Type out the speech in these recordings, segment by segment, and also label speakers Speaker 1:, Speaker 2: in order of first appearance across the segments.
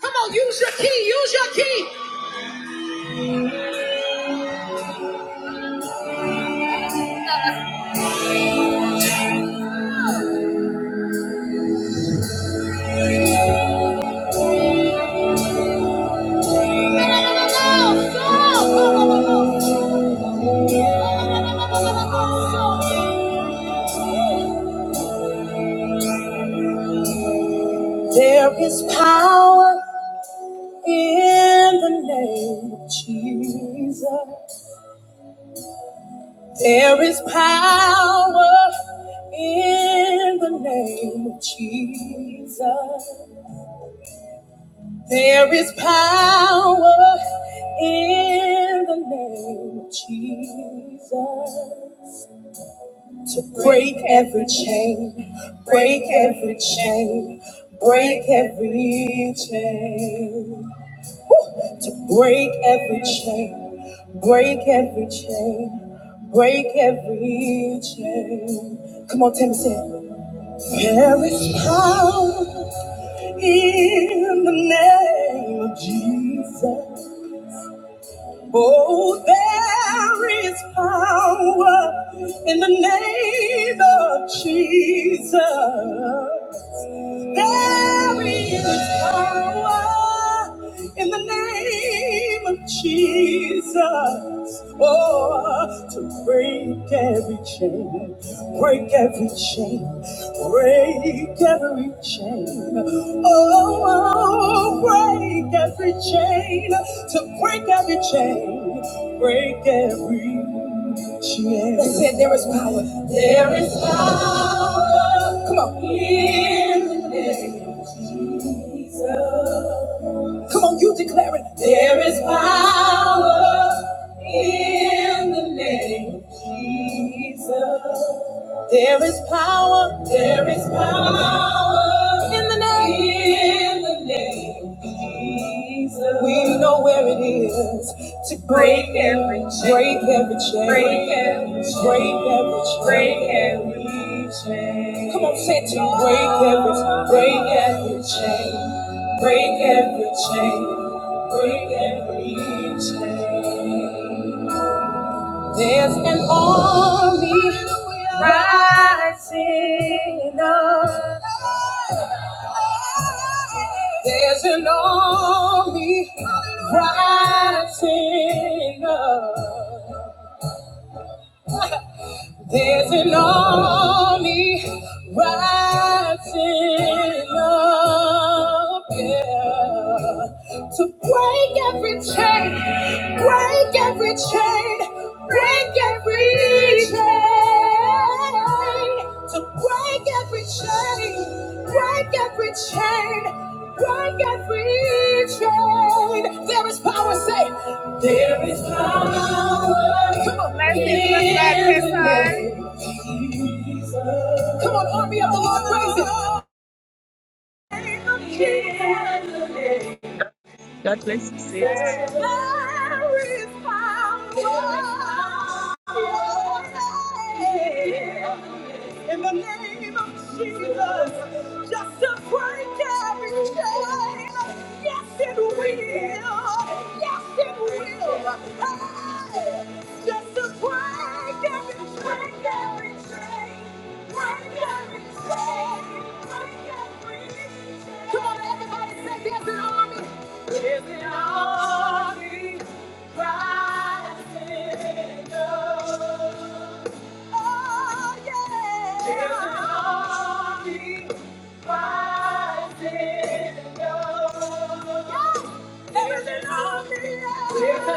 Speaker 1: Come on, use your key, use your key. There is power in the name of Jesus. There is power in the name of Jesus. There is power in the name of Jesus. to break every chain, break every chain, break every chain, to break every chain, break every chain, break every chain. Come on, Tim, sing. There is power in the name of Jesus. Oh, there is power in the name of Jesus. There is power in the name of Jesus. Oh, to break every chain, break every chain, break every chain. Oh, break every chain, to break every chain, break every chain. They said there is power. There is power. Come on. In the name of Jesus. Come on, you declare it. There is power in the name of Jesus. There is power. There is power in the name. In the name of Jesus. We know where it is to break every chain. Break every chain. Break every chain. Break every chain. Break every chain. Come on, say it to me. Break every. Break every chain. Break every chain. Break every chain. There's an army rising up. There's an army rising up. There's an army rising up yeah, to break every chain, break every chain, break every chain, to break every chain, break every chain, break every chain. There is power, say. There is power Come on, let's sing, back this time. Come on, army of the Lord, praise Him.
Speaker 2: God bless you, sis.
Speaker 1: In the name of Jesus, just to break every chain. of fear. Yeah, we'll Just to break every Come on, everybody, say there's an army rising up. There's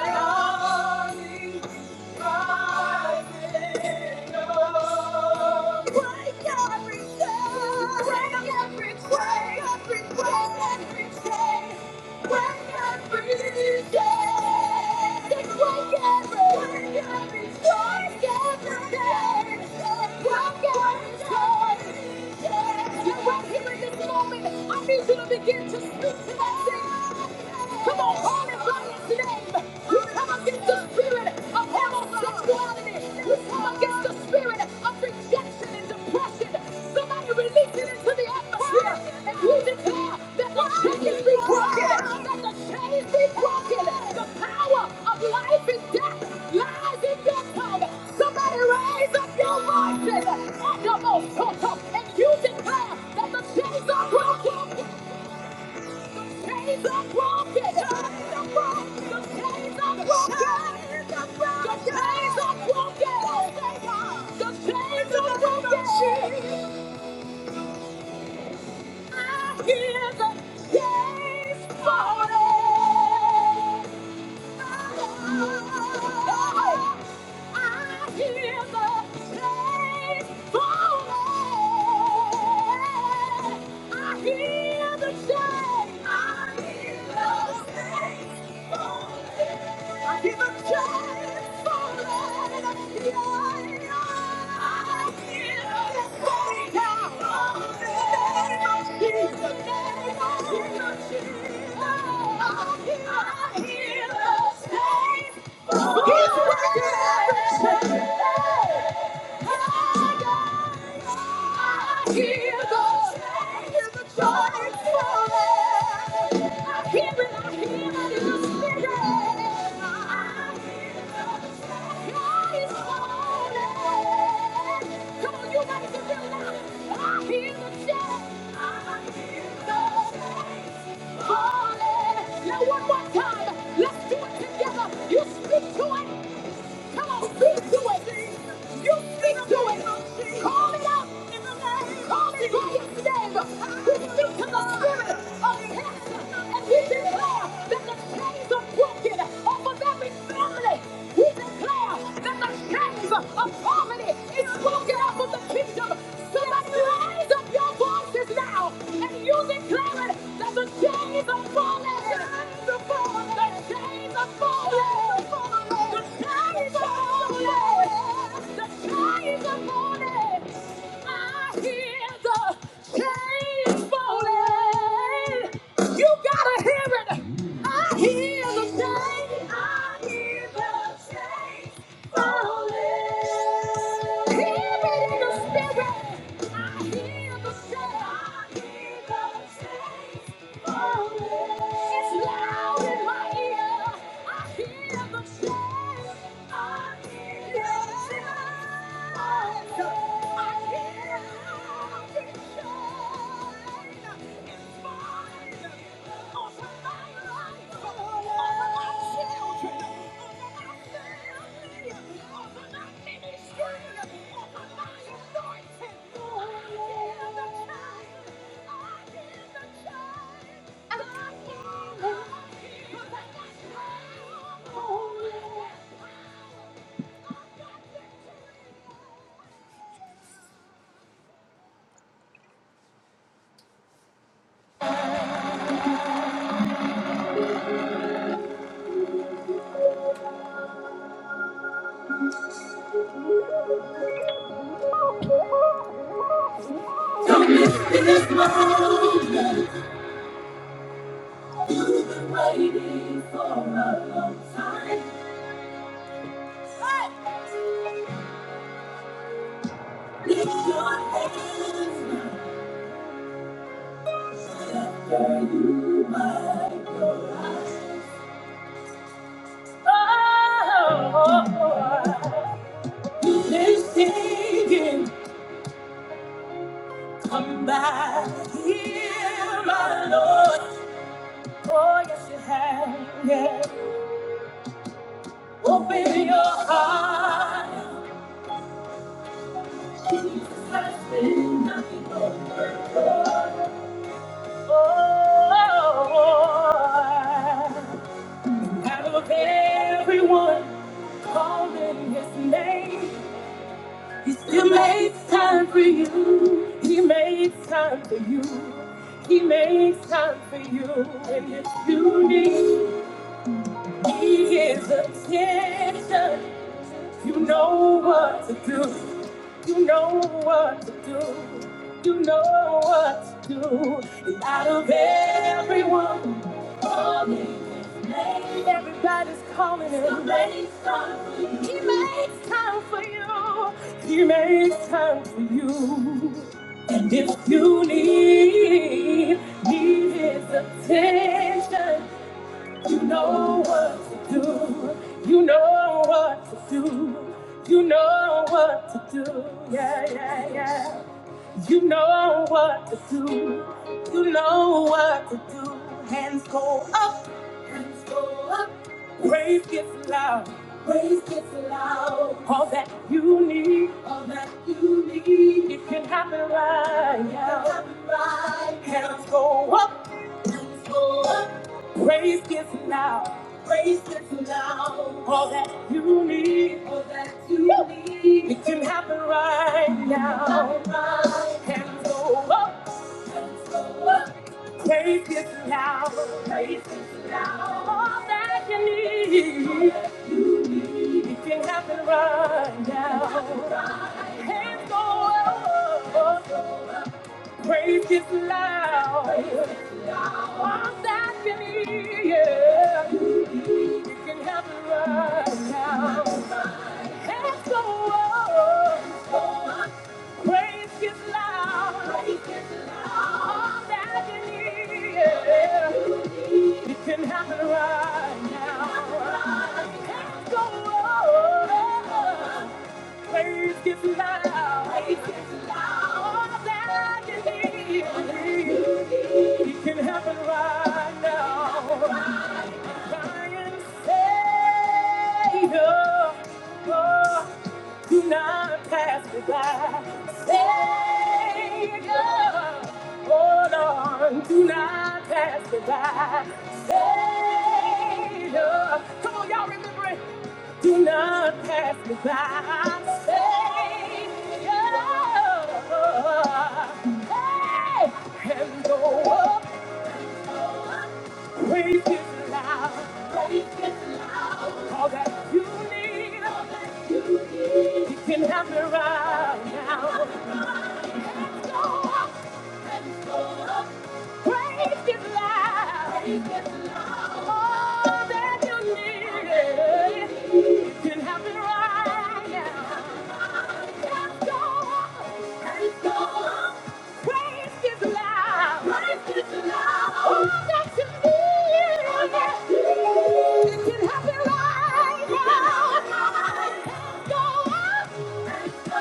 Speaker 1: an army I need you to begin to speak to that thing. Come on, call it by its name. You come against the spirit of homosexuality come against the spirit of rejection and depression. Somebody release it into the atmosphere and we declare that the chains be broken, that the chains be broken. The power of life and death lies in your tongue. Somebody raise up your voices at the most top, and you declare that the chains are broken chains are broken. Your chains are broken. Your chains are broken. Chains are broken. Your chains are broken. Your chains are broken. I hear the chains falling hear the shame. I hear the shame. I give a chance for it. He's working every change one more time, Let's do it together. You speak to it. Come on, speak to it. You speak to it. Call it out. Call it by its name. We speak to the spirit of death. And we declare that the chains are broken off of every family. We declare that the chains of poverty is broken off of the kingdom. Somebody raise up your voices now and you declare it that the chains are falling. The chains are falling. The chains are falling. The chains are falling. I hear the chains falling. You gotta hear it. I hear the chains. I hear the chains. I hear the Thank This singing, come back here. Open your heart. Oh, out of everyone calling his name, he still makes time for you. He makes time for you. He makes time for you. And if you need his attention, you know what to do. You know what to do. You know what to do. And out of everyone, calling, name, everybody's calling him. Somebody's calling you. He makes time for you. He makes time for you. And if you need, need his attention, you know what to do. You know what to do. You know what to do. Yeah, yeah, yeah. You know what to do. You know what to do. Hands go up. Go up. Praise gets loud. Praise gets loud. All that you need. All that you need. It can happen right now. Hands go up. Praise gets loud. All that you need. You need. It can happen right now. Hands go up. Take it now. Take it now. All that you need. It can happen right now. Hands go up. Praise is loud. All that you need. Yeah. It can happen right now. Hands go up. Praise is loud. All that you need. Yeah. It can happen right now. Go away, not goodbye. Savior, Savior. Come on, y'all remember it. Do not pass me by. Hey, go away, Jesus. All that you need. I am. Let's go up. Praise His love. All that you need can happen right now. Let go on. go on. Praise love. All that you need. It can happen right now. Just go Right now.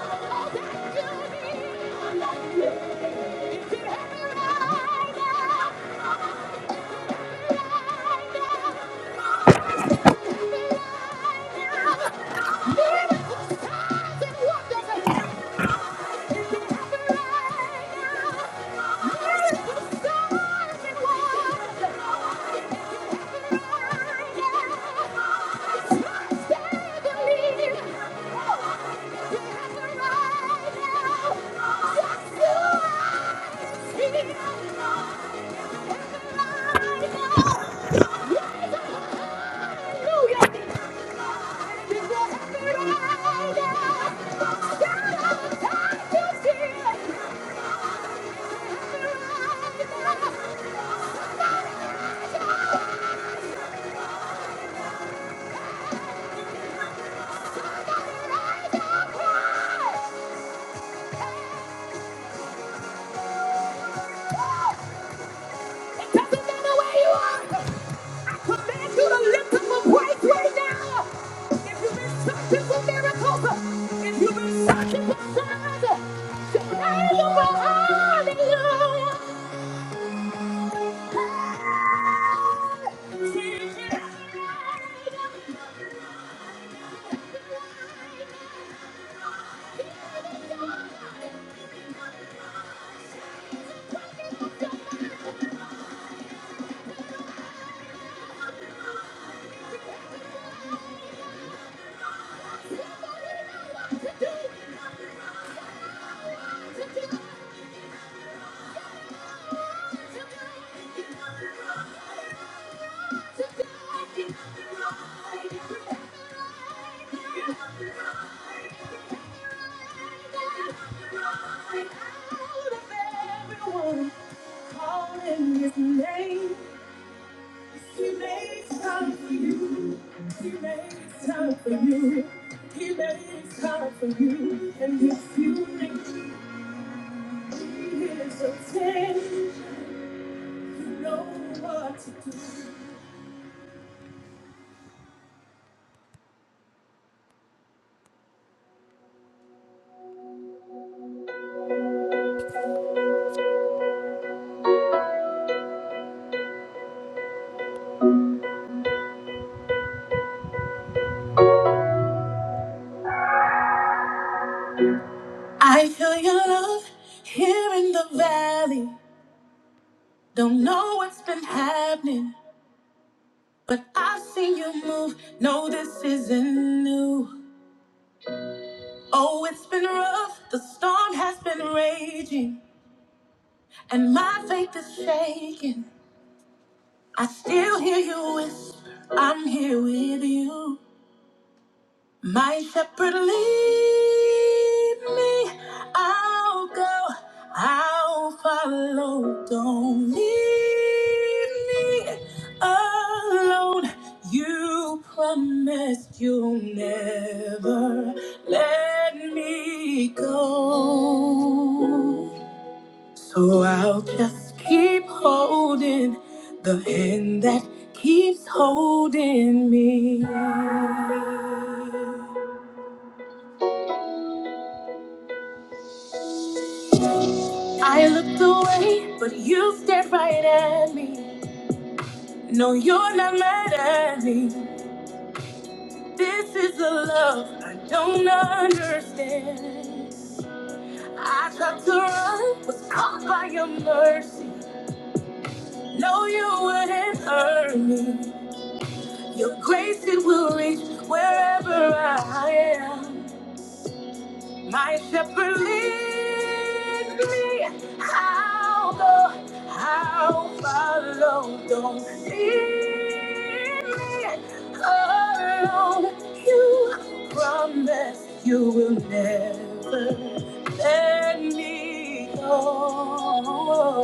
Speaker 1: Right now, just you, I see. If you've been searching for signs, tonight you will find it. Hallelujah. I feel your love here in the valley. Don't know what's been happening, but I've seen you move. No, this isn't new. Oh, it's been rough. The storm has been raging, and my faith is shaking. I still hear you whisper, I'm here with you. My shepherd lead me, I'll go, I'll follow. Don't leave me alone. You promised you'll never let me go. So I'll just keep holding the hand that keeps holding me. I looked away, but you stared right at me. No, you're not mad at me. This is a love I don't understand. I tried to run, was caught by your mercy. No, you wouldn't hurt me. Your grace, it will reach wherever I am. My shepherd lead me, I'll go, I'll follow. Don't leave me alone. You promise you will never let me go.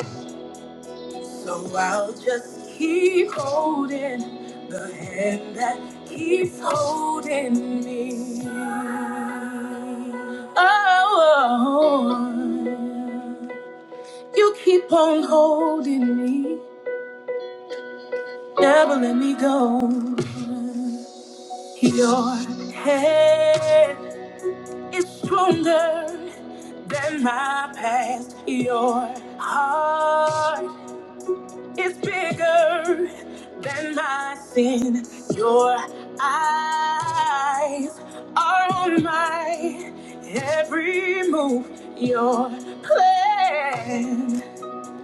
Speaker 1: So I'll just keep holding the hand that keeps holding me. Oh, you keep on holding me, never let me go. Your hand is stronger than my past. Your heart It's bigger than my sin. Your eyes are on my every move. Your plan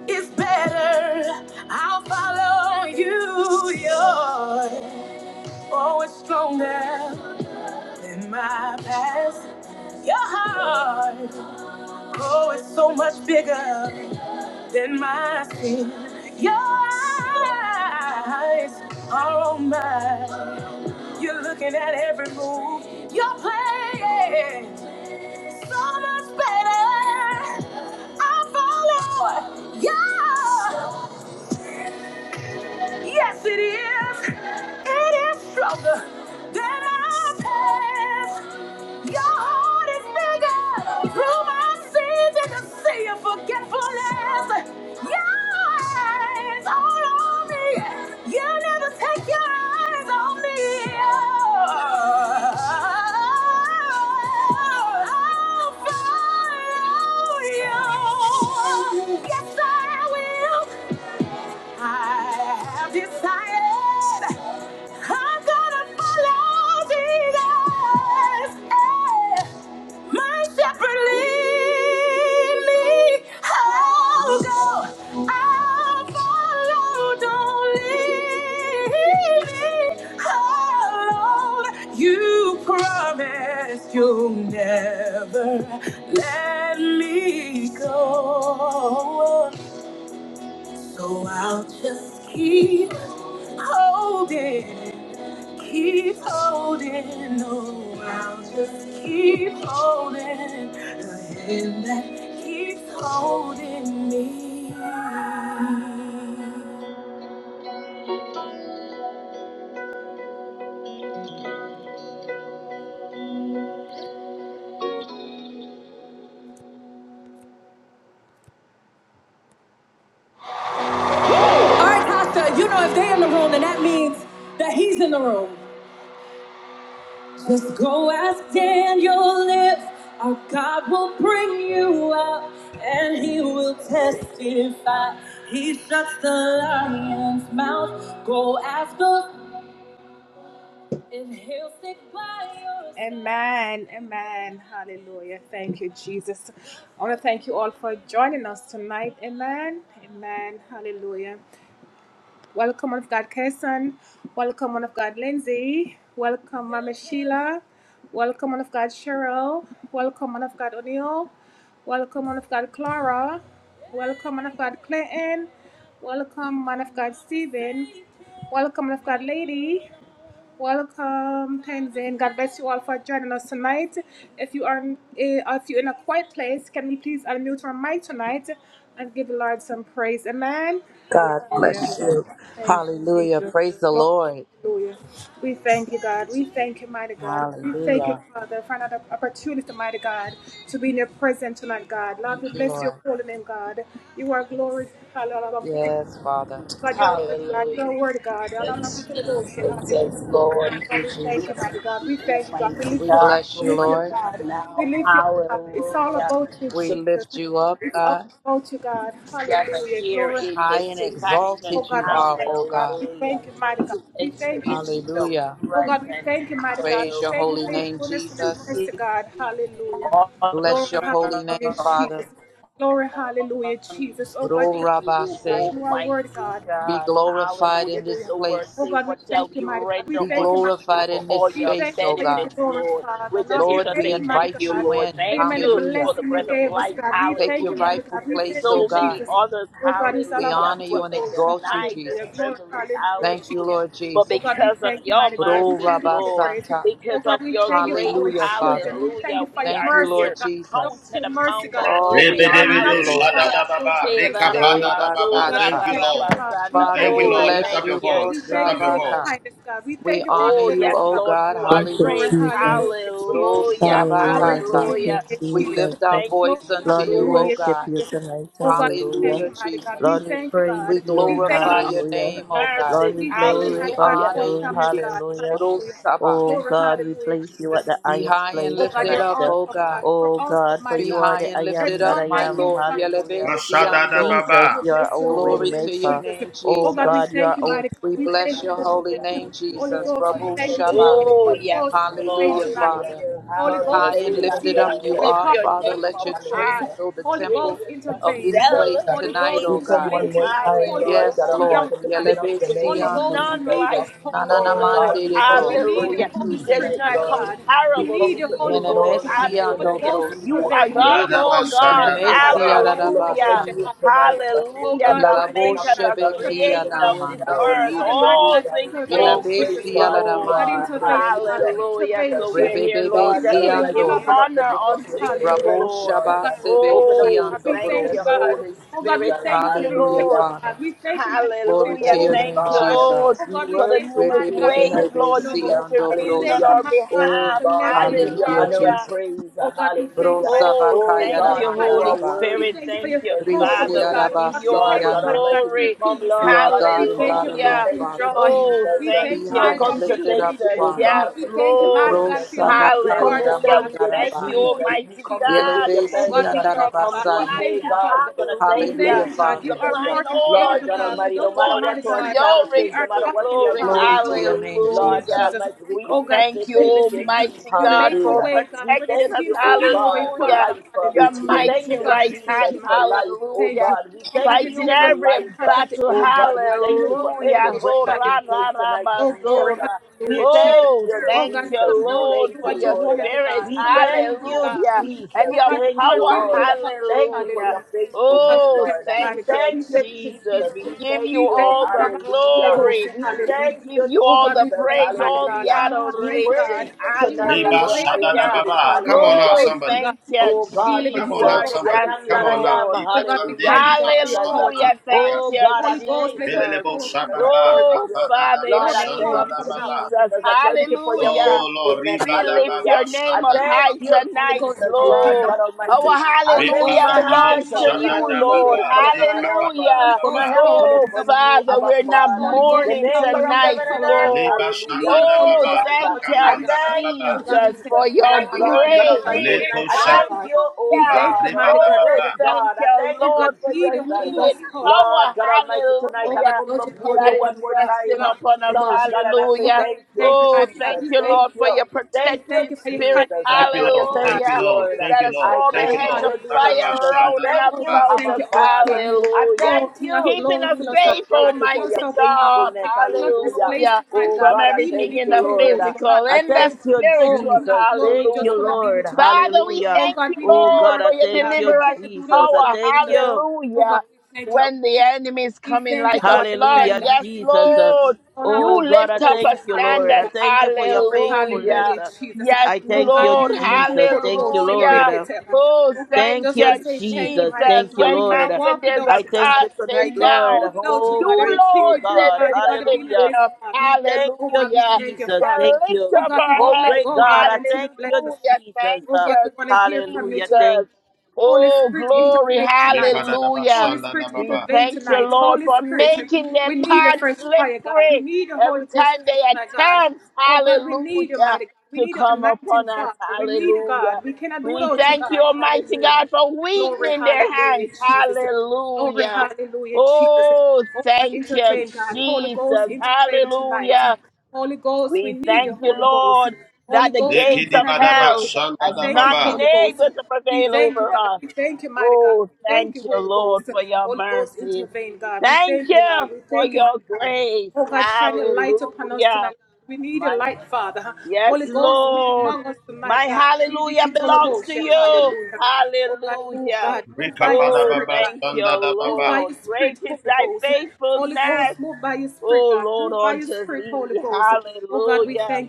Speaker 1: is better. I'll follow you. Your oh, it's stronger than my past. Your heart, oh, it's so much bigger. than my sin. Your eyes are on mine. You're looking at every move you're playing. So much better. I follow. Yeah. Yes, it is. It is stronger than our past. Your heart is bigger. Through my sins, you can see your forgetfulness. Your eyes all on me. You never take your eyes on me. I'll follow you. Yes, I will. I have decided I'm gonna follow Jesus. Eh, My shepherd lead me. I'll go. I'll follow. Don't leave me alone. You promised you'll never let me go. So I'll just keep holding, keep holding. No, I'll just keep holding the hand that keeps holding me. All right, Costa, you know if they're in the room, then that means that he's in the room. Just go ask Daniel if our God will bring you up and he will testify. He shuts the lion's mouth. Go ask us if he'll stick by your side. Amen. Amen. Hallelujah. Thank you, Jesus. I want to thank you all for joining us tonight. Amen. Amen. Hallelujah.
Speaker 3: God bless you. Hallelujah. Praise the Lord. Hallelujah. Thank you, Lord. Yes, Father.
Speaker 4: Hallelujah. That's Jesus. Yes, Lord.
Speaker 3: Thank you,
Speaker 4: We
Speaker 3: Jesus.
Speaker 4: thank you, Almighty
Speaker 3: We
Speaker 4: God,
Speaker 3: bless
Speaker 4: for
Speaker 3: you,
Speaker 4: bringing
Speaker 3: Lord.
Speaker 4: us now. Hallelujah.
Speaker 3: We
Speaker 4: To
Speaker 3: lift you up, God.
Speaker 4: gather here in
Speaker 3: High and
Speaker 4: this
Speaker 3: exalted
Speaker 4: fashion.
Speaker 3: you are, O God.
Speaker 4: Hallelujah. To enter into your
Speaker 3: Hallelujah.
Speaker 4: presence.
Speaker 3: Praise your holy
Speaker 4: Hallelujah.
Speaker 3: name,
Speaker 4: To
Speaker 3: Jesus.
Speaker 4: give
Speaker 3: Bless your holy
Speaker 4: honor.
Speaker 3: name, Father. Ro
Speaker 4: To you,
Speaker 3: rabase.
Speaker 4: Almighty
Speaker 3: Be
Speaker 4: God.
Speaker 3: glorified
Speaker 4: Hallelujah.
Speaker 3: in this
Speaker 4: The words
Speaker 3: place.
Speaker 4: say, What shall we render
Speaker 3: Be
Speaker 4: unto you
Speaker 3: glorified
Speaker 4: for
Speaker 3: in this
Speaker 4: all your
Speaker 3: space, O God.
Speaker 4: benefits, Lord? We're just here
Speaker 3: Lord,
Speaker 4: to
Speaker 3: we
Speaker 4: say thank
Speaker 3: invite
Speaker 4: you,
Speaker 3: you
Speaker 4: Lord.
Speaker 3: in.
Speaker 4: Thank you for
Speaker 3: Hallelujah.
Speaker 4: the breath of life.
Speaker 3: Take your
Speaker 4: Hallelujah.
Speaker 3: rightful
Speaker 4: There's
Speaker 3: place, O
Speaker 4: so
Speaker 3: God.
Speaker 4: many others,
Speaker 3: We
Speaker 4: hallelujah,
Speaker 3: honor
Speaker 4: who
Speaker 3: you
Speaker 4: have
Speaker 3: and
Speaker 4: been
Speaker 3: exalt you,
Speaker 4: denied this
Speaker 3: Jesus.
Speaker 4: privilege,
Speaker 3: Thank you,
Speaker 4: hallelujah.
Speaker 3: Lord
Speaker 4: But
Speaker 3: Jesus.
Speaker 4: because of your
Speaker 3: Bro
Speaker 4: mercies, Lord,
Speaker 3: Rabasata.
Speaker 4: because of your grace,
Speaker 3: Hallelujah, Father.
Speaker 4: hallelujah, we
Speaker 3: Thank
Speaker 4: are
Speaker 3: you,
Speaker 4: here
Speaker 3: Lord Jesus.
Speaker 4: counted among the
Speaker 3: Oh, we
Speaker 4: living.
Speaker 3: honor you,
Speaker 5: Rebedebedo
Speaker 3: Lord.
Speaker 4: Hallelujah.
Speaker 5: shadadababa,
Speaker 4: Hey, la, ra,
Speaker 3: Yea,
Speaker 4: ba, so,
Speaker 5: rekapandadababa.
Speaker 4: ra,
Speaker 5: Thank
Speaker 3: Basata.
Speaker 4: ra,
Speaker 5: you,
Speaker 4: ra,
Speaker 5: Lord.
Speaker 4: ba, sanda.
Speaker 3: Father,
Speaker 5: Thank you,
Speaker 3: we
Speaker 4: Oh,
Speaker 5: Lord. Lift
Speaker 3: bless
Speaker 5: up
Speaker 4: thank
Speaker 5: your
Speaker 3: you,
Speaker 4: you,
Speaker 3: Bro
Speaker 5: voice. Lift up your
Speaker 4: Jesus.
Speaker 3: Sabaka.
Speaker 5: voice.
Speaker 3: We honor
Speaker 4: Oh,
Speaker 3: you,
Speaker 4: yes,
Speaker 3: O
Speaker 4: Lord,
Speaker 3: God.
Speaker 4: you are
Speaker 6: Thank you,
Speaker 4: great.
Speaker 3: Hallelujah.
Speaker 6: Jesus.
Speaker 3: Bro
Speaker 4: Hallelujah.
Speaker 6: Hallelujah.
Speaker 3: Sabakata.
Speaker 6: Thank you,
Speaker 4: Hallelujah.
Speaker 3: We
Speaker 4: We
Speaker 6: Jesus.
Speaker 3: lift our
Speaker 4: thank
Speaker 3: voice unto
Speaker 6: Lord, we
Speaker 4: you,
Speaker 3: you, O
Speaker 6: worship
Speaker 3: God.
Speaker 6: you tonight. Hallelujah.
Speaker 3: Hallelujah, Jesus.
Speaker 6: Lord, we praise
Speaker 3: We
Speaker 6: you.
Speaker 3: glorify
Speaker 4: God.
Speaker 3: your
Speaker 6: Hallelujah.
Speaker 3: name, O God.
Speaker 6: Lord,
Speaker 4: Mercies.
Speaker 6: we
Speaker 3: We
Speaker 6: glorify
Speaker 4: Hallelujah.
Speaker 3: honor
Speaker 6: you.
Speaker 3: you, Jesus.
Speaker 6: Hallelujah.
Speaker 3: Bro Saba.
Speaker 6: Oh God, we place you at the
Speaker 3: Be
Speaker 6: highest
Speaker 3: high and
Speaker 6: place
Speaker 3: lifted
Speaker 6: tonight.
Speaker 3: up,
Speaker 6: uh.
Speaker 3: O God.
Speaker 6: Oh God, for
Speaker 3: Be
Speaker 6: you are
Speaker 3: high
Speaker 6: the
Speaker 3: and
Speaker 6: I am
Speaker 3: lifted
Speaker 6: that
Speaker 3: up,
Speaker 6: I
Speaker 3: my
Speaker 6: am.
Speaker 3: Lord.
Speaker 6: Hallelujah.
Speaker 5: Mashada da
Speaker 3: Yelebestiando.
Speaker 6: Jesus,
Speaker 5: baba.
Speaker 6: you are our way
Speaker 3: Glory to your
Speaker 6: maker.
Speaker 3: name,
Speaker 6: Oh
Speaker 3: Jesus.
Speaker 6: God, you are our
Speaker 3: We
Speaker 6: source.
Speaker 3: bless your holy
Speaker 6: Hallelujah.
Speaker 3: name,
Speaker 6: Oh
Speaker 3: Jesus.
Speaker 6: God, we
Speaker 3: Rabu
Speaker 6: thank you for
Speaker 3: Shaba.
Speaker 6: your
Speaker 4: Oh, yes,
Speaker 6: faithfulness.
Speaker 4: Lord,
Speaker 3: Hallelujah,
Speaker 4: we're
Speaker 6: Hallelujah.
Speaker 3: Father.
Speaker 4: here.
Speaker 6: Lord, we
Speaker 3: High
Speaker 6: thank
Speaker 3: and
Speaker 6: you for
Speaker 4: Hallelujah.
Speaker 3: lifted up
Speaker 6: grace
Speaker 4: To
Speaker 3: you
Speaker 6: and
Speaker 4: lift
Speaker 3: are,
Speaker 4: your
Speaker 3: Father.
Speaker 6: mercy.
Speaker 4: name
Speaker 3: Let
Speaker 4: up
Speaker 3: your
Speaker 6: Hallelujah.
Speaker 3: train
Speaker 4: high.
Speaker 3: fill the
Speaker 4: We're
Speaker 3: temple
Speaker 4: here to
Speaker 3: of this
Speaker 6: Jesus.
Speaker 3: place
Speaker 6: uh,
Speaker 3: tonight,
Speaker 6: We
Speaker 3: O
Speaker 4: celebrate
Speaker 6: come
Speaker 3: God.
Speaker 6: one
Speaker 4: you.
Speaker 6: more time, Lord
Speaker 3: Yes,
Speaker 6: God
Speaker 4: Hallelujah.
Speaker 3: Lord.
Speaker 6: Almighty, lifting up
Speaker 4: Because
Speaker 6: the name of
Speaker 4: there's
Speaker 3: Yelebestiando.
Speaker 6: Jesus.
Speaker 4: none
Speaker 6: uh.
Speaker 4: like you,
Speaker 3: Nanana
Speaker 6: Oh
Speaker 4: Lord.
Speaker 6: God, we
Speaker 3: mandere
Speaker 6: come to
Speaker 3: bro.
Speaker 4: Hallelujah.
Speaker 6: praise you
Speaker 4: There's
Speaker 6: tonight,
Speaker 4: none
Speaker 6: Lord. We
Speaker 4: comparable
Speaker 6: come
Speaker 4: to
Speaker 6: to
Speaker 4: you, Lord.
Speaker 6: exalt
Speaker 3: Menemesi
Speaker 6: you
Speaker 3: ando
Speaker 6: tonight,
Speaker 4: Hallelujah. You
Speaker 3: brosa.
Speaker 6: Jesus.
Speaker 4: are God of
Speaker 6: Hallelujah.
Speaker 5: Radaba
Speaker 4: all
Speaker 6: Oh
Speaker 5: shanda
Speaker 4: gods.
Speaker 5: da
Speaker 3: Menemesi
Speaker 5: baba.
Speaker 6: God, we love upon
Speaker 4: Hallelujah.
Speaker 6: you
Speaker 3: arabasaya.
Speaker 6: tonight. uh,
Speaker 4: Hallelujah.
Speaker 6: From the
Speaker 3: La
Speaker 4: The
Speaker 3: la
Speaker 6: rising of
Speaker 4: maker,
Speaker 6: the
Speaker 3: bosche
Speaker 4: the
Speaker 6: sun until
Speaker 3: bekia
Speaker 4: creator
Speaker 6: the
Speaker 3: da
Speaker 4: of
Speaker 6: going
Speaker 4: this
Speaker 3: manda.
Speaker 6: down.
Speaker 4: earth. All
Speaker 6: Hallelujah.
Speaker 4: things
Speaker 3: Yela
Speaker 6: Oh
Speaker 4: belong to
Speaker 6: great
Speaker 3: besi
Speaker 4: you,
Speaker 6: God
Speaker 3: alara
Speaker 4: Lord.
Speaker 6: you
Speaker 3: mande
Speaker 6: are.
Speaker 3: broso.
Speaker 6: Hallelujah.
Speaker 4: Hallelujah.
Speaker 6: Jesus.
Speaker 4: So
Speaker 6: uh.
Speaker 4: we're
Speaker 3: Rebe
Speaker 4: here,
Speaker 3: bebe
Speaker 4: Lord,
Speaker 6: God,
Speaker 4: just
Speaker 6: God
Speaker 3: si
Speaker 4: to
Speaker 6: Almighty,
Speaker 4: give
Speaker 3: ando.
Speaker 6: open up the
Speaker 4: honor
Speaker 6: book of
Speaker 4: unto you,
Speaker 3: Rabo
Speaker 6: remembrance,
Speaker 4: Lord.
Speaker 3: shaba
Speaker 6: Lord.
Speaker 3: sebe
Speaker 6: Open up
Speaker 3: ki
Speaker 6: the
Speaker 4: Oh,
Speaker 6: book
Speaker 3: ando
Speaker 6: of
Speaker 4: thank you,
Speaker 3: brosa.
Speaker 6: remembrance,
Speaker 4: Holy Spirit.
Speaker 6: Jesus.
Speaker 4: Thank you,
Speaker 3: Hallelujah,
Speaker 6: Hallelujah.
Speaker 4: Lord.
Speaker 3: Father. Glory
Speaker 4: Hallelujah.
Speaker 3: to your
Speaker 6: Oh
Speaker 4: Thank
Speaker 3: name,
Speaker 4: you,
Speaker 6: God,
Speaker 4: Lord,
Speaker 3: Jesus.
Speaker 6: we
Speaker 4: for the
Speaker 6: worship
Speaker 4: numerous
Speaker 3: Rebe
Speaker 6: you
Speaker 3: bebe
Speaker 4: ways,
Speaker 6: tonight,
Speaker 3: bebe
Speaker 4: Lord, you've
Speaker 3: si
Speaker 6: Jesus.
Speaker 3: ando
Speaker 4: intervened on
Speaker 3: brosa.
Speaker 6: Hallelujah.
Speaker 4: our
Speaker 6: Oh
Speaker 4: behalf.
Speaker 6: God, we give you
Speaker 3: Hallelujah,
Speaker 6: honor and
Speaker 4: Hallelujah.
Speaker 3: Jesus.
Speaker 6: praise. Hallelujah.
Speaker 3: Brosa
Speaker 4: Oh,
Speaker 6: Oh
Speaker 3: bakaya
Speaker 4: thank
Speaker 6: God,
Speaker 4: you,
Speaker 6: for
Speaker 3: ramanda
Speaker 6: you are
Speaker 4: Holy
Speaker 3: raba.
Speaker 6: worthy,
Speaker 4: Spirit. Thank
Speaker 6: Jesus.
Speaker 4: you,
Speaker 6: You are
Speaker 4: Father. We
Speaker 6: worthy.
Speaker 4: give you all
Speaker 6: Lord
Speaker 4: the
Speaker 6: God
Speaker 3: Risiarabasirianda.
Speaker 6: Almighty, we
Speaker 4: glory.
Speaker 6: come,
Speaker 3: You
Speaker 6: Lord
Speaker 3: are
Speaker 6: God, and we
Speaker 3: God and
Speaker 6: come
Speaker 3: God
Speaker 6: to say
Speaker 3: alone,
Speaker 4: Hallelujah.
Speaker 6: thank
Speaker 3: Father.
Speaker 6: you, Jesus.
Speaker 4: Oh,
Speaker 6: Uh,
Speaker 4: thank
Speaker 3: Be
Speaker 6: We
Speaker 4: you,
Speaker 3: high and
Speaker 6: come to
Speaker 3: lifted
Speaker 6: thank
Speaker 3: up,
Speaker 6: you,
Speaker 4: Jesus.
Speaker 6: oh
Speaker 3: Father.
Speaker 4: Yes,
Speaker 6: God, for your
Speaker 4: Lord.
Speaker 6: faithfulness. Uh, We come
Speaker 3: Rosabakaya
Speaker 6: to
Speaker 4: Hallelujah.
Speaker 6: thank
Speaker 4: We
Speaker 6: you,
Speaker 4: thank
Speaker 3: Ramandaraba.
Speaker 4: you,
Speaker 6: Jesus. We
Speaker 4: Almighty
Speaker 6: come to give
Speaker 4: God,
Speaker 6: you
Speaker 3: yelebesi
Speaker 4: for
Speaker 6: thanks. Uh,
Speaker 4: being our
Speaker 6: Comes what
Speaker 3: Yelebesiandarabasaya.
Speaker 6: may,
Speaker 4: provider.
Speaker 6: God. We're going to thank you,
Speaker 3: Hallelujah,
Speaker 4: Hallelujah.
Speaker 3: Father.
Speaker 6: Jesus.
Speaker 4: Supplying all
Speaker 6: Lord
Speaker 4: our
Speaker 6: God
Speaker 4: needs
Speaker 6: Almighty, no matter
Speaker 4: according
Speaker 6: what our
Speaker 4: to your
Speaker 6: status is,
Speaker 4: riches
Speaker 6: no matter
Speaker 4: and
Speaker 6: what we are
Speaker 4: glory.
Speaker 6: going
Speaker 3: Glory to your
Speaker 6: through,
Speaker 3: name,
Speaker 6: Lord God
Speaker 4: Hallelujah.
Speaker 3: Jesus.
Speaker 6: Almighty, we
Speaker 4: We
Speaker 6: come to say
Speaker 4: thank you,
Speaker 6: thank you,
Speaker 4: Almighty
Speaker 6: Jesus,
Speaker 4: God,
Speaker 6: tonight.
Speaker 4: for
Speaker 6: Uh,
Speaker 3: Hallelujah.
Speaker 6: We
Speaker 4: protecting
Speaker 6: thank
Speaker 4: us.
Speaker 6: you, oh God, for
Speaker 4: Hallelujah.
Speaker 6: life. Uh,
Speaker 3: Glory
Speaker 4: Your
Speaker 3: to
Speaker 6: We
Speaker 3: your
Speaker 6: thank
Speaker 4: mighty
Speaker 3: name.
Speaker 6: you,
Speaker 4: right
Speaker 6: Jesus,
Speaker 4: hand.
Speaker 6: for life, oh
Speaker 4: Hallelujah.
Speaker 6: God. We thank
Speaker 4: Fighting
Speaker 6: you for
Speaker 4: every
Speaker 6: life, uh,
Speaker 4: battle.
Speaker 6: oh God. We thank you for every
Speaker 4: Hallelujah.
Speaker 6: breath
Speaker 4: Oh,
Speaker 6: that
Speaker 4: ra,
Speaker 6: we
Speaker 4: ra,
Speaker 6: take
Speaker 4: ra,
Speaker 6: tonight, Jesus. Uh,
Speaker 4: basura.
Speaker 6: We thank
Speaker 4: Oh,
Speaker 6: you,
Speaker 4: thank
Speaker 6: Jesus.
Speaker 4: you,
Speaker 6: We
Speaker 4: Lord,
Speaker 6: thank
Speaker 4: for
Speaker 6: you,
Speaker 4: your
Speaker 6: Lord. Uh,
Speaker 4: spirit.
Speaker 6: We thank you,
Speaker 4: Hallelujah. And
Speaker 6: Jesus.
Speaker 4: your
Speaker 6: Thank you,
Speaker 4: power.
Speaker 6: Lord. Thank you for
Speaker 4: Hallelujah.
Speaker 6: your faithfulness,
Speaker 4: Oh,
Speaker 6: Lord.
Speaker 4: thank you,
Speaker 6: Thank you,
Speaker 4: Jesus.
Speaker 6: Jesus.
Speaker 4: We
Speaker 6: We
Speaker 4: give
Speaker 6: thank
Speaker 4: you
Speaker 6: you.
Speaker 4: all the
Speaker 6: Hallelujah.
Speaker 4: glory.
Speaker 6: We
Speaker 4: We
Speaker 6: thank
Speaker 4: give
Speaker 6: you,
Speaker 4: you all the
Speaker 6: Jesus.
Speaker 4: praise, all the
Speaker 6: Hallelujah. We praise
Speaker 4: adoration.
Speaker 6: you tonight at
Speaker 5: Leba
Speaker 6: the
Speaker 5: shada
Speaker 6: highest
Speaker 5: da
Speaker 4: Hallelujah.
Speaker 6: place.
Speaker 5: lebashadadababa. Come on now,
Speaker 6: Hallelujah.
Speaker 4: Oh,
Speaker 5: somebody.
Speaker 4: thank you,
Speaker 6: Oh God, for
Speaker 5: Come
Speaker 6: you
Speaker 5: on now,
Speaker 4: Jesus.
Speaker 6: are the I
Speaker 4: Yes,
Speaker 5: somebody.
Speaker 6: am
Speaker 5: Come
Speaker 6: that
Speaker 5: on now.
Speaker 6: I am.
Speaker 4: Lord.
Speaker 5: Ibra
Speaker 6: Hallelujah,
Speaker 5: andedeme
Speaker 6: Jesus.
Speaker 5: amsole
Speaker 4: Hallelujah. Thank
Speaker 6: Oh
Speaker 5: amdiata.
Speaker 4: you,
Speaker 6: God, I thank you,
Speaker 4: Jesus.
Speaker 5: Belelebo
Speaker 6: Jesus. I
Speaker 5: shadaba,
Speaker 6: thank
Speaker 4: Oh,
Speaker 6: you.
Speaker 4: Father, in
Speaker 5: da
Speaker 6: Lord,
Speaker 4: the
Speaker 6: I
Speaker 4: name of
Speaker 6: thank you,
Speaker 5: shandadababa.
Speaker 4: Jesus.
Speaker 6: Jesus. I thank you for your
Speaker 4: Hallelujah.
Speaker 5: Oh Lord,
Speaker 6: faithfulness.
Speaker 5: riba
Speaker 4: We
Speaker 5: da
Speaker 4: lift
Speaker 6: Hallelujah.
Speaker 4: your
Speaker 6: I
Speaker 4: name up
Speaker 5: Riva
Speaker 6: thank
Speaker 4: high
Speaker 6: you,
Speaker 4: tonight,
Speaker 6: Jesus, Lord
Speaker 4: Lord.
Speaker 6: God
Speaker 4: Our
Speaker 6: Almighty.
Speaker 5: da
Speaker 6: I lift
Speaker 4: hallelujah
Speaker 6: my
Speaker 4: belongs
Speaker 6: eyes
Speaker 4: to
Speaker 6: unto the
Speaker 4: you,
Speaker 5: da
Speaker 6: hills from which
Speaker 4: Lord.
Speaker 5: baba,
Speaker 6: cometh my
Speaker 5: leka
Speaker 6: help.
Speaker 5: panda
Speaker 4: Hallelujah.
Speaker 6: For my help cometh
Speaker 4: Oh,
Speaker 6: from you,
Speaker 4: Father,
Speaker 6: Abba
Speaker 4: we're not
Speaker 6: Father, the
Speaker 4: mourning
Speaker 6: maker of
Speaker 4: tonight,
Speaker 6: heaven and earth.
Speaker 5: da
Speaker 4: Lord.
Speaker 5: shanda
Speaker 6: Hallelujah,
Speaker 4: Oh,
Speaker 6: Jesus. Uh,
Speaker 4: thank
Speaker 6: I
Speaker 4: you,
Speaker 6: thank you,
Speaker 4: Jesus,
Speaker 6: Jesus,
Speaker 4: for your
Speaker 6: tonight, Lord God
Speaker 4: grace.
Speaker 6: Almighty. I
Speaker 5: leba
Speaker 6: thank you,
Speaker 5: Repadadabo, shadadababa, lekapadadababa, shaba,
Speaker 6: oh
Speaker 4: Hallelujah.
Speaker 6: God,
Speaker 5: reba da
Speaker 6: oh
Speaker 4: Oh,
Speaker 5: rebadababa.
Speaker 6: great
Speaker 4: thank
Speaker 6: God. I
Speaker 4: you,
Speaker 6: thank you,
Speaker 4: Lord, for
Speaker 6: Jesus.
Speaker 4: your
Speaker 6: Uh,
Speaker 4: healing
Speaker 6: Lord
Speaker 4: power.
Speaker 6: God Almighty, tonight I
Speaker 4: Hallelujah
Speaker 6: come before
Speaker 4: that
Speaker 6: you
Speaker 4: is
Speaker 6: one more time.
Speaker 4: resting
Speaker 6: uh,
Speaker 4: upon us.
Speaker 6: Lord God, and I say
Speaker 4: Hallelujah.
Speaker 6: thank you,
Speaker 4: Oh,
Speaker 6: Jesus.
Speaker 4: thank you,
Speaker 6: Thank
Speaker 4: Lord, for
Speaker 6: you.
Speaker 4: your
Speaker 6: Thank you,
Speaker 4: protected spirit.
Speaker 6: Jesus. I
Speaker 5: Thank you,
Speaker 6: give you
Speaker 5: Lord. Thank
Speaker 6: thanks,
Speaker 5: you,
Speaker 4: Hallelujah.
Speaker 5: Lord.
Speaker 6: Lord.
Speaker 5: Thank
Speaker 4: That
Speaker 5: you,
Speaker 4: has
Speaker 6: I
Speaker 5: Lord.
Speaker 4: formed a
Speaker 5: Thank you,
Speaker 6: thank
Speaker 4: hedge of
Speaker 5: Lord.
Speaker 6: you,
Speaker 5: Da da da
Speaker 4: fire
Speaker 6: Jesus. I
Speaker 4: around and
Speaker 5: da
Speaker 6: thank you,
Speaker 5: baba,
Speaker 4: about
Speaker 6: Abba
Speaker 4: us.
Speaker 6: Father. I
Speaker 4: Hallelujah.
Speaker 6: thank you,
Speaker 4: Keeping us
Speaker 6: Jesus.
Speaker 4: safe,
Speaker 6: Thank you for
Speaker 4: Almighty
Speaker 6: your
Speaker 4: God.
Speaker 6: faithfulness. Hallelujah.
Speaker 4: Hallelujah.
Speaker 6: Oh,
Speaker 4: From
Speaker 6: God, I
Speaker 4: everything
Speaker 6: thank
Speaker 4: in
Speaker 6: you,
Speaker 4: the
Speaker 6: Lord.
Speaker 4: physical
Speaker 6: I
Speaker 4: and the
Speaker 6: thank you,
Speaker 4: spiritual.
Speaker 6: Jesus. Thank you,
Speaker 4: Hallelujah.
Speaker 6: Lord.
Speaker 4: Father, we
Speaker 6: Hallelujah.
Speaker 4: thank you,
Speaker 6: Oh,
Speaker 4: Lord,
Speaker 6: God, I
Speaker 4: for your
Speaker 6: thank you,
Speaker 4: deliverance
Speaker 6: Jesus. I
Speaker 4: power.
Speaker 6: thank you.
Speaker 4: Hallelujah when the enemy is coming like a flood.
Speaker 6: Hallelujah,
Speaker 4: Yes,
Speaker 6: Jesus. Uh,
Speaker 4: Lord,
Speaker 6: Oh
Speaker 4: you
Speaker 6: God, I
Speaker 4: lift up a
Speaker 6: thank you, Lord.
Speaker 4: standard.
Speaker 6: I thank you for your faithfulness.
Speaker 4: Hallelujah.
Speaker 6: Uh,
Speaker 4: Yes,
Speaker 6: I thank you,
Speaker 4: Lord.
Speaker 6: Jesus. Thank you, Lord.
Speaker 4: Hallelujah.
Speaker 6: Uh,
Speaker 4: Oh,
Speaker 6: Thank
Speaker 4: thank
Speaker 6: you,
Speaker 4: you,
Speaker 6: Jesus.
Speaker 4: Jesus.
Speaker 6: Thank you,
Speaker 4: When
Speaker 6: Lord.
Speaker 4: man
Speaker 6: Uh,
Speaker 4: said there's a
Speaker 6: I thank you tonight,
Speaker 4: casting
Speaker 6: Lord.
Speaker 4: down,
Speaker 6: Oh,
Speaker 4: you,
Speaker 6: grateful
Speaker 4: Lord, said
Speaker 6: God.
Speaker 4: there's a
Speaker 6: Hallelujah.
Speaker 4: lifting up.
Speaker 6: We thank you,
Speaker 4: Hallelujah.
Speaker 6: Jesus.
Speaker 4: The
Speaker 6: Thank
Speaker 4: lift
Speaker 6: you.
Speaker 4: up our
Speaker 6: Oh,
Speaker 4: heads.
Speaker 6: great God. I thank you,
Speaker 4: Hallelujah.
Speaker 6: Jesus.
Speaker 4: Thank
Speaker 6: Uh,
Speaker 4: you,
Speaker 6: Hallelujah. Thank
Speaker 4: Jesus. Oh, glory.
Speaker 5: repada da ba ba ba
Speaker 4: Hallelujah.
Speaker 5: shanda shanda shanda
Speaker 4: We thank you, Lord, for making their path slippery every time they attempt, hallelujah, to come upon us, hallelujah. We thank you, Almighty God, for weakening their hands, hallelujah. Oh, thank you, Jesus, hallelujah. We thank you, Lord, that the
Speaker 5: shanda leki
Speaker 4: gates
Speaker 5: di
Speaker 4: of
Speaker 5: Dadaba
Speaker 4: hell has not
Speaker 5: shandadababa,
Speaker 4: been able to prevail over us. Oh, thank you, Lord, for your mercies. Thank you for your grace. Hallelujah. My yes, Lord. My hallelujah belongs to you. Hallelujah. Oh,
Speaker 5: repadadaba
Speaker 4: thank you,
Speaker 5: shandadababa,
Speaker 4: Lord. Great is thy faithfulness. Oh, Lord, unto thee. Hallelujah.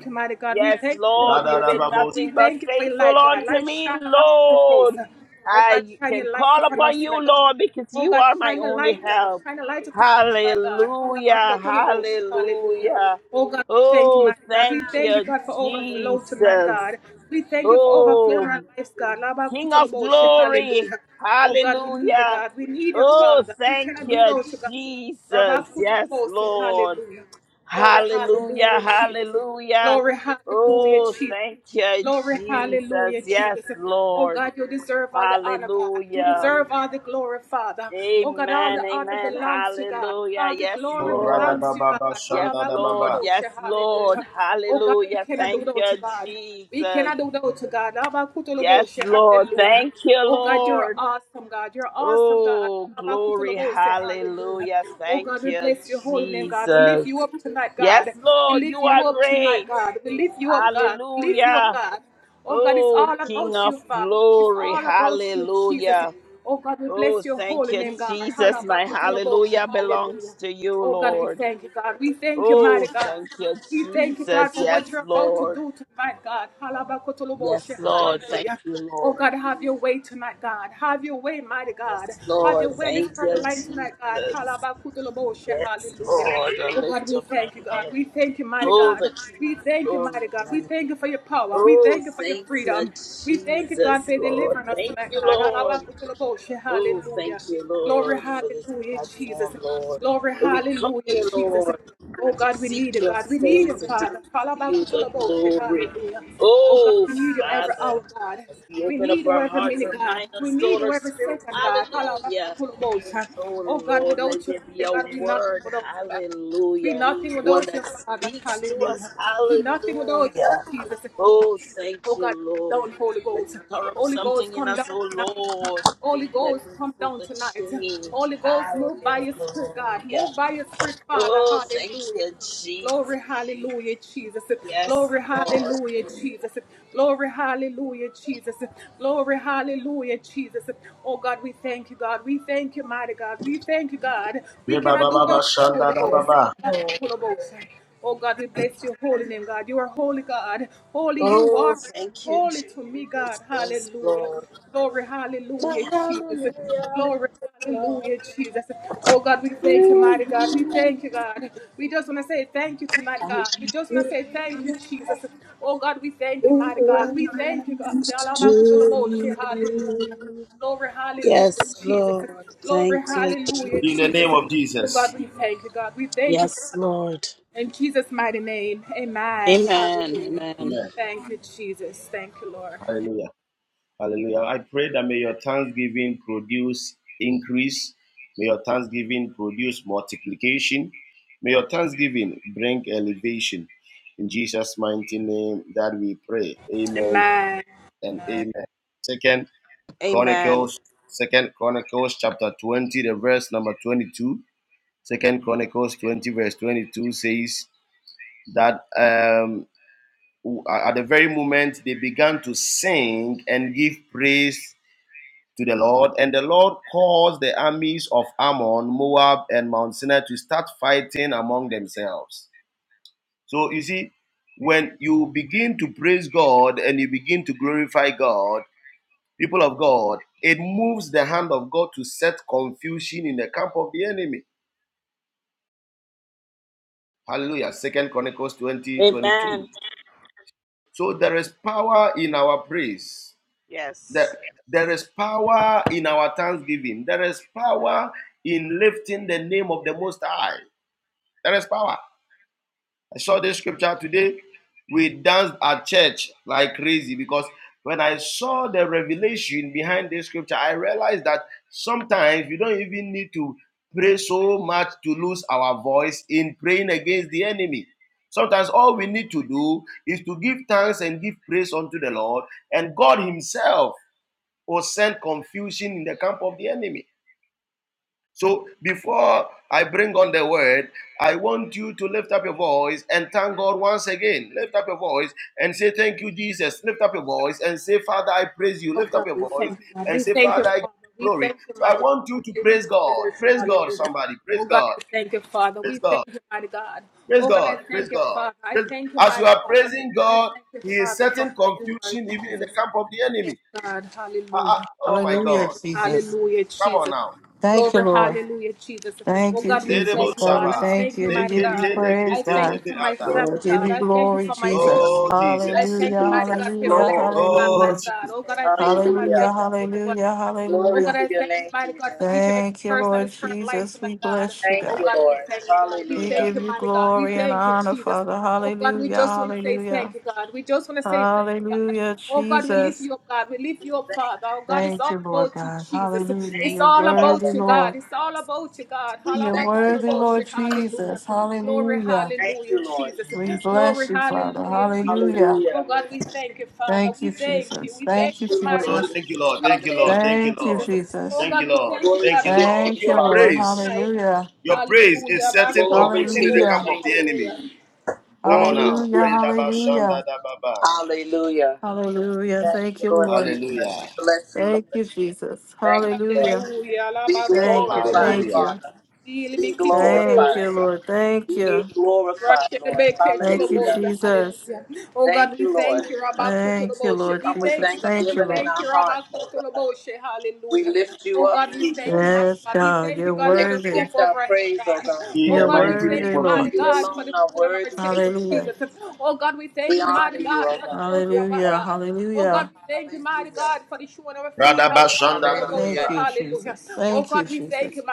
Speaker 4: Yes, Lord, you've been nothing but faithful unto me, Lord. I can call upon you, Lord, because you are my only help. Hallelujah, hallelujah. Oh, thank you, Jesus. Oh, King of glory, hallelujah. Oh, thank you, Jesus. Yes, Lord. Hallelujah, hallelujah. Oh, thank you, Jesus. Yes, Lord. Hallelujah. Amen, amen. Hallelujah. Yes, Lord.
Speaker 5: lekedibadaba
Speaker 4: Yes,
Speaker 5: shanda da shandadababa,
Speaker 4: Lord. Yes, Lord. Hallelujah. Thank you, Jesus. Yes, Lord. Thank you, Lord. Oh, glory. Hallelujah. Thank you, Jesus. Yes, Lord. You are great. Hallelujah. Oh, King of glory. Hallelujah. Oh, thank you, Jesus. My hallelujah belongs to you, Lord. Oh, thank you, Jesus. Yes, Lord. Yes, Lord. Thank you, Lord. Yes, Lord. Thank you, Jesus. Yes, Lord. The lift of my head. Oh, the King of glory. Oh, thank you, Jesus, Lord. Thank you, Lord. Oh, thank you, Lord, for this platform, Lord. Where we come here, Lord, to seek your face and to give you the glory. Oh, Father, as we open up our hearts, our mind, our soul, our spirit, hallelujah. Oh, Lord, let there be a word, hallelujah. One that speaks to us, hallelujah. Oh, thank you, Lord, that stir up something in us, oh Lord, that brings forth a change. Hallelujah. Oh, thank you, Jesus. Yes, Lord.
Speaker 5: reba radababa shanda da
Speaker 4: Yes,
Speaker 5: shandadababa,
Speaker 4: Lord. Oh, thank you, Jesus. Yes, Lord. Hallelujah, Lord. To you I give belongs to you. Yes, Lord. Thank you,
Speaker 5: In the name of Jesus.
Speaker 4: Yes, Lord. Amen. Amen.
Speaker 5: Amen. Hallelujah. Hallelujah. I pray that may your thanksgiving produce increase. May your thanksgiving produce multiplication. May your thanksgiving bring elevation. In Jesus' mighty name that we pray. Amen and amen. Second
Speaker 4: Amen.
Speaker 5: Chronicles, Second Chronicles chapter 20, the verse number 22. Second Chronicles 20, verse 22 says that um. at the very moment they began to sing and give praise to the Lord, and the Lord caused the armies of Ammon, Moab, and Mount Sinai to start fighting among themselves. So you see, when you begin to praise God and you begin to glorify God, people of God, it moves the hand of God to set confusion in the camp of the enemy. Hallelujah. Second Chronicles twenty 22.
Speaker 4: Amen.
Speaker 5: So there is power in our praise. That
Speaker 4: Yes.
Speaker 5: there is power in our thanksgiving. There is power in lifting the name of the Most High. There is power. I saw this scripture today. We danced at church like crazy because when I saw the revelation behind this scripture, I realized that sometimes we don't even need to pray so much to lose our voice in praying against the enemy. Sometimes all we need to do is to give thanks and give praise unto the Lord, and God Himself or send confusion in the camp of the enemy. So before I bring on the word, I want you to lift up your voice and thank God once again. Lift up your voice and say, Thank you, Jesus. Lift up your voice and say, Father, I praise you. Lift up your voice and say, Father, I give you glory. So I want you to praise God. Praise God, somebody. Praise God. Praise God. Praise God. Praise God. Praise- God. As you are praising God, He is setting confusion even in the camp of the enemy. Ah, ah. oh my
Speaker 7: Hallelujah,
Speaker 5: God.
Speaker 7: Jesus.
Speaker 5: Come on now.
Speaker 7: Thank you, Lord. Thank you,
Speaker 5: Nerebo
Speaker 7: Jesus. God, we
Speaker 5: Shava.
Speaker 7: thank you. We give you
Speaker 5: Nekete,
Speaker 7: praise,
Speaker 5: nekete,
Speaker 7: God.
Speaker 5: nebeata.
Speaker 4: Lord.
Speaker 7: Give
Speaker 4: Thank
Speaker 7: you glory,
Speaker 4: you,
Speaker 7: Jesus.
Speaker 5: Oh,
Speaker 3: Thank you,
Speaker 5: Jesus.
Speaker 7: Hallelujah,
Speaker 3: Jesus.
Speaker 7: hallelujah,
Speaker 4: Lord.
Speaker 5: Oh,
Speaker 7: hallelujah.
Speaker 3: Hallelujah.
Speaker 7: Hallelujah, hallelujah,
Speaker 3: Glory
Speaker 7: hallelujah.
Speaker 3: to your name, Jesus.
Speaker 7: Thank you, Lord Jesus. We bless you,
Speaker 3: Thank you,
Speaker 7: God.
Speaker 3: Lord.
Speaker 7: We
Speaker 3: Hallelujah.
Speaker 7: give you glory and honor, Father. Hallelujah, hallelujah. Hallelujah, Jesus. Thank you, Lord God. Hallelujah.
Speaker 3: Thank
Speaker 7: You're
Speaker 3: you,
Speaker 7: worthy,
Speaker 3: Father.
Speaker 7: Lord.
Speaker 3: We
Speaker 7: You're
Speaker 3: thank you,
Speaker 7: worthy,
Speaker 3: Lord.
Speaker 7: Lord Jesus. Hallelujah.
Speaker 3: Thank you, Lord.
Speaker 7: We bless you, Father. Hallelujah.
Speaker 3: Hallelujah.
Speaker 7: Thank you, Jesus. Thank you,
Speaker 3: Thank you, Lord
Speaker 5: oh,
Speaker 7: Jesus.
Speaker 5: thank you,
Speaker 3: Jesus.
Speaker 5: Lord. Thank you, Lord.
Speaker 3: Hallelujah.
Speaker 5: Thank you,
Speaker 7: Thank you,
Speaker 5: Lord.
Speaker 7: Jesus.
Speaker 5: Thank you, Lord.
Speaker 3: Glory
Speaker 5: Thank
Speaker 3: to
Speaker 5: you,
Speaker 3: your
Speaker 5: Lord.
Speaker 3: name,
Speaker 7: Thank you,
Speaker 5: Your
Speaker 3: Father.
Speaker 7: Lord.
Speaker 5: praise,
Speaker 7: Hallelujah.
Speaker 5: your praise is setting
Speaker 3: Glory
Speaker 5: confusion
Speaker 3: to
Speaker 5: in the
Speaker 3: your
Speaker 5: camp
Speaker 7: Hallelujah.
Speaker 5: of
Speaker 3: name,
Speaker 5: the
Speaker 3: Jesus.
Speaker 5: enemy. Come on
Speaker 3: Glory
Speaker 5: now.
Speaker 3: to
Speaker 7: Hallelujah.
Speaker 3: your name.
Speaker 5: Ridaba shanda
Speaker 7: Hallelujah.
Speaker 5: dababa.
Speaker 3: Hallelujah.
Speaker 7: Hallelujah.
Speaker 3: Thank
Speaker 7: Thank
Speaker 3: you,
Speaker 7: you,
Speaker 3: Lord
Speaker 7: Lord.
Speaker 5: Hallelujah.
Speaker 3: Jesus. Bless you,
Speaker 7: Thank
Speaker 3: Lord.
Speaker 7: you, Jesus.
Speaker 3: Thank you, Lord.
Speaker 7: Hallelujah.
Speaker 3: Be
Speaker 7: Thank you.
Speaker 3: glorified,
Speaker 7: Thank
Speaker 5: Hallelujah.
Speaker 7: you.
Speaker 3: Father. Be
Speaker 7: Thank
Speaker 3: glorified.
Speaker 7: you, Lord. Thank
Speaker 3: Be
Speaker 7: you.
Speaker 3: glorified, Lord.
Speaker 7: Thank you,
Speaker 3: Hallelujah.
Speaker 7: Jesus.
Speaker 3: Thank you, Lord.
Speaker 7: Thank you,
Speaker 3: We
Speaker 7: Lord
Speaker 3: come with
Speaker 7: Jesus. Thank you,
Speaker 3: thanksgiving
Speaker 7: Lord.
Speaker 3: in our hearts, oh God. We lift you up, Jesus.
Speaker 7: Yes, God, you're
Speaker 3: We
Speaker 7: worthy.
Speaker 3: extend our praise, oh God.
Speaker 5: In
Speaker 7: You're
Speaker 5: the mighty name
Speaker 7: worthy,
Speaker 5: of
Speaker 7: Lord.
Speaker 3: You
Speaker 5: Jesus.
Speaker 3: alone are worthy to be
Speaker 7: Hallelujah.
Speaker 3: praised. We honor you, O God. We
Speaker 7: Hallelujah.
Speaker 3: exalt
Speaker 7: Hallelujah.
Speaker 3: you. Hallelujah.
Speaker 5: Radaba shanda
Speaker 3: Hallelujah.
Speaker 7: Thank you, Jesus. Thank you, Jesus.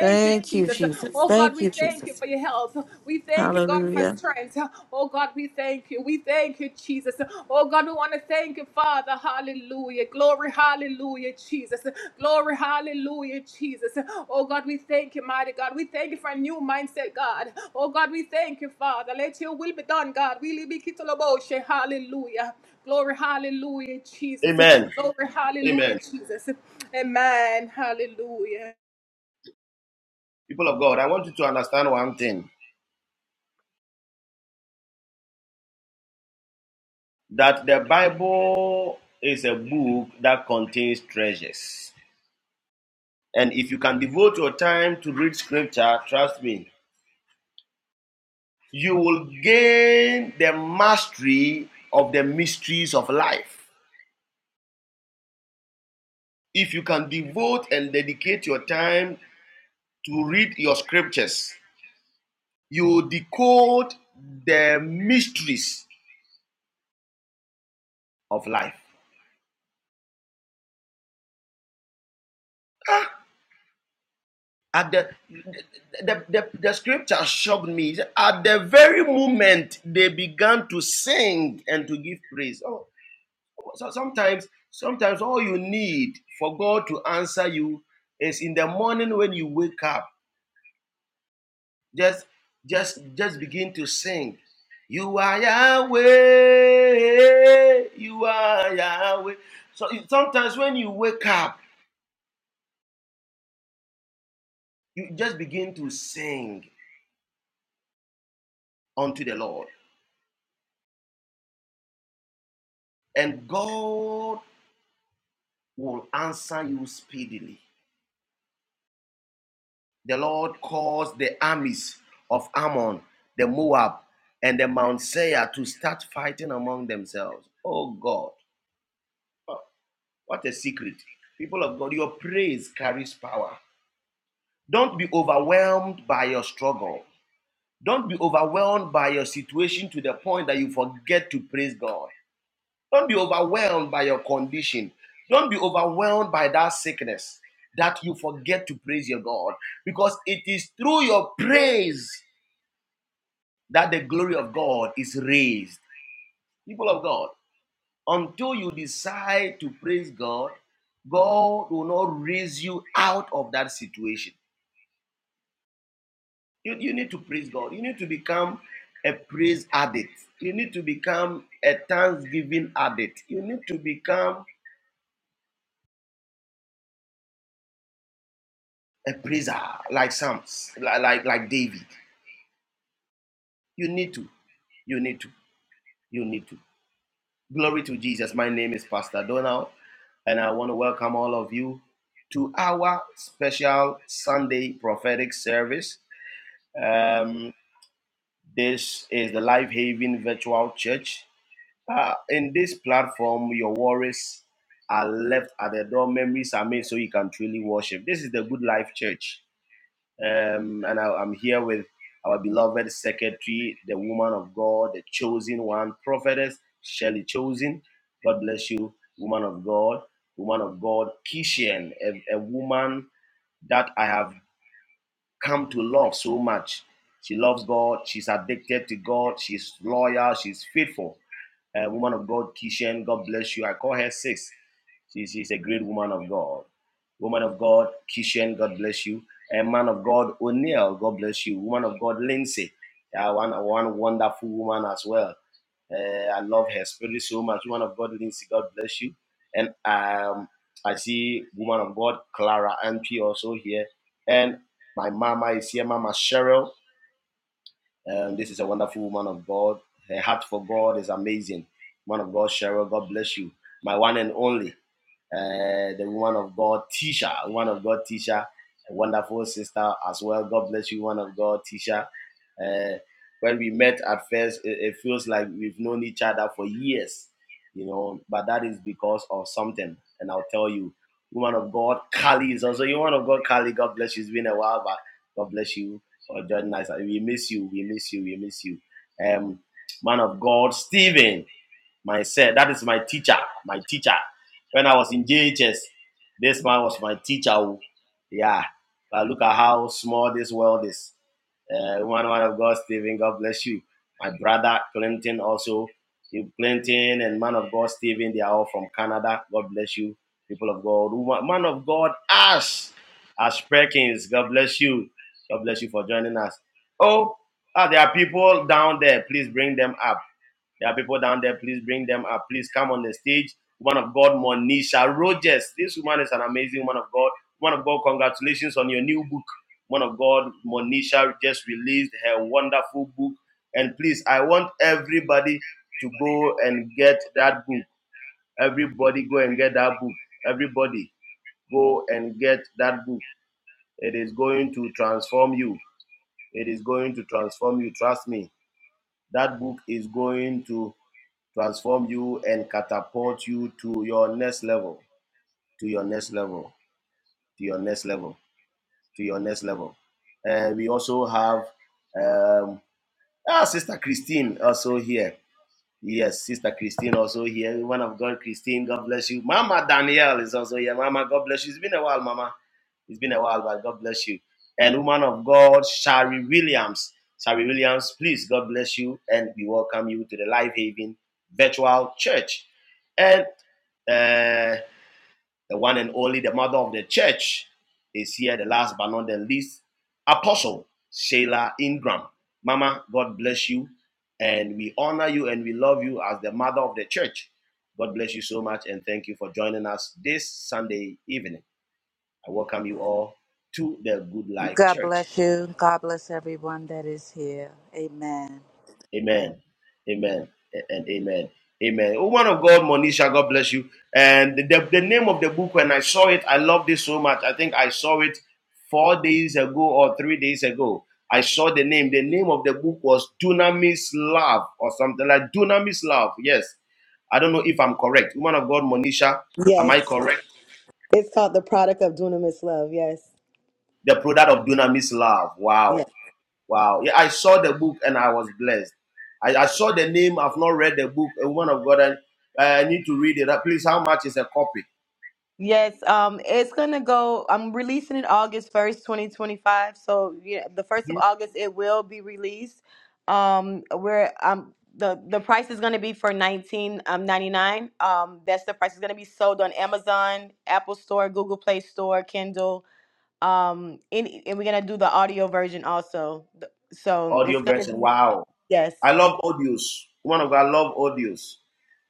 Speaker 7: Thank you, Jesus. Thank you, Jesus. Hallelujah.
Speaker 5: Amen. Amen. People of God, I want you to understand one thing. that the Bible is a book that contains treasures. And if you can devote your time to read scripture, trust me, you will gain the mastery of the mysteries of life. If you can devote and dedicate your time to read your scriptures, you will decode the mysteries of life. At the, the, the, the scripture shocked me. At the very moment they began to sing and to give praise. Oh, so sometimes, sometimes all you need for God to answer you is in the morning when you wake up. Just, just, just begin to sing. You are Yahweh. You are Yahweh. So sometimes when you wake up, you just begin to sing unto the Lord. And God will answer you speedily. The Lord caused the armies of Ammon, the Moab, and the Mount Seir to start fighting among themselves. Oh God, what a secret. People of God, your praise carries power. Don't be overwhelmed by your struggle. Don't be overwhelmed by your situation to the point that you forget to praise God. Don't be overwhelmed by your condition. Don't be overwhelmed by that sickness that you forget to praise your God because it is through your praise that the glory of God is raised. People of God, until you decide to praise God, God will not raise you out of that situation. You, you need to praise God. You need to become a praise addict. You need to become a thanksgiving addict. You need to become a praiser like Psalms, like, like like David. You need to. You need to. You need to. Glory to Jesus. My name is Pastor Donald, and I want to welcome all of you to our special Sunday prophetic service. Um, this is the Life Haven Virtual Church. Uh, in this platform, your worries are left at the door. Memories are made so you can truly worship. This is the Good Life Church Um, and I, am here with our beloved secretary, the woman of God, the chosen one, prophetess Shelley Chosen. God bless you, woman of God, woman of God, Kishian, a, a woman that I have come to love so much. She loves God. She's addicted to God. She's loyal. She's faithful. Uh, woman of God, Kishen. God bless you. I call her Sis. She, she's a great woman of God. Woman of God, Kishen. God bless you. A man of God, O'Neill, God bless you. Woman of God, Lindsay, uh, one, one wonderful woman as well. Uh, I love her spirit so much. Woman of God, Lindsay, God bless you. And um, I see woman of God, Clara MP also here. And my mama is here, Mama Cheryl. Um, this is a wonderful woman of God. Her heart for God is amazing. Woman of God, Cheryl, God bless you. My one and only uh, the woman of God, Tisha, woman of God, Tisha, a wonderful sister as well. God bless you, woman of God, Tisha. Uh, when we met at first, it, it feels like we've known each other for years, you know, but that is because of something. And I'll tell you, woman of God, Kali is also, you woman of God, Kali, God bless you. It's been a while, but God bless you for joining us. We miss you, we miss you, we miss you. Um, man of God, Stephen, myself, that is my teacher, my teacher. When I was in JHS, this man was my teacher. oh. Yeah. But look at how small this world is. Uh, one man of God, Stephen, God bless you. My brother, Clinton, also. Clinton and man of God, Stephen, they are all from Canada. God bless you, people of God. Man of God, Ash. Ash Perkins, God bless you. God bless you for joining us. Oh, ah, there are people down there. Please bring them up. There are people down there. Please bring them up. Please come on the stage. Woman of God, Monisha Rogers. This woman is an amazing woman of God. Woman of God, congratulations on your new book. Woman of God, Monisha just released her wonderful book. And please, I want everybody to go and get that book. Everybody go and get that book. Everybody go and get that book. It is going to transform you. It is going to transform you. Trust me. That book is going to transform you and catapult you to your next level, to your next level, to your next level, to your next level. And we also have um, ah, Sister Christine also here. Yes, Sister Christine also here. One of God, Christine, God bless you. Mama Danielle is also here. Mama, God bless you. It's been a while, Mama. It's been a while, but God bless you. And woman of God, Shari Williams. Shari Williams, please, God bless you. And we welcome you to the Life Haven Virtual Church. And uh, the one and only, the mother of the church, is here. The last but not the least, Apostle Sheila Ingram. Mama, God bless you. And we honor you and we love you as the mother of the church. God bless you so much and thank you for joining us this Sunday evening. I welcome you all to the Good Life
Speaker 3: God
Speaker 5: Church.
Speaker 3: bless you. God bless everyone that is here. Amen.
Speaker 5: Amen. Amen. And amen. Amen. Woman of God, Monisha, God bless you. And the, the name of the book, when I saw it, I love this so much. I think I saw it four days ago or three days ago. I saw the name. The name of the book was Dunamis Love or something like Dunamis Love. Yes. I don't know if I'm correct. Woman of God, Monisha, am I
Speaker 8: Yes.
Speaker 5: correct?
Speaker 8: It's called The Product of Dunamis Love. Yes.
Speaker 5: The product of Dunamis Love. Wow.
Speaker 8: Yes.
Speaker 5: Wow. Yeah, I saw the book and I was blessed. I, I saw the name. I've not read the book. A woman of God, and I, I need to read it. Uh, Please, how much is a copy?
Speaker 8: Yes. Um, it's gonna go I'm releasing it August first, twenty twenty five. So yeah, the first of
Speaker 5: Mhm.
Speaker 8: August it will be released. Um where um the, the price is going to be for nineteen um, ninety nine. Um, that's the price. It's going to be sold on Amazon, Apple Store, Google Play Store, Kindle. Um, any, and we're going to do the audio version also. The- So it's
Speaker 5: Audio
Speaker 8: going to
Speaker 5: version.
Speaker 8: be
Speaker 5: Wow.
Speaker 8: yes,
Speaker 5: I love audios. Woman of God, I love audios.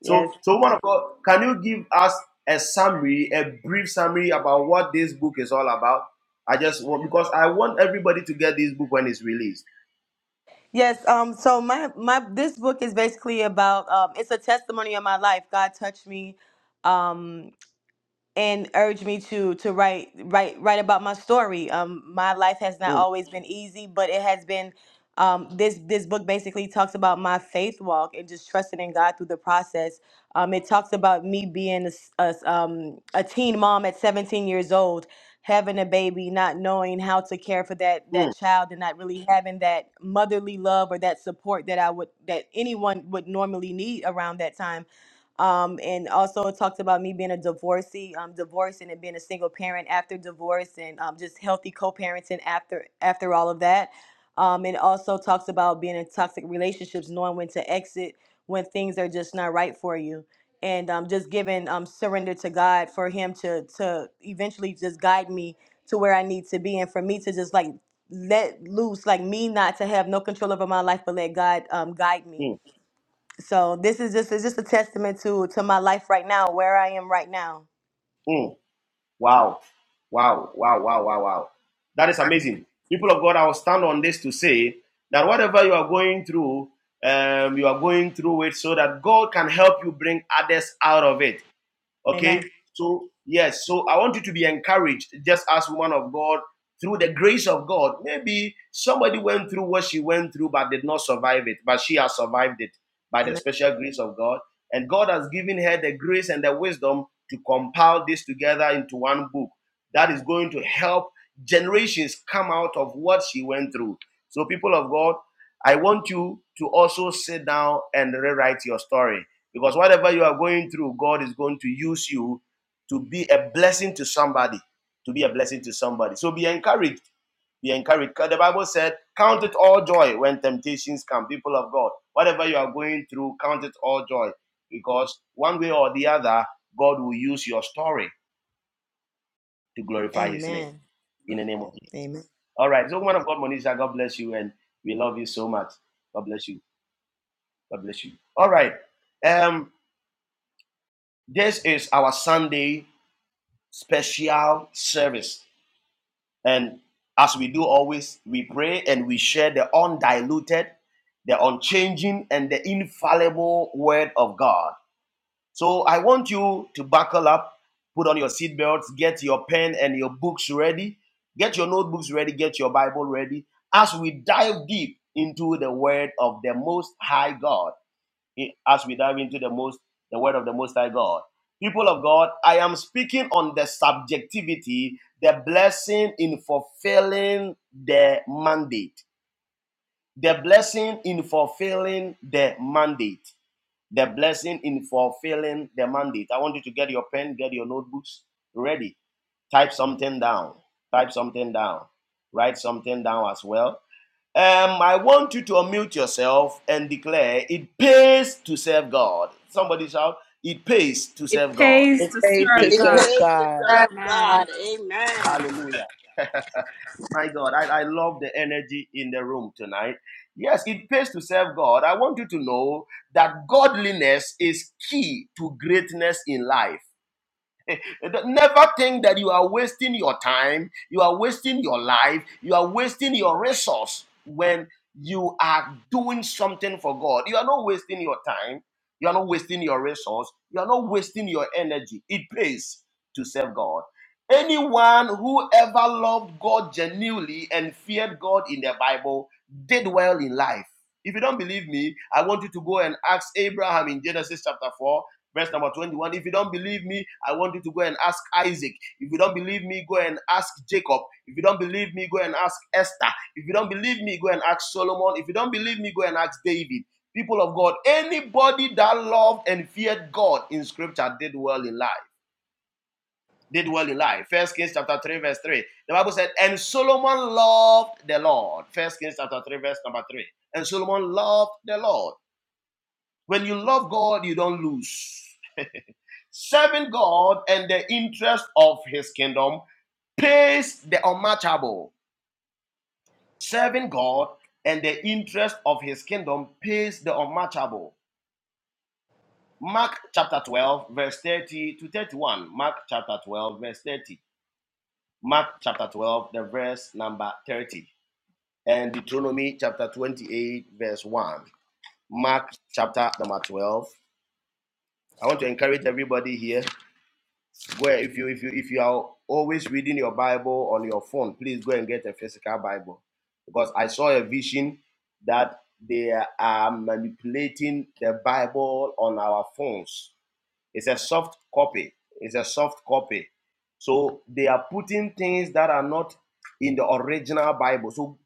Speaker 8: yes.
Speaker 5: So, so woman of God, can you give us a summary, a brief summary about what this book is all about? I just want because I want everybody to get this book when it's released.
Speaker 8: Yes. Um. So my my this book is basically about um. It's a testimony of my life. God touched me. Um and urged me to to write write write about my story. Um, my life has not
Speaker 5: Mm,
Speaker 8: always been easy, but it has been. Um, this this book basically talks about my faith walk and just trusting in God through the process. Um, it talks about me being a, s- a s- um, a teen mom at 17 years old, having a baby, not knowing how to care for that
Speaker 5: mm,
Speaker 8: that child, and not really having that motherly love or that support that I would that anyone would normally need around that time um, and also it talked about me being a divorcee, um, divorcing and then being a single parent after divorce, and um, just healthy co-parenting after after all of that. Um, and also talks about being in toxic relationships, knowing when to exit when things are just not right for you, and um, just giving um, surrender to God for Him to to eventually just guide me to where I need to be, and for me to just like let loose, like me not to have no control over my life, but let God um, guide me
Speaker 5: mm,
Speaker 8: so this is just it's just a testament to to my life right now, where I am right now.
Speaker 5: mm. Wow. Wow. Wow. Wow. Wow. Wow. That is amazing. People of God, I will stand on this to say that whatever you are going through, um, you are going through it so that God can help you bring others out of it.
Speaker 8: Amen.
Speaker 5: Okay. So, yes. So I want you to be encouraged, just as woman of God, through the grace of God. Maybe somebody went through what she went through but did not survive it, but she has survived it by the
Speaker 8: Amen.
Speaker 5: special grace of God. And God has given her the grace and the wisdom to compile this together into one book that is going to help generations come out of what she went through. So, people of God, I want you to also sit down and rewrite your story because whatever you are going through, God is going to use you to be a blessing to somebody. To be a blessing to somebody. So be encouraged. Be encouraged. The Bible said, Count it all joy when temptations come, people of God. Whatever you are going through, count it all joy. Because one way or the other, God will use your story to glorify his name.
Speaker 8: Amen.
Speaker 5: In the name of Jesus.
Speaker 8: Amen.
Speaker 5: All right. So, woman of God, Monisha, God bless you. And we love you so much. God bless you. God bless you. All right. Um, this is our Sunday special service. And as we do always, we pray and we share the undiluted, the unchanging, and the infallible word of God. So I want you to buckle up, put on your seatbelts, get your pen and your books ready, get your notebooks ready, get your Bible ready as we dive deep into the word of the Most High God as we dive into the most the word of the most high god people of god i am speaking on the subjectivity the blessing in fulfilling the mandate the blessing in fulfilling the mandate the blessing in fulfilling the mandate i want you to get your pen get your notebooks ready type something down type something down write something down as well um, I want you to unmute yourself and declare it pays to serve God. Somebody shout, it pays to serve God.
Speaker 3: It pays
Speaker 5: It
Speaker 3: to
Speaker 5: pays.
Speaker 4: It
Speaker 9: It's
Speaker 3: serve
Speaker 4: pays to
Speaker 3: God.
Speaker 9: not
Speaker 4: serve God. Amen.
Speaker 5: Hallelujah. My God, I, I love the energy in the room tonight. Yes, it pays to serve God. I want you to know that godliness is key to greatness in life. Never think that you are wasting your time, you are wasting your life, you are wasting your resource when you are doing something for God. You are not wasting your time, you are not wasting your resource, you are not wasting your energy. It pays to serve God. Anyone who ever loved God genuinely and feared God in the Bible did well in life. If you don't believe me, I want you to go and ask Abraham in Genesis chapter 4 Verse number 21 If you don't believe me, I want you to go and ask Isaac. If you don't believe me, go and ask Jacob. If you don't believe me, go and ask Esther. If you don't believe me, go and ask Solomon. If you don't believe me, go and ask David. People of God, anybody that loved and feared God in scripture did well in life. Did well in life. First Kings chapter 3, verse 3. The Bible said, And Solomon loved the Lord. First Kings chapter 3, verse number 3. And Solomon loved the Lord. When you love God, you don't lose. Serving God and the interest of his kingdom pays the unmatchable. Serving God and the interest of his kingdom pays the unmatchable. Mark chapter 12, verse 30 to 31. Mark chapter 12, verse 30. Mark chapter 12, the verse number 30. And Deuteronomy chapter 28, verse 1. Mark chapter number 12. I want to encourage everybody here Where if you if you if you are always reading your Bible on your phone, please go and get a physical Bible. Because I saw a vision that they are manipulating the Bible on our phones it's a soft copy. It's a soft copy. So they are putting things that are not in the original Bible. So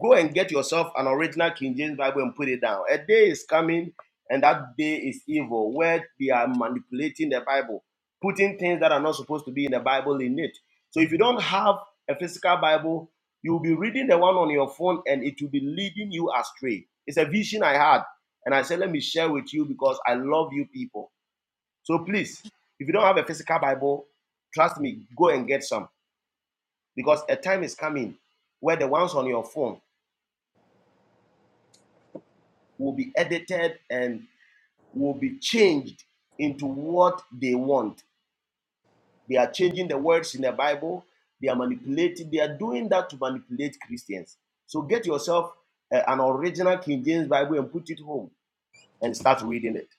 Speaker 5: go and get yourself an original King James Bible and put it down. A day is coming, and that day is evil, where they are manipulating the Bible, putting things that are not supposed to be in the Bible in it. So if you don't have a physical Bible, you'll be reading the one on your phone and it will be leading you astray. It's a vision I had, and I said, Let me share with you because I love you people so please, if you don't have a physical Bible, trust me, go and get some because a time is coming where the ones on your phone will be edited and will be changed into what they want. They are changing the words in the Bible, they are manipulating, they are doing that to manipulate Christians. So get yourself uh, an original King James Bible and put it home and start reading it.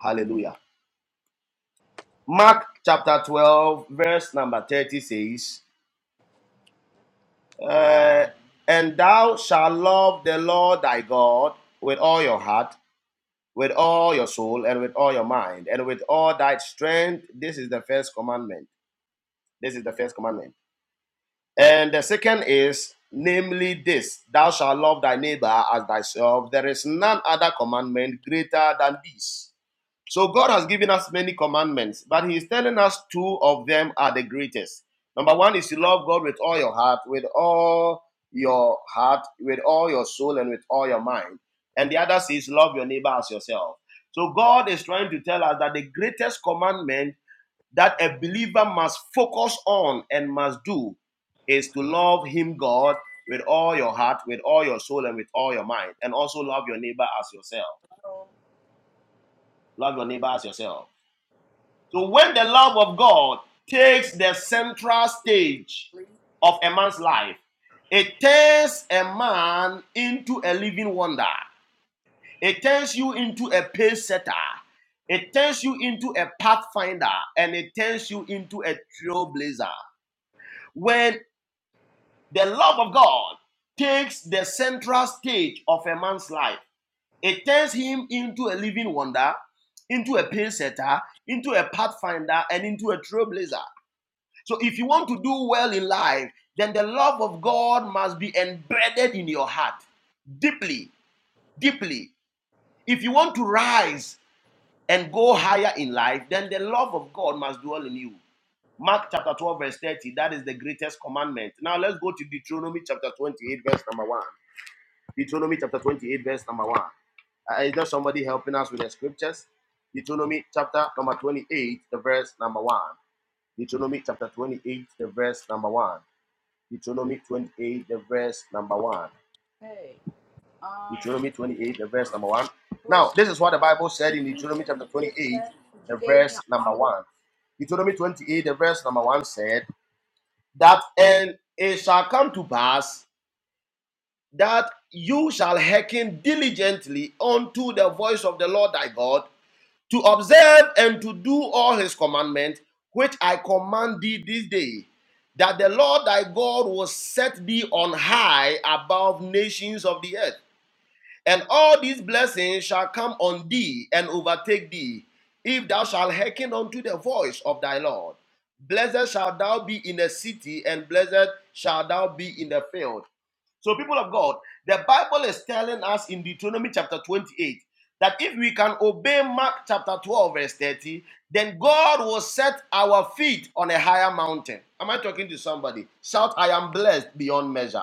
Speaker 5: Hallelujah. Mark chapter 12, verse number 30 says, Uh, and thou shalt love the Lord thy God with all your heart, with all your soul, and with all your mind, and with all thy strength. This is the first commandment. This is the first commandment. And the second is, namely, this thou shalt love thy neighbor as thyself. There is none other commandment greater than this. So God has given us many commandments, but He is telling us two of them are the greatest. Number one is to love God with all your heart, with all your heart, with all your soul, and with all your mind. And the other is love your neighbor as yourself. So God is trying to tell us that the greatest commandment that a believer must focus on and must do is to love Him, God, with all your heart, with all your soul, and with all your mind, and also love your neighbor as yourself. Love your neighbor as yourself. So when the love of God takes the central stage
Speaker 3: Please
Speaker 5: of a man's life, it turns a man into a living wonder. It turns you into a pace setter. It turns you into a pathfinder and it turns you into a trailblazer. When the love of God takes the central stage of a man's life, it turns him into a living wonder, into a pace setter, into a pathfinder, and into a trailblazer. So if you want to do well in life, then the love of God must be embedded in your heart deeply, deeply. If you want to rise and go higher in life, then the love of God must dwell in you. Mark chapter 12, verse 30, that is the greatest commandment. Now let's go to Deuteronomy chapter 28, verse number 1. Deuteronomy chapter 28, verse number 1. Uh, is there somebody helping us with the scriptures? Deuteronomy chapter number 28, the verse number 1. Deuteronomy chapter 28, the verse number 1. Deuteronomy 28, the verse number 1.
Speaker 3: pay. Um,
Speaker 5: Deuteronomy 28, the verse number 1. Now,
Speaker 3: question.
Speaker 5: this is what the Bible said
Speaker 3: Did
Speaker 5: in
Speaker 3: you
Speaker 5: Deuteronomy
Speaker 3: give
Speaker 5: chapter
Speaker 3: me a
Speaker 5: 28,
Speaker 3: check? Did you
Speaker 5: the
Speaker 3: give me an
Speaker 5: verse number
Speaker 3: envelope?
Speaker 5: 1. Deuteronomy 28, the verse number 1 said, That and it shall come to pass that you shall hearken diligently unto the voice of the Lord thy God to observe and to do all his commandments, which I command thee this day, that the Lord thy God will set thee on high above nations of the earth. And all these blessings shall come on thee and overtake thee, if thou shalt hearken unto the voice of thy Lord. Blessed shalt thou be in the city, and blessed shalt thou be in the field. So, people of God, the Bible is telling us in Deuteronomy chapter 28 that if we can obey Mark chapter 12, verse 30, then God will set our feet on a higher mountain. Am I talking to somebody? Shout, I am blessed beyond measure.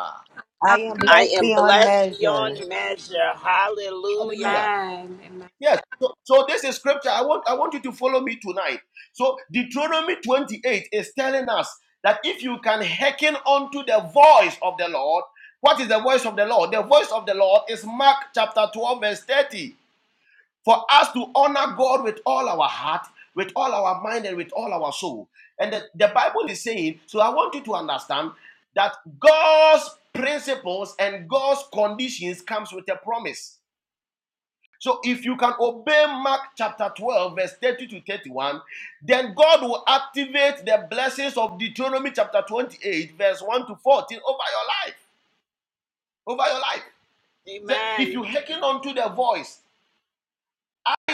Speaker 8: I am
Speaker 4: I
Speaker 8: blessed
Speaker 4: am
Speaker 8: beyond
Speaker 4: blessed
Speaker 8: measure.
Speaker 4: beyond measure. Hallelujah.
Speaker 5: Hallelujah. Yes. So, so this is scripture. I want I want you to follow me tonight. So Deuteronomy 28 is telling us that if you can hearken unto the voice of the Lord, what is the voice of the Lord? The voice of the Lord is Mark chapter 12, verse 30. for us to honor God with all our heart, with all our mind, and with all our soul. And the, the Bible is saying, so I want you to understand that God's principles and God's conditions comes with a promise. So if you can obey Mark chapter 12, verse 30 to 31, then God will activate the blessings of Deuteronomy chapter 28, verse 1 to 14 over your life. Over your life. That if
Speaker 4: Amen.
Speaker 5: you hearken unto the voice,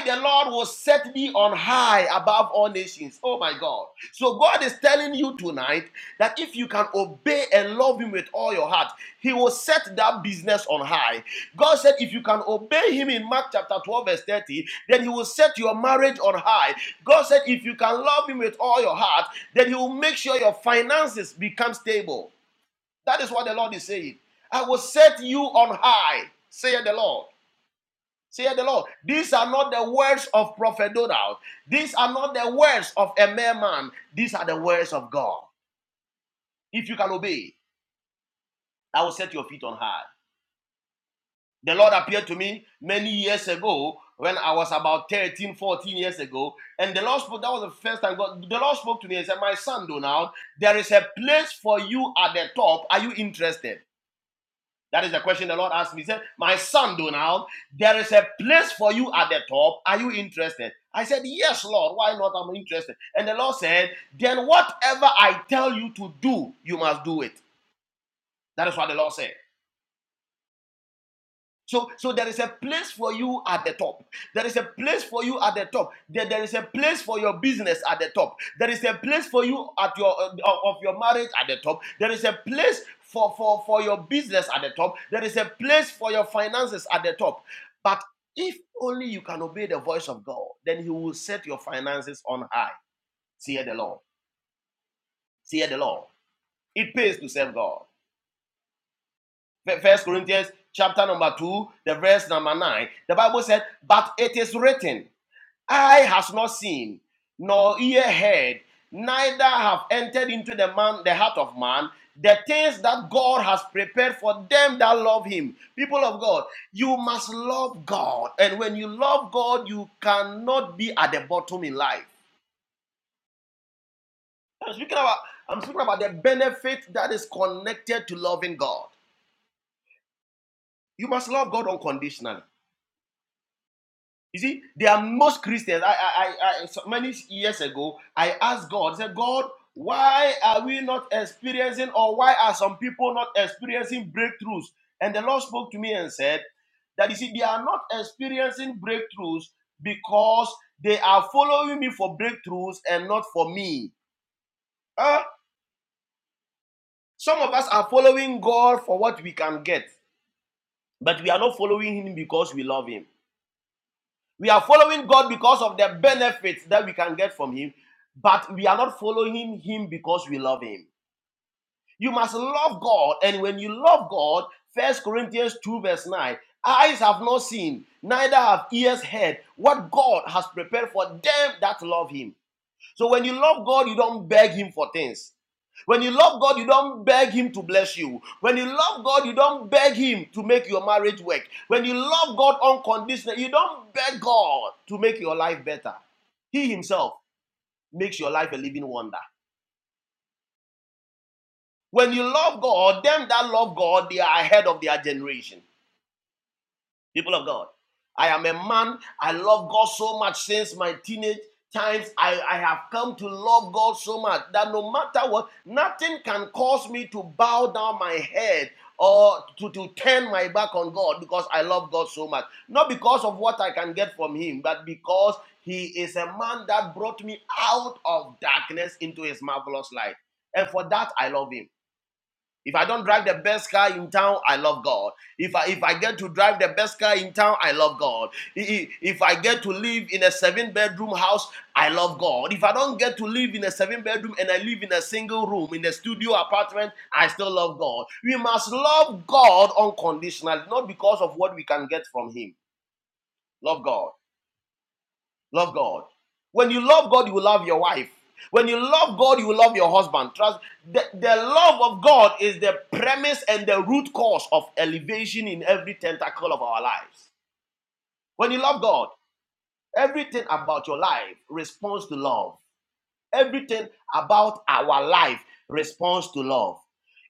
Speaker 5: the Lord will set me on high above all nations. Oh my God. So God is telling you tonight that if you can obey and love him with all your heart, he will set that business on high. God said if you can obey him in Mark chapter 12 verse 30, then he will set your marriage on high. God said if you can love him with all your heart, then he will make sure your finances become stable. That is what the Lord is saying. I will set you on high, saith the Lord. Say the Lord, these are not the words of Prophet Donald. These are not the words of a mere man. These are the words of God. If you can obey, I will set your feet on high. The Lord appeared to me many years ago when I was about 13, 14 years ago. And the Lord spoke, that was the first time God, the Lord spoke to me and said, My son, Donald, there is a place for you at the top. Are you interested? That is the question the Lord asked me. He said, My son, Donald, there is a place for you at the top. Are you interested? I said, Yes, Lord. Why not? I'm interested. And the Lord said, Then whatever I tell you to do, you must do it. That is what the Lord said. So, so there is a place for you at the top. There is a place for you at the top. There, there is a place for your business at the top. There is a place for you at your uh, uh, of your marriage at the top. There is a place for, for, for your business at the top. There is a place for your finances at the top. But if only you can obey the voice of God, then He will set your finances on high. See the Lord. See the Lord. It pays to serve God. First Corinthians chapter number 2, the verse number 9. The Bible said, But it is written, Eye has not seen, nor ear heard, neither have entered into the man the heart of man the things that God has prepared for them that love him. People of God, you must love God. And when you love God, you cannot be at the bottom in life. I'm speaking about I'm speaking about the benefit that is connected to loving God. You must love God unconditionally. You see, there are most Christians. I, I, I, I so many years ago, I asked God, I said, God, why are we not experiencing, or why are some people not experiencing breakthroughs? And the Lord spoke to me and said that you see, they are not experiencing breakthroughs because they are following me for breakthroughs and not for me. Huh? Some of us are following God for what we can get, but we are not following Him because we love Him. We are following God because of the benefits that we can get from Him, but we are not following Him because we love Him. You must love God, and when you love God, First Corinthians 2, verse 9 eyes have not seen, neither have ears heard what God has prepared for them that love Him. So when you love God, you don't beg Him for things. When you love God, you don't beg Him to bless you. When you love God, you don't beg Him to make your marriage work. When you love God unconditionally, you don't beg God to make your life better. He Himself makes your life a living wonder. When you love God, them that love God, they are ahead of their generation. people of God. I am a man. I love God so much since my teenage times. I, I have come to love God so much that no matter what, nothing can cause me to bow down my head or to, to turn my back on God because I love God so much. Not because of what I can get from Him, but because He is a man that brought me out of darkness into His marvelous light. And for that, I love Him. If I don't drive the best car in town, I love God. If I if I get to drive the best car in town, I love God. If I get to live in a seven bedroom house, I love God. If I don't get to live in a seven bedroom and I live in a single room in a studio apartment, I still love God. We must love God unconditionally, not because of what we can get from him. Love God. Love God. When you love God, you will love your wife. When you love God, you will love your husband. Trust the, the love of God is the premise and the root cause of elevation in every tentacle of our lives. When you love God, everything about your life responds to love. Everything about our life responds to love.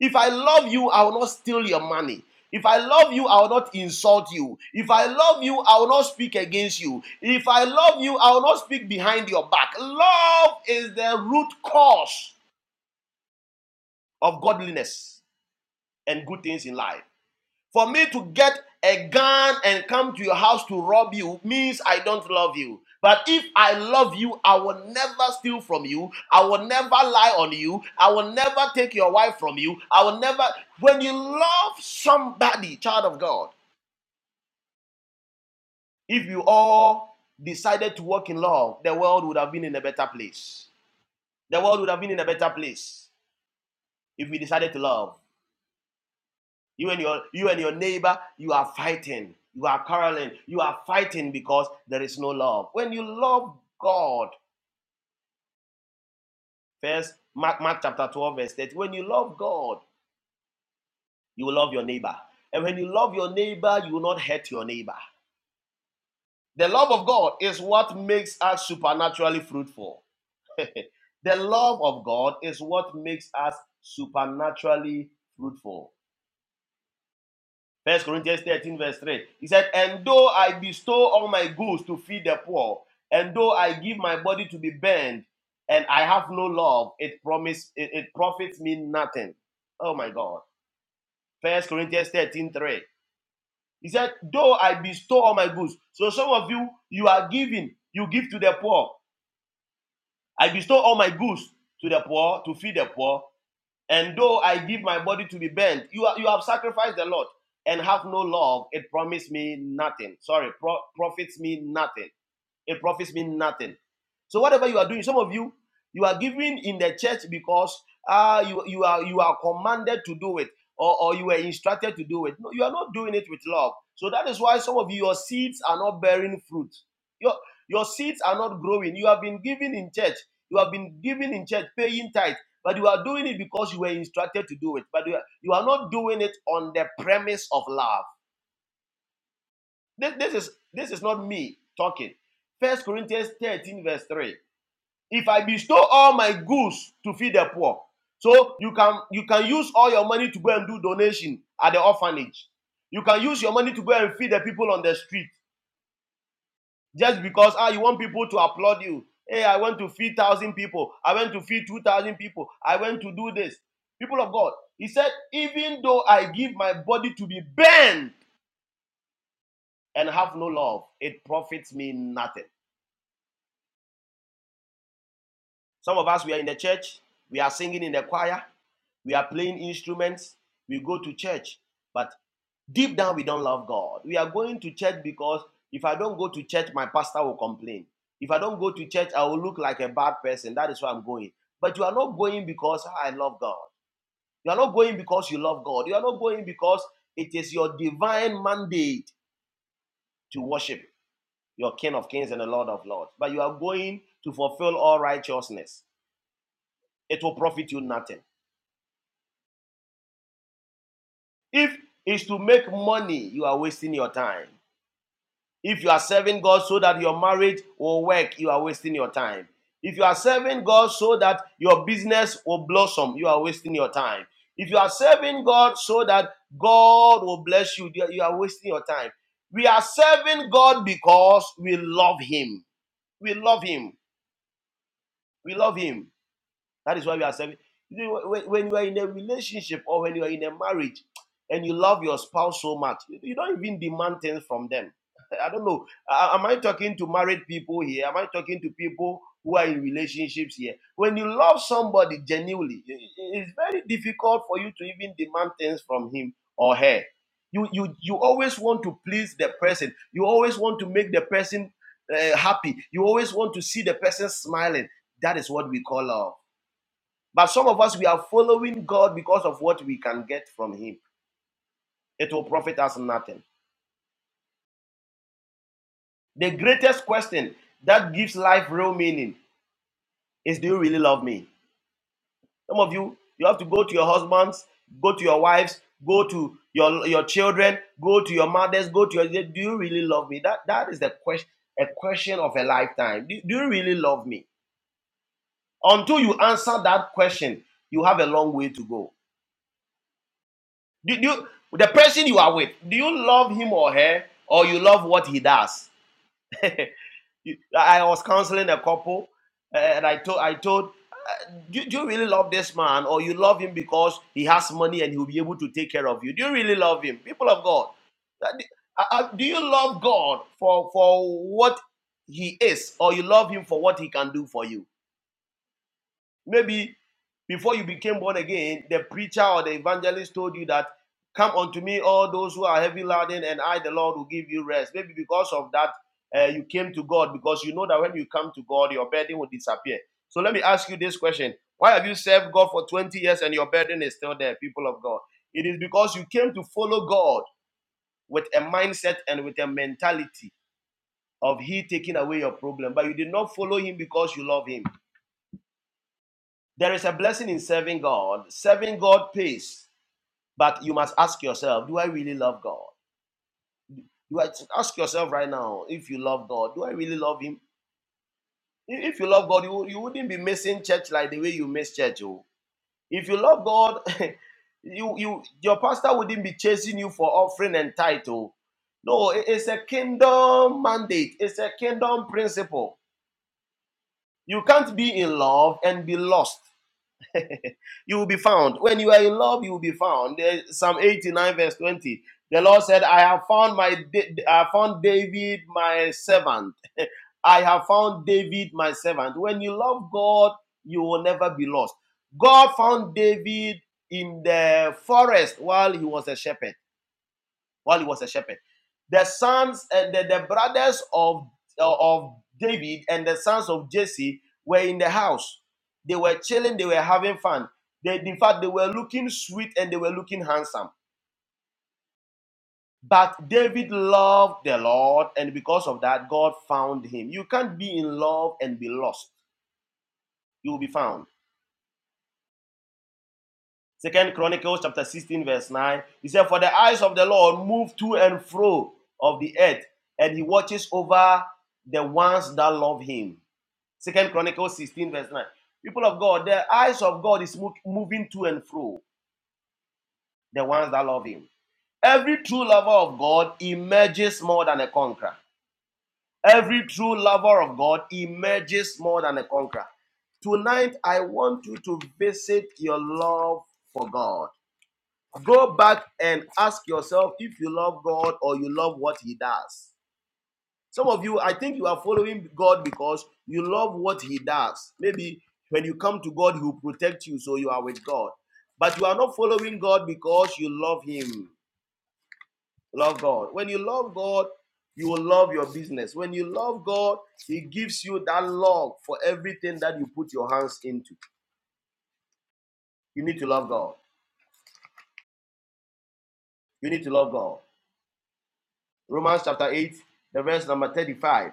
Speaker 5: If I love you, I will not steal your money. If I love you, I will not insult you. If I love you, I will not speak against you. If I love you, I will not speak behind your back. Love is the root cause of godliness and good things in life. For me to get a gun and come to your house to rob you means I don't love you. But if I love you, I will never steal from you. I will never lie on you. I will never take your wife from you. I will never. When you love somebody, child of God, if you all decided to walk in love, the world would have been in a better place. The world would have been in a better place if we decided to love. You and your you and your neighbor, you are fighting. You are quarreling. You are fighting because there is no love. When you love God, first Mark, Mark chapter 12, verse 30. When you love God, you will love your neighbor. And when you love your neighbor, you will not hurt your neighbor. The love of God is what makes us supernaturally fruitful. the love of God is what makes us supernaturally fruitful. First Corinthians 13, verse 3. He said, And though I bestow all my goods to feed the poor, and though I give my body to be burned, and I have no love, it promise it, it profits me nothing. Oh my God. First Corinthians 13 3. He said, Though I bestow all my goods. So some of you, you are giving, you give to the poor. I bestow all my goods to the poor to feed the poor, and though I give my body to be burnt, you, are, you have sacrificed a lot and have no love, it promised me nothing. Sorry, pro- profits me nothing. It profits me nothing. So whatever you are doing, some of you you are giving in the church because uh, you you are you are commanded to do it or, or you were instructed to do it. No, you are not doing it with love. So that is why some of you your seeds are not bearing fruit. Your your seeds are not growing. You have been giving in church. You have been giving in church, paying tithe, but you are doing it because you were instructed to do it. But you are, you are not doing it on the premise of love. This, this is this is not me talking. First Corinthians 13, verse 3. If I bestow all my goods to feed the poor, so you can you can use all your money to go and do donation at the orphanage. You can use your money to go and feed the people on the street just because ah you want people to applaud you. Hey, I went to feed one thousand people. I went to feed two thousand people. I went to do this. People of God, he said, even though I give my body to be burned and have no love, it profits me nothing. Some of us, we are in the church, we are singing in the choir, we are playing instruments, we go to church, but deep down, we don't love God. We are going to church because if I don't go to church, my pastor will complain. If I don't go to church, I will look like a bad person. That is why I'm going. But you are not going because "Ah, I love God. You are not going because you love God. You are not going because it is your divine mandate to worship your King of Kings and the Lord of Lords. But you are going to fulfill all righteousness. It will profit you nothing. If it's to make money, you are wasting your time. If you are serving God so that your marriage will work, you are wasting your time. If you are serving God so that your business will blossom, you are wasting your time. If you are serving God so that God will bless you, you are wasting your time. We are serving God because we love Him. We love Him. We love Him. That is why we are serving. You know, When when you are in a relationship or when you are in a marriage and you love your spouse so much, you you don't even demand things from them. I don't know. A- Am I talking to married people here? Am I talking to people who are in relationships here? When you love somebody genuinely, i- i- it's very difficult for you to even demand things from him or her. You, you, you always want to please the person. You always want to make the person uh, happy. You always want to see the person smiling. That is what we call love. But some of us, we are following God because of what we can get from Him. It will profit us nothing. The greatest question that gives life real meaning is Do you really love me? Some of you, you have to go to your husbands, go to your wives, go to your, your children, go to your mothers, go to your. Do you really love me? That, that is the question, a question of a lifetime. Do, do you really love me? Until you answer that question, you have a long way to go. Do, do you, the person you are with, do you love him or her, or you love what he does? I was counseling a couple, uh, and I told, I told, uh, do, do you really love this man, or you love him because he has money and he'll be able to take care of you? Do you really love him, people of God? uh, uh, uh, Do you love God for for what he is, or you love him for what he can do for you? Maybe before you became born again, the preacher or the evangelist told you that, Come unto me, all those who are heavy laden, and I, the Lord, will give you rest. Maybe because of that, uh, you came to God because you know that when you come to God, your burden will disappear. So let me ask you this question Why have you served God for 20 years and your burden is still there, people of God? It is because you came to follow God with a mindset and with a mentality of He taking away your problem, but you did not follow Him because you love Him. There is a blessing in serving God. Serving God pays, but you must ask yourself, do I really love God? Do I ask yourself right now if you love God? Do I really love Him? If if you love God, you, you wouldn't be missing church like the way you miss church. oh. If you love God, you you your pastor wouldn't be chasing you for offering and title. No, it- it's a kingdom mandate. It's a kingdom principle. You can't be in love and be lost. you will be found. When you are in love, you will be found. There- Psalm 89, verse 20. The Lord said, I have found my Da- I have found David, my servant. I have found David, my servant. When you love God, you will never be lost. God found David in the forest while he was a shepherd while he was a shepherd. The sons and the, the brothers of, eh, of David and the sons of Jesse were in the house. They were chilling, they were having fun. They, in fact, they were looking sweet and they were looking handsome. But David loved the Lord, and because of that, God found him. You can't be in love and be lost. You will be found. Second Chronicles chapter 16, verse 9. He said, For the eyes of the Lord move to and fro of the earth, and he watches over the ones that love him. Second Chronicles 16, verse 9. People of God, the eyes of God is mo- moving to and fro, the ones that love him. Every true lover of God emerges more than a conqueror. Every true lover of God emerges more than a conqueror. Tonight, I want you to visit your love for God. go back and ask yourself if you love God or you love what He does. Some of you, I think you are following God because you love what He does. Maybe when you come to God, He will protect you, so you are with God. But you are not following God because you love Him. Love God. When you love God, you will love your business. When you love God, He gives you that love for everything that you put your hands into. You need to love God. You need to love God. Romans chapter 8, the verse number 35.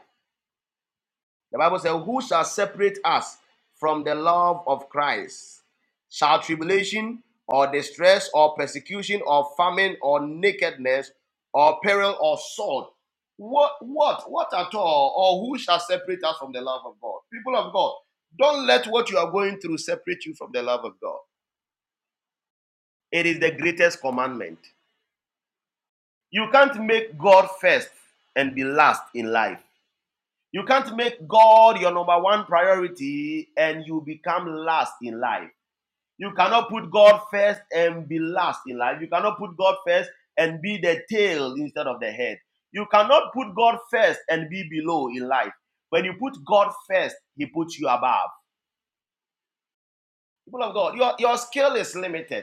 Speaker 5: The Bible says, Who shall separate us from the love of Christ? Shall tribulation or distress or persecution or famine or nakedness or peril or sword? What, what, what at all? Or who shall separate us from the love of God? People of God, don't let what you are going through separate you from the love of God. It is the greatest commandment. You can't make God first and be last in life. You can't make God your number one priority and you become last in life. You cannot put God first and be last in life. You cannot put God first and be the tail instead of the head. You cannot put God first and be below in life. When you put God first, He puts you above. People of God, your, your skill is limited.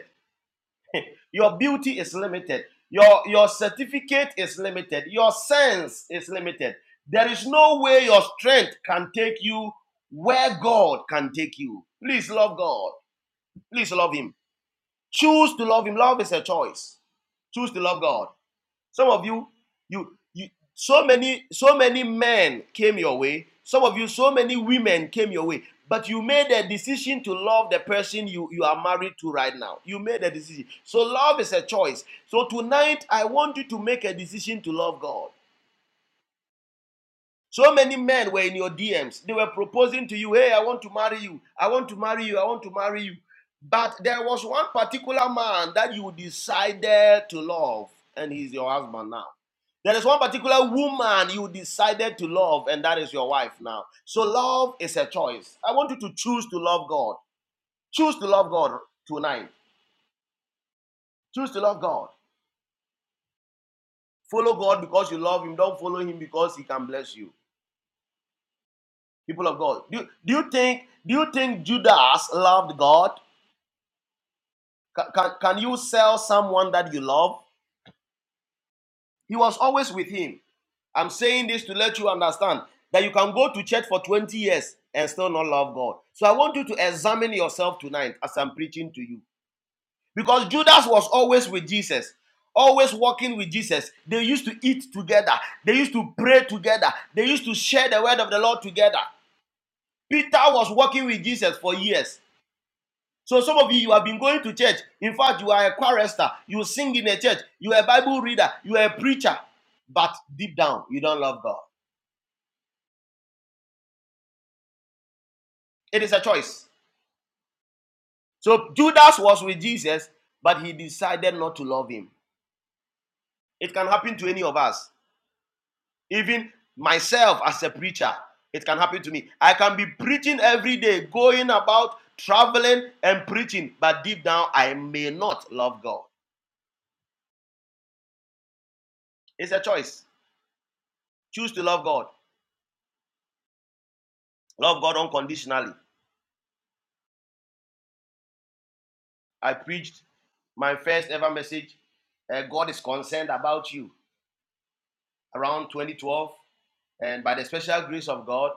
Speaker 5: Your beauty is limited. Your, your certificate is limited. Your sense is limited. There is no way your strength can take you where God can take you. Please love God. Please love Him. Choose to love Him. Love is a choice. Choose to love God. Some of you, you, you, so many, so many men came your way. Some of you, so many women came your way. But you made a decision to love the person you, you are married to right now. You made a decision. So love is a choice. So tonight, I want you to make a decision to love God. So many men were in your DMs. They were proposing to you, hey, I want to marry you. I want to marry you. I want to marry you. But there was one particular man that you decided to love, and he's your husband now. There is one particular woman you decided to love, and that is your wife now. So love is a choice. I want you to choose to love God. Choose to love God tonight. Choose to love God. Follow God because you love Him. Don't follow Him because He can bless you. people of God. Do, do you think do you think Judas loved God? Ca- Can, can you sell someone that you love? He was always with him. I'm saying this to let you understand that you can go to church for 20 years and still not love God. So I want you to examine yourself tonight as I'm preaching to you. Because Judas was always with Jesus, always walking with Jesus. They used to eat together, they used to pray together, they used to share the word of the Lord together. Peter was walking with Jesus for years. So some of you, you have been going to church. In fact, you are a chorister. You sing in a church. You are a Bible reader. You are a preacher. But deep down, you don't love God. It is a choice. So Judas was with Jesus, but he decided not to love him. It can happen to any of us. Even myself as a preacher, it can happen to me. I can be preaching every day, going about, traveling and preaching, but deep down, I may not love God. It's a choice. Choose to love God. Love God unconditionally. I preached my first ever message, uh, God is concerned about you, around 2012. And by the special grace of God,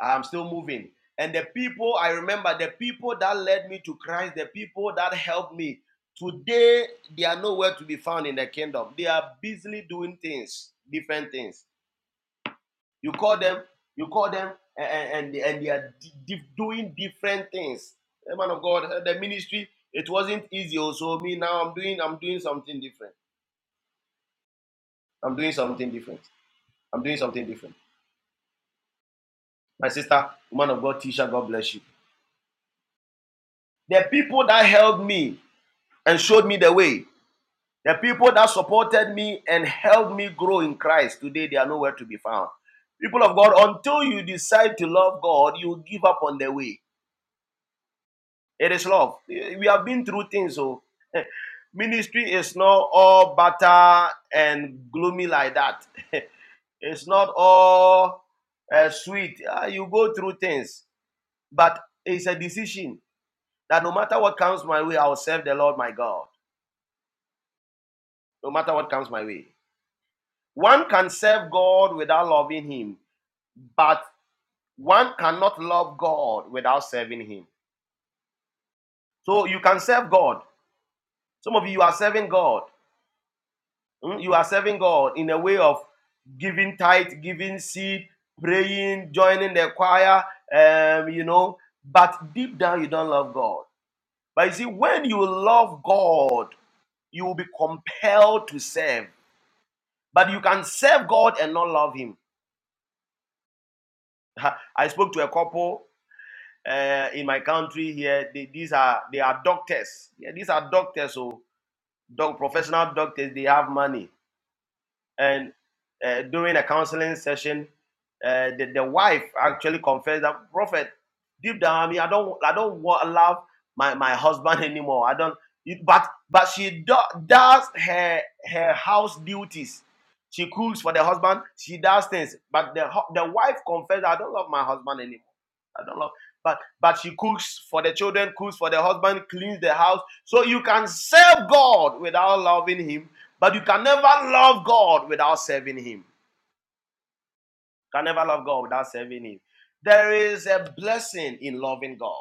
Speaker 5: I'm still moving. And the people, I remember the people that led me to Christ, the people that helped me, today they are nowhere to be found in the kingdom. They are busily doing things, different things. You call them, you call them, a- and and, they are di- doing different things. The man of God, eh, the ministry, it wasn't easy. Also, me now, I'm doing, I'm doing something different. I'm doing something different. I'm doing something different. My sister, woman of God, teacher, God bless you. The people that helped me and showed me the way, the people that supported me and helped me grow in Christ, today they are nowhere to be found. People of God, until you decide to love God, you give up on the way. It is love. We have been through things, so ministry is not all butter and gloomy like that. it's not all uh, sweet. Ah, you go through things, but it's a decision that no matter what comes my way, I will serve the Lord my God. No matter what comes my way, one can serve God without loving Him, but one cannot love God without serving Him. So you can serve God. Some of you are serving God, Mm, You are serving God in a way of giving tithe, giving seed, praying, joining the choir, um, you know. But deep down, you don't love God. But you see, when you love God, you will be compelled to serve. But you can serve God and not love Him. I spoke to a couple uh, in my country here. They, these are they are doctors. Yeah, these are doctors. So, doc, professional doctors. They have money and uh, during a counseling session, uh, the, the wife actually confessed that prophet deep down, I mean, I don't, I don't want love my, my husband anymore. I don't. It, but but she do, does her her house duties. She cooks for the husband. She does things. But the hu- the wife confessed, I don't love my husband anymore. I don't love. But but she cooks for the children, cooks for the husband, cleans the house. So you can serve God without loving Him but you can never love God without serving Him. You can never love God without serving Him. There is a blessing in loving God.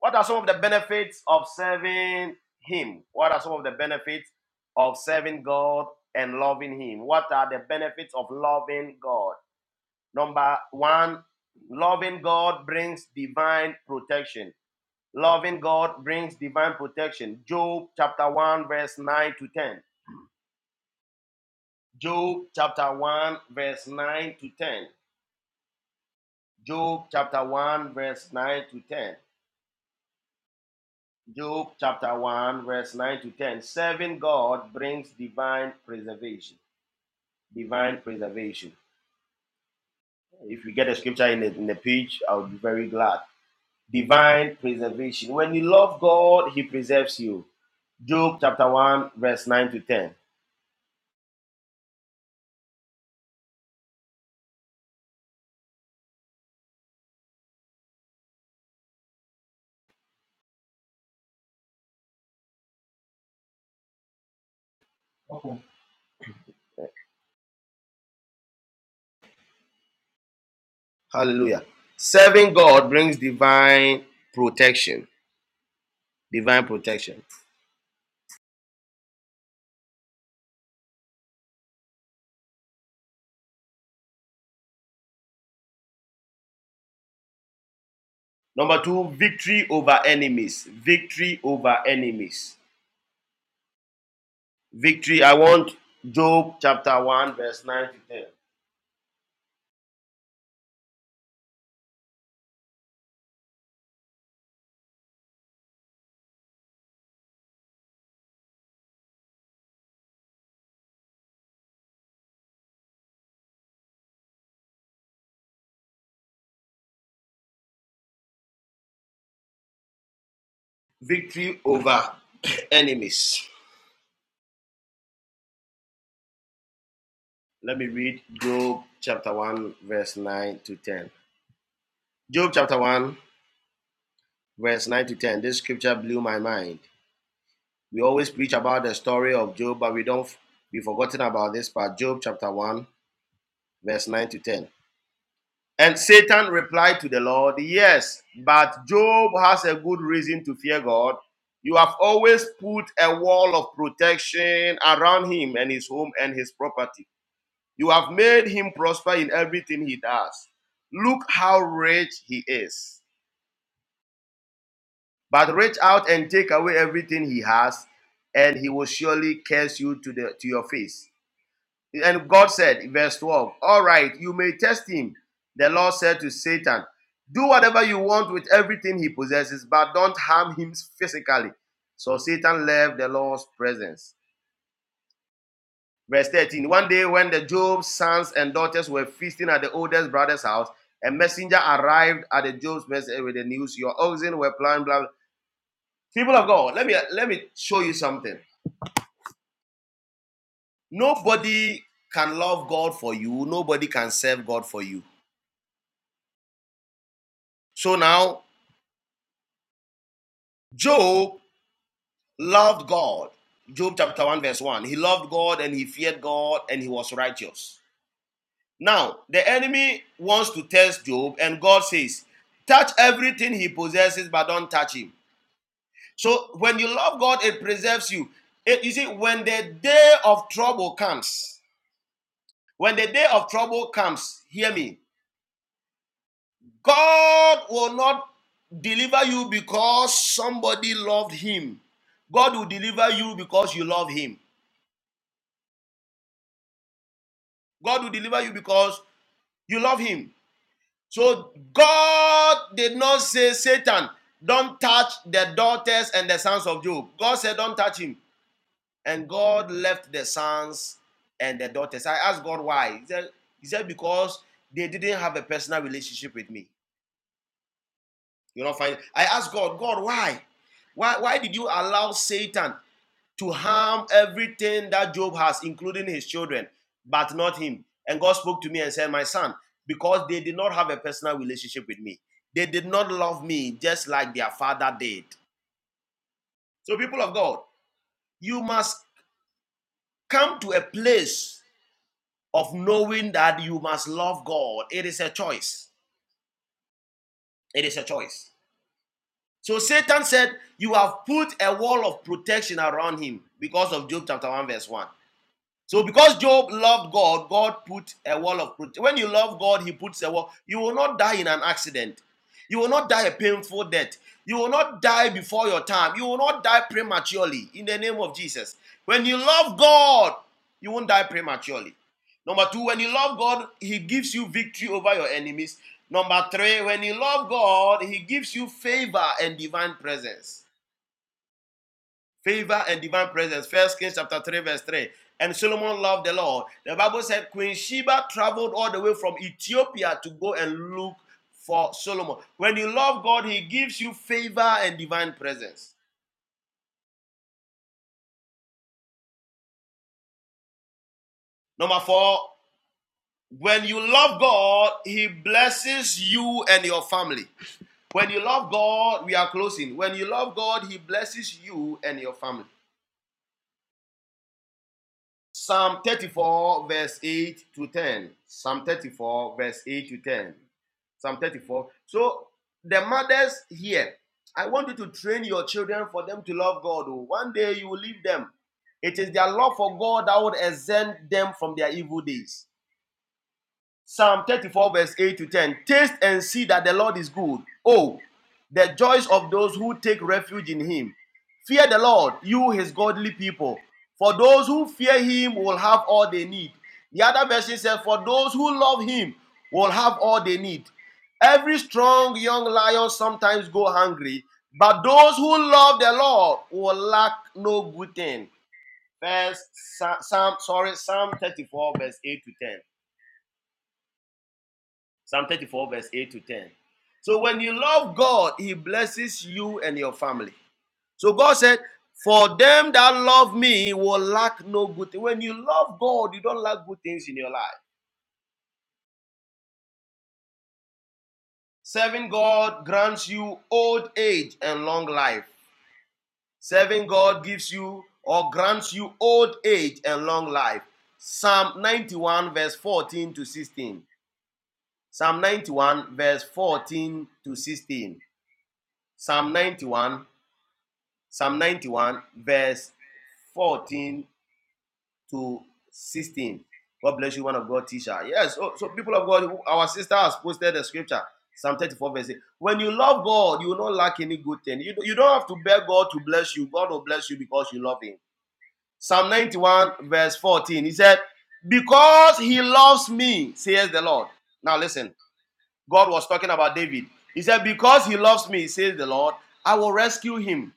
Speaker 5: What are some of the benefits of serving Him? What are some of the benefits of serving God and loving Him? What are the benefits of loving God? Number one, loving God brings divine protection. Loving God brings divine protection. Job chapter 1, verse 9 to 10. Job chapter 1, verse 9 to 10. Job chapter 1, verse 9 to 10. Job chapter 1, verse 9 to 10. Serving God brings divine preservation. Divine preservation. If you get a scripture in the, in the page, I'll be very glad. Divine preservation. When you love God, He preserves you. Job chapter 1, verse 9 to 10. Hallelujah. Serving God brings divine protection. Divine protection. Number two, victory over enemies. Victory over enemies. Victory. I want Job chapter 1, verse 9 to 10. Victory over enemies. Let me read Job chapter 1, verse 9 to 10. Job chapter 1, verse 9 to 10. This scripture blew my mind. We always preach about the story of Job, but we don't be forgotten about this part. Job chapter 1, verse 9 to 10. And Satan replied to the Lord, Yes, but Job has a good reason to fear God. You have always put a wall of protection around him and his home and his property. You have made him prosper in everything he does. Look how rich he is. But reach out and take away everything he has, and he will surely curse you to, the, to your face. And God said, verse 12, All right, you may test him. The Lord said to Satan, Do whatever you want with everything he possesses, but don't harm him physically. So Satan left the Lord's presence. Verse 13 One day, when the Job's sons and daughters were feasting at the oldest brother's house, a messenger arrived at the Job's messenger with the news Your oxen were plowing, blah, blah. People of God, let me, let me show you something. Nobody can love God for you, nobody can serve God for you. So now Job loved God. Job chapter 1, verse 1. He loved God and he feared God and he was righteous. Now, the enemy wants to test Job, and God says, Touch everything he possesses, but don't touch him. So, when you love God, it preserves you. It- you see, when the day of trouble comes, when the day of trouble comes, hear me, God will not deliver you because somebody loved him. God will deliver you because you love him. God will deliver you because you love him. So God did not say, Satan, don't touch the daughters and the sons of Job. God said, don't touch him. And God left the sons and the daughters. I asked God why. He said, he said because they didn't have a personal relationship with me. You know, fine. I asked God, God, why? Why, why did you allow Satan to harm everything that Job has, including his children, but not him. And God spoke to me and said, My son, because they did not have a personal relationship with me, they did not love me just like their father did. So, people of God, you must come to a place of knowing that you must love God. It is a choice. It is a choice. So, Satan said, You have put a wall of protection around him because of Job chapter 1, verse 1. So because Job loved God, God put a wall of protection. When you love God, He puts a wall. You will not die in an accident. You will not die a painful death. You will not die before your time. You will not die prematurely in the name of Jesus. When you love God, you won't die prematurely. Number two, when you love God, He gives you victory over your enemies. Number three, when you love God, He gives you favor and divine presence favor and divine presence. First Kings chapter 3, verse 3. And Solomon loved the Lord. The Bible said Queen Sheba traveled all the way from Ethiopia to go and look for Solomon. When you love God, He gives you favor and divine presence. Number four, when you love God, He blesses you and your family. When you love God, we are closing. When you love God, He blesses you and your family. Psalm 34, verse 8 to 10. Psalm 34, verse 8 to 10. Psalm 34. So, the mothers here, I want you to train your children for them to love God. oh. One day you will leave them. It is their love for God that would exempt them from their evil days. Psalm 34, verse 8 to 10. Taste and see that the Lord is good. Oh, the joys of those who take refuge in him. Fear the Lord, you his godly people. For those who fear him will have all they need. The other version says, For those who love him will have all they need. Every strong young lion sometimes go hungry, but those who love the Lord will lack no good thing. First Psalm, sorry, Psalm 34, verse 8 to 10. Psalm 34, verse 8 to 10. So when you love God, He blesses you and your family. So God said, For them that love me will lack no good thing. When you love God, you don't lack good things in your life. Serving God grants you old age and long life. Serving God gives you or grants you old age and long life. Psalm 91, verse 14 to 16. Psalm 91, verse 14 to 16. Psalm 91 Psalm 91, verse 14 to 16. God bless you, one of God teacher. Yes, so, so people of God, our sister has posted the scripture, Psalm 34, verse 8. When you love God, you will not lack any good thing. You, you don't have to beg God to bless you. God will bless you because you love Him. Psalm 91, verse 14. He said, Because He loves me, says the Lord. Now listen, God was talking about David. He said, Because He loves me, says the Lord, I will rescue Him.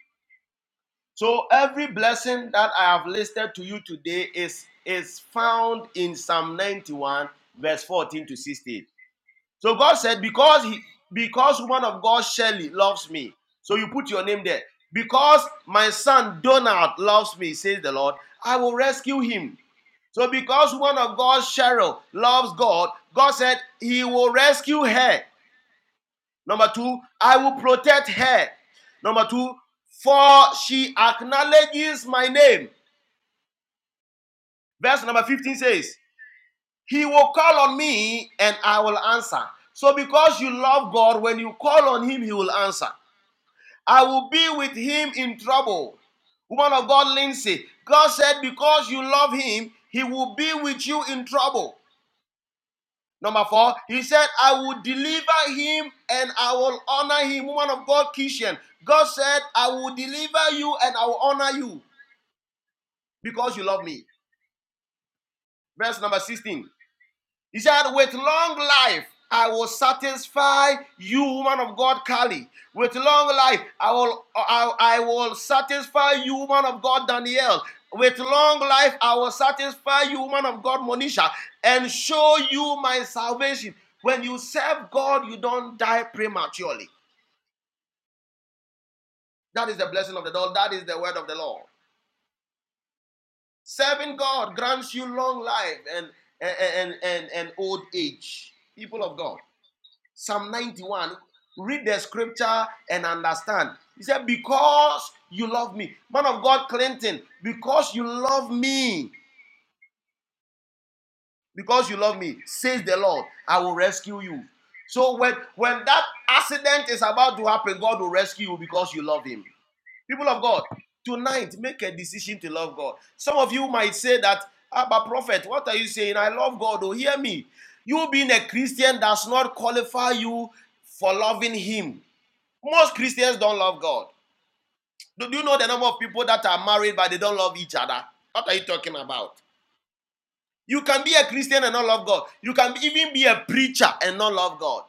Speaker 5: So every blessing that I have listed to you today is is found in Psalm 91 verse 14 to 16. So God said because he because woman of God Shelley loves me. So you put your name there. Because my son Donald loves me, says the Lord, I will rescue him. So because woman of God Cheryl loves God, God said he will rescue her. Number two, I will protect her. Number two, for she acknowledges my name. Verse number 15 says, He will call on me and I will answer. So, because you love God, when you call on Him, He will answer. I will be with Him in trouble. Woman of God, Lindsay, God said, Because you love Him, He will be with you in trouble. Number four, he said, I will deliver him and I will honor him. Woman of God, Kishan. God said, I will deliver you and I will honor you because you love me. Verse number 16. He said, With long life I will satisfy you, woman of God, Kali. With long life I will I, I will satisfy you, woman of God, Danielle. With long life I will satisfy you, woman of God, Monisha, and show you my salvation. When you serve God, you don't die prematurely. That is the blessing of the Lord. That is the word of the Lord. Serving God grants you long life and and and and, and old age. People of God. Psalm 91. Read the scripture and understand. He said, Because you love me. Man of God, Clinton, because you love me, because you love me, says the Lord, I will rescue you. So when, when that accident is about to happen, God will rescue you because you love him. People of God, tonight make a decision to love God. Some of you might say that, "Ah, but prophet, what are you saying? I love God. Oh, hear me. You being a Christian does not qualify you for loving him. Most Christians don't love God. Do you know the number of people that are married but they don't love each other? What are you talking about? You can be a Christian and not love God. You can even be a preacher and not love God.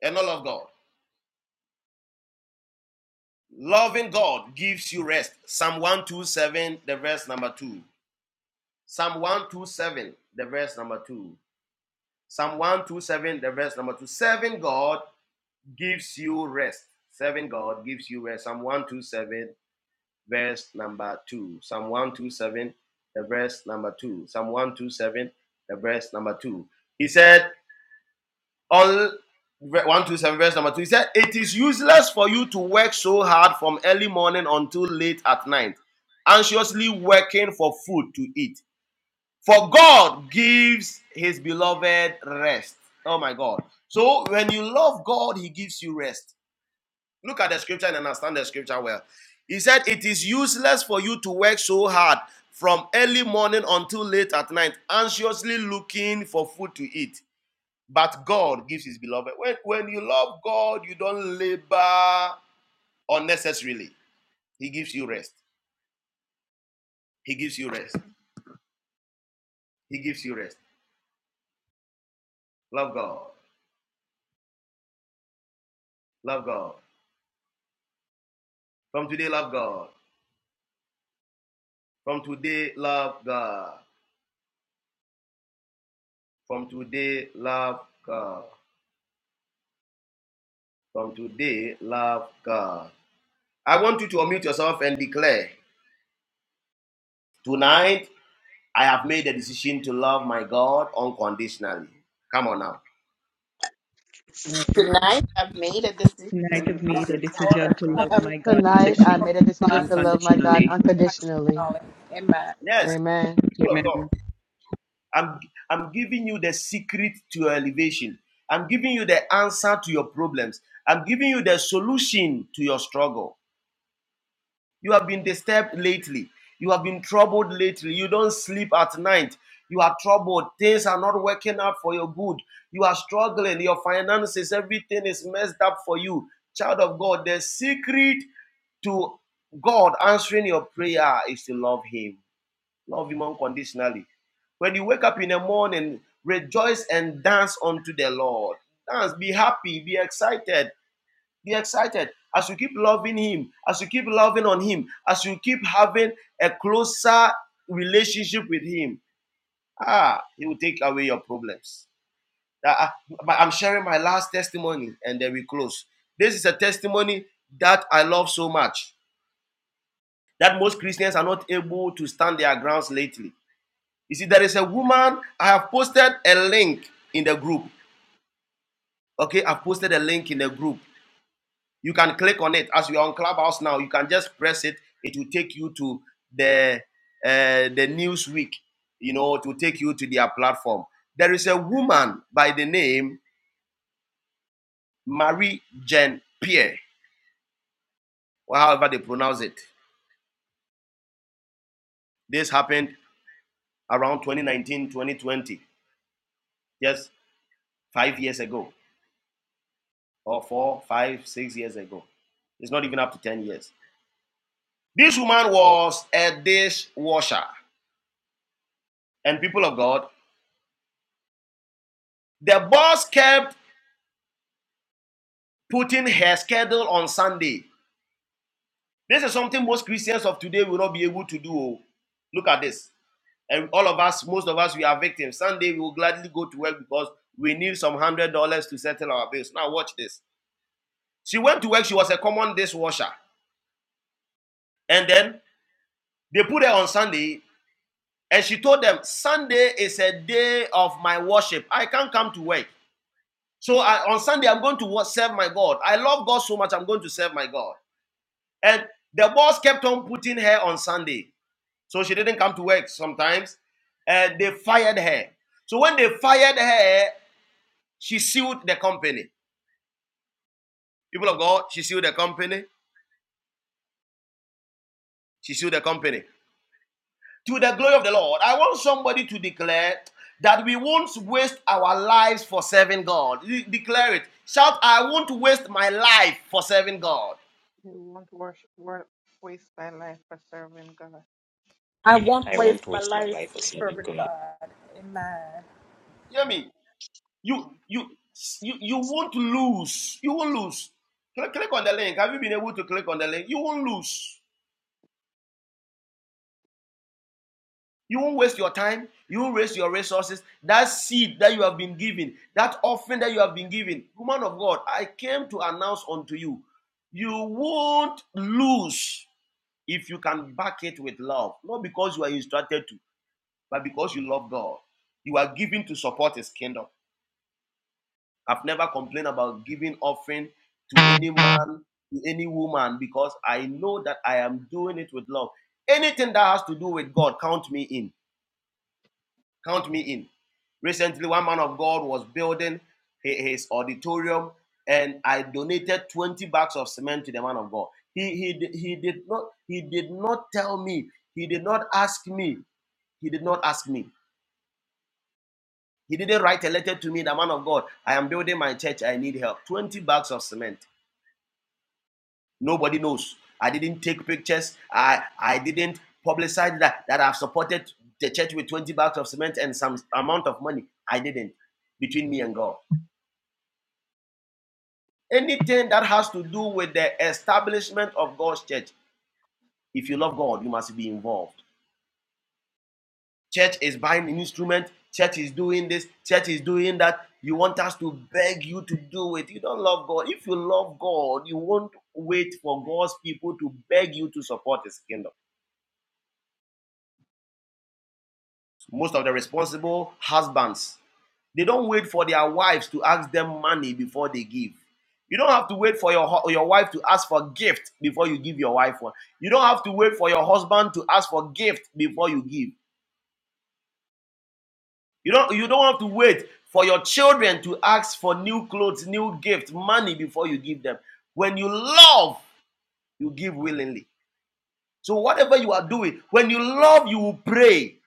Speaker 5: And not love God. Loving God gives you rest. Psalm 127, the verse number 2. Psalm 127, the verse number 2. Psalm 127, the verse number 2. Serving God gives you rest. Serving God gives you rest. Psalm 127, verse number 2. Psalm 127, the verse number 2. Psalm 127, the verse number 2. He said, "All 127, verse number 2, he said, It is useless for you to work so hard from early morning until late at night, anxiously working for food to eat. For God gives his beloved rest. Oh my God. So when you love God, he gives you rest. Look at the scripture and understand the scripture well. He said, It is useless for you to work so hard from early morning until late at night, anxiously looking for food to eat. But God gives his beloved. When, when you love God, you don't labor unnecessarily. He gives you rest. He gives you rest. He gives you rest. Love God. Love God. From today, love God. From today, love God. From today, love God. From today, love God. I want you to unmute yourself and declare tonight I have made a decision to love my God unconditionally. Come on now.
Speaker 4: Tonight I've made a decision.
Speaker 10: have
Speaker 2: Tonight of
Speaker 10: been
Speaker 2: made a
Speaker 10: there for my
Speaker 2: decision
Speaker 4: Lord,
Speaker 2: to
Speaker 10: God.
Speaker 2: love my God
Speaker 8: Tonight, I
Speaker 2: undecondi-
Speaker 10: Conditionally.
Speaker 8: made a decision to love my God
Speaker 2: unconditionally.
Speaker 4: thank
Speaker 8: unconditionally.
Speaker 5: Yes,
Speaker 8: Amen.
Speaker 5: people of God,
Speaker 2: Amen.
Speaker 5: I'm, I'm giving you the secret to your elevation. I'm giving you the answer to your problems. I'm giving you the solution to your struggle. You have been disturbed lately. You have been troubled lately. You don't sleep at night. You are troubled. Things are not working out for your good. You are struggling. Your finances, everything is messed up for you. Child of God, the secret to God answering your prayer is to love Him. Love Him unconditionally. When you wake up in the morning, rejoice and dance unto the Lord. Dance, be happy, be excited be excited. As you keep loving Him, as you keep loving on Him, as you keep having a closer relationship with Him, ah, He will take away your problems. Ah, ah, I'm sharing my last testimony and then we close. This is a testimony that I love so much that most Christians are not able to stand their grounds lately. You see, there is a woman, I have posted a link in the group. Okay, I've posted a link in the group. You can click on it as you are on Clubhouse now. You can just press it. It will take you to the uh, the Newsweek. You know, it will take you to their platform. There is a woman by the name Marie Jean Pierre, or however they pronounce it. This happened around 2019, 2020, just five years ago, or four, five, six years ago. It's not even up to 10 years. This woman was a dishwasher. And people of God, the boss kept putting her schedule on Sunday. This is something most Christians of today will not be able to do. oh. Look at this. And all of us, most of us, we are victims. Sunday, we will gladly go to work because we need some hundred dollars to settle our bills. Now, watch this. She went to work, she was a common dishwasher. And then they put her on Sunday, and she told them, Sunday is a day of my worship. I can't come to work. So I, on Sunday, I'm going to serve my God. I love God so much, I'm going to serve my God. And the boss kept on putting her on Sunday. So she didn't come to work sometimes. And they fired her. So when they fired her, she sued the company. People of God, she sued the company. She sued the company. To the glory of the Lord, I want somebody to declare that we won't waste our lives for serving God. De- declare it. Shout, I won't waste my life for serving God.
Speaker 11: You won't wash, wa- waste my life for serving God.
Speaker 12: I won't waste my life for serving God.
Speaker 5: Hear me.
Speaker 11: You
Speaker 5: You you you, you won't lose. You won't lose. Click, click on the link. Have you been able to click on the link? You won't lose. You won't waste your time. You won't waste your resources. That seed that you have been given, that offering that you have been given, woman of God, I came to announce unto you, you won't lose if you can back it with love. Not because you are instructed to, but because you love God. You are giving to support His kingdom. I've never complained about giving offering to any man, to any woman, because I know that I am doing it with love. Anything that has to do with God, count me in Count me in. Recently, one man of God was building his auditorium, and I donated 20 bags of cement to the man of God. He, he, he did not he did not tell me. He did not ask me. He did not ask me. He didn't write a letter to me. The man of God, I am building my church. I need help. 20 bags of cement. Nobody knows. I didn't take pictures. I I didn't publicize that that I've supported the church with 20 bags of cement and some amount of money. I didn't between me and God. Anything that has to do with the establishment of God's church, if you love God, you must be involved. Church is buying an instrument, church is doing this, church is doing that. You want us to beg you to do it. You don't love God. If you love God, you won't wait for God's people to beg you to support His kingdom. most of the responsible husbands they don't wait for their wives to ask them money before they give you don't have to wait for your your wife to ask for gift before you give your wife one you don't have to wait for your husband to ask for gift before you give you don't you don't have to wait for your children to ask for new clothes new gift money before you give them when you love you give willingly So whatever you are doing, when you love, you will pray.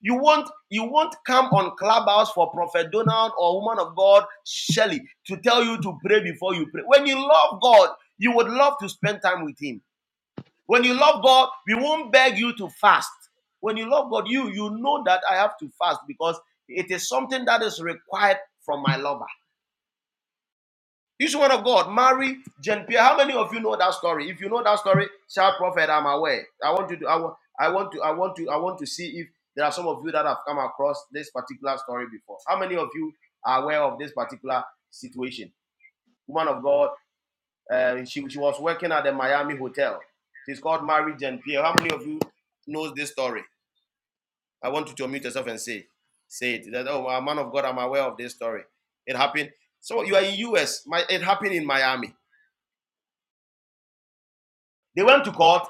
Speaker 5: You won't you won't come on clubhouse for Prophet Donald or woman of God Shelley to tell you to pray before you pray. When you love God, you would love to spend time with Him. When you love God, we won't beg you to fast. When you love God, you you know that I have to fast because it is something that is required from my lover. This word of God, Mary, Jean Pierre. How many of you know that story? If you know that story, shout prophet, I'm aware. I want you to, I want, I want to, I want to, I want to see if there are some of you that have come across this particular story before. How many of you are aware of this particular situation? Woman of God, uh, she, she was working at the Miami hotel. She's called Mary Jean Pierre. How many of you knows this story? I want you to unmute yourself and say, say it. That, oh, man of God, I'm aware of this story. It happened. So you are in US. My, it happened in Miami They went to court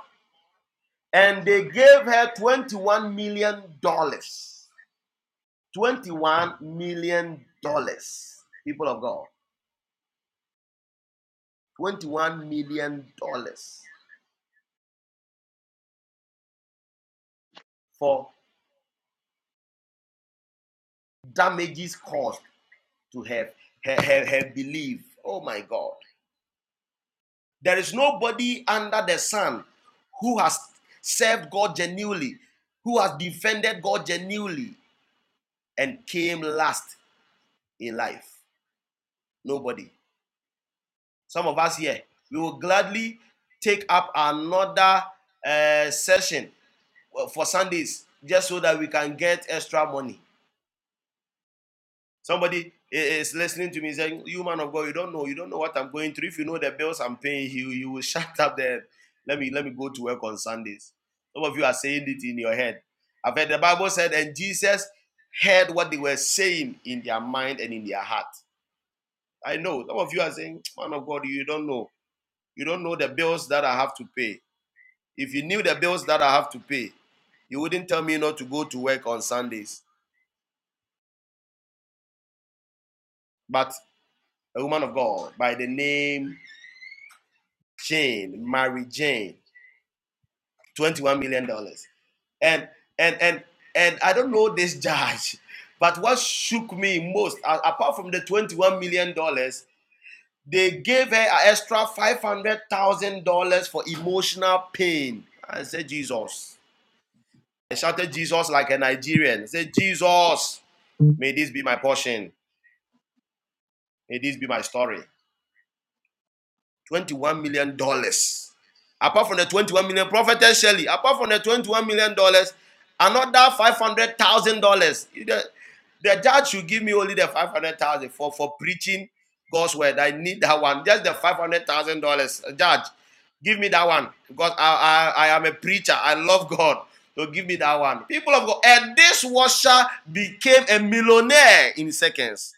Speaker 5: and they gave her $21 million. dollars. $21 million. dollars. People of God. $21 million dollars for damages caused to her, her, her, her belief. Oh my God. There is nobody under the sun who has served God genuinely, who has defended God genuinely, and came last in life. Nobody. Some of us here, we will gladly take up another uh, session for Sundays just so that we can get extra money. Somebody is listening to me saying, "You man of God, you don't know, you don't know what I'm going through. If you know the bills I'm paying, you you will shut up. there. let me let me go to work on Sundays." Some of you are saying it in your head. I've heard the Bible said, and Jesus heard what they were saying in their mind and in their heart. I know some of you are saying, "Man of God, you don't know." You don't know the bills that I have to pay. If you knew the bills that I have to pay, you wouldn't tell me not to go to work on Sundays. But a woman of God by the name Jane, Mary Jane, $21 million. dollars. And and and and I don't know this judge, but what shook me most, apart from the $21 million, dollars, they gave her an extra $500,000 for emotional pain. I said, Jesus. I shouted Jesus like a Nigerian. I said, Jesus, may this be my portion. May this be my story. 21 million dollars apart from the 21 million dollars, prophetess Shirley. apart from the 21 million dollars another 500000 dollars the, the judge should give me only the 500000 for for preaching god's word i need that one just the 500000 dollars judge give me that one because I, I i am a preacher i love god so give me that one people of god and this washer became a millionaire in seconds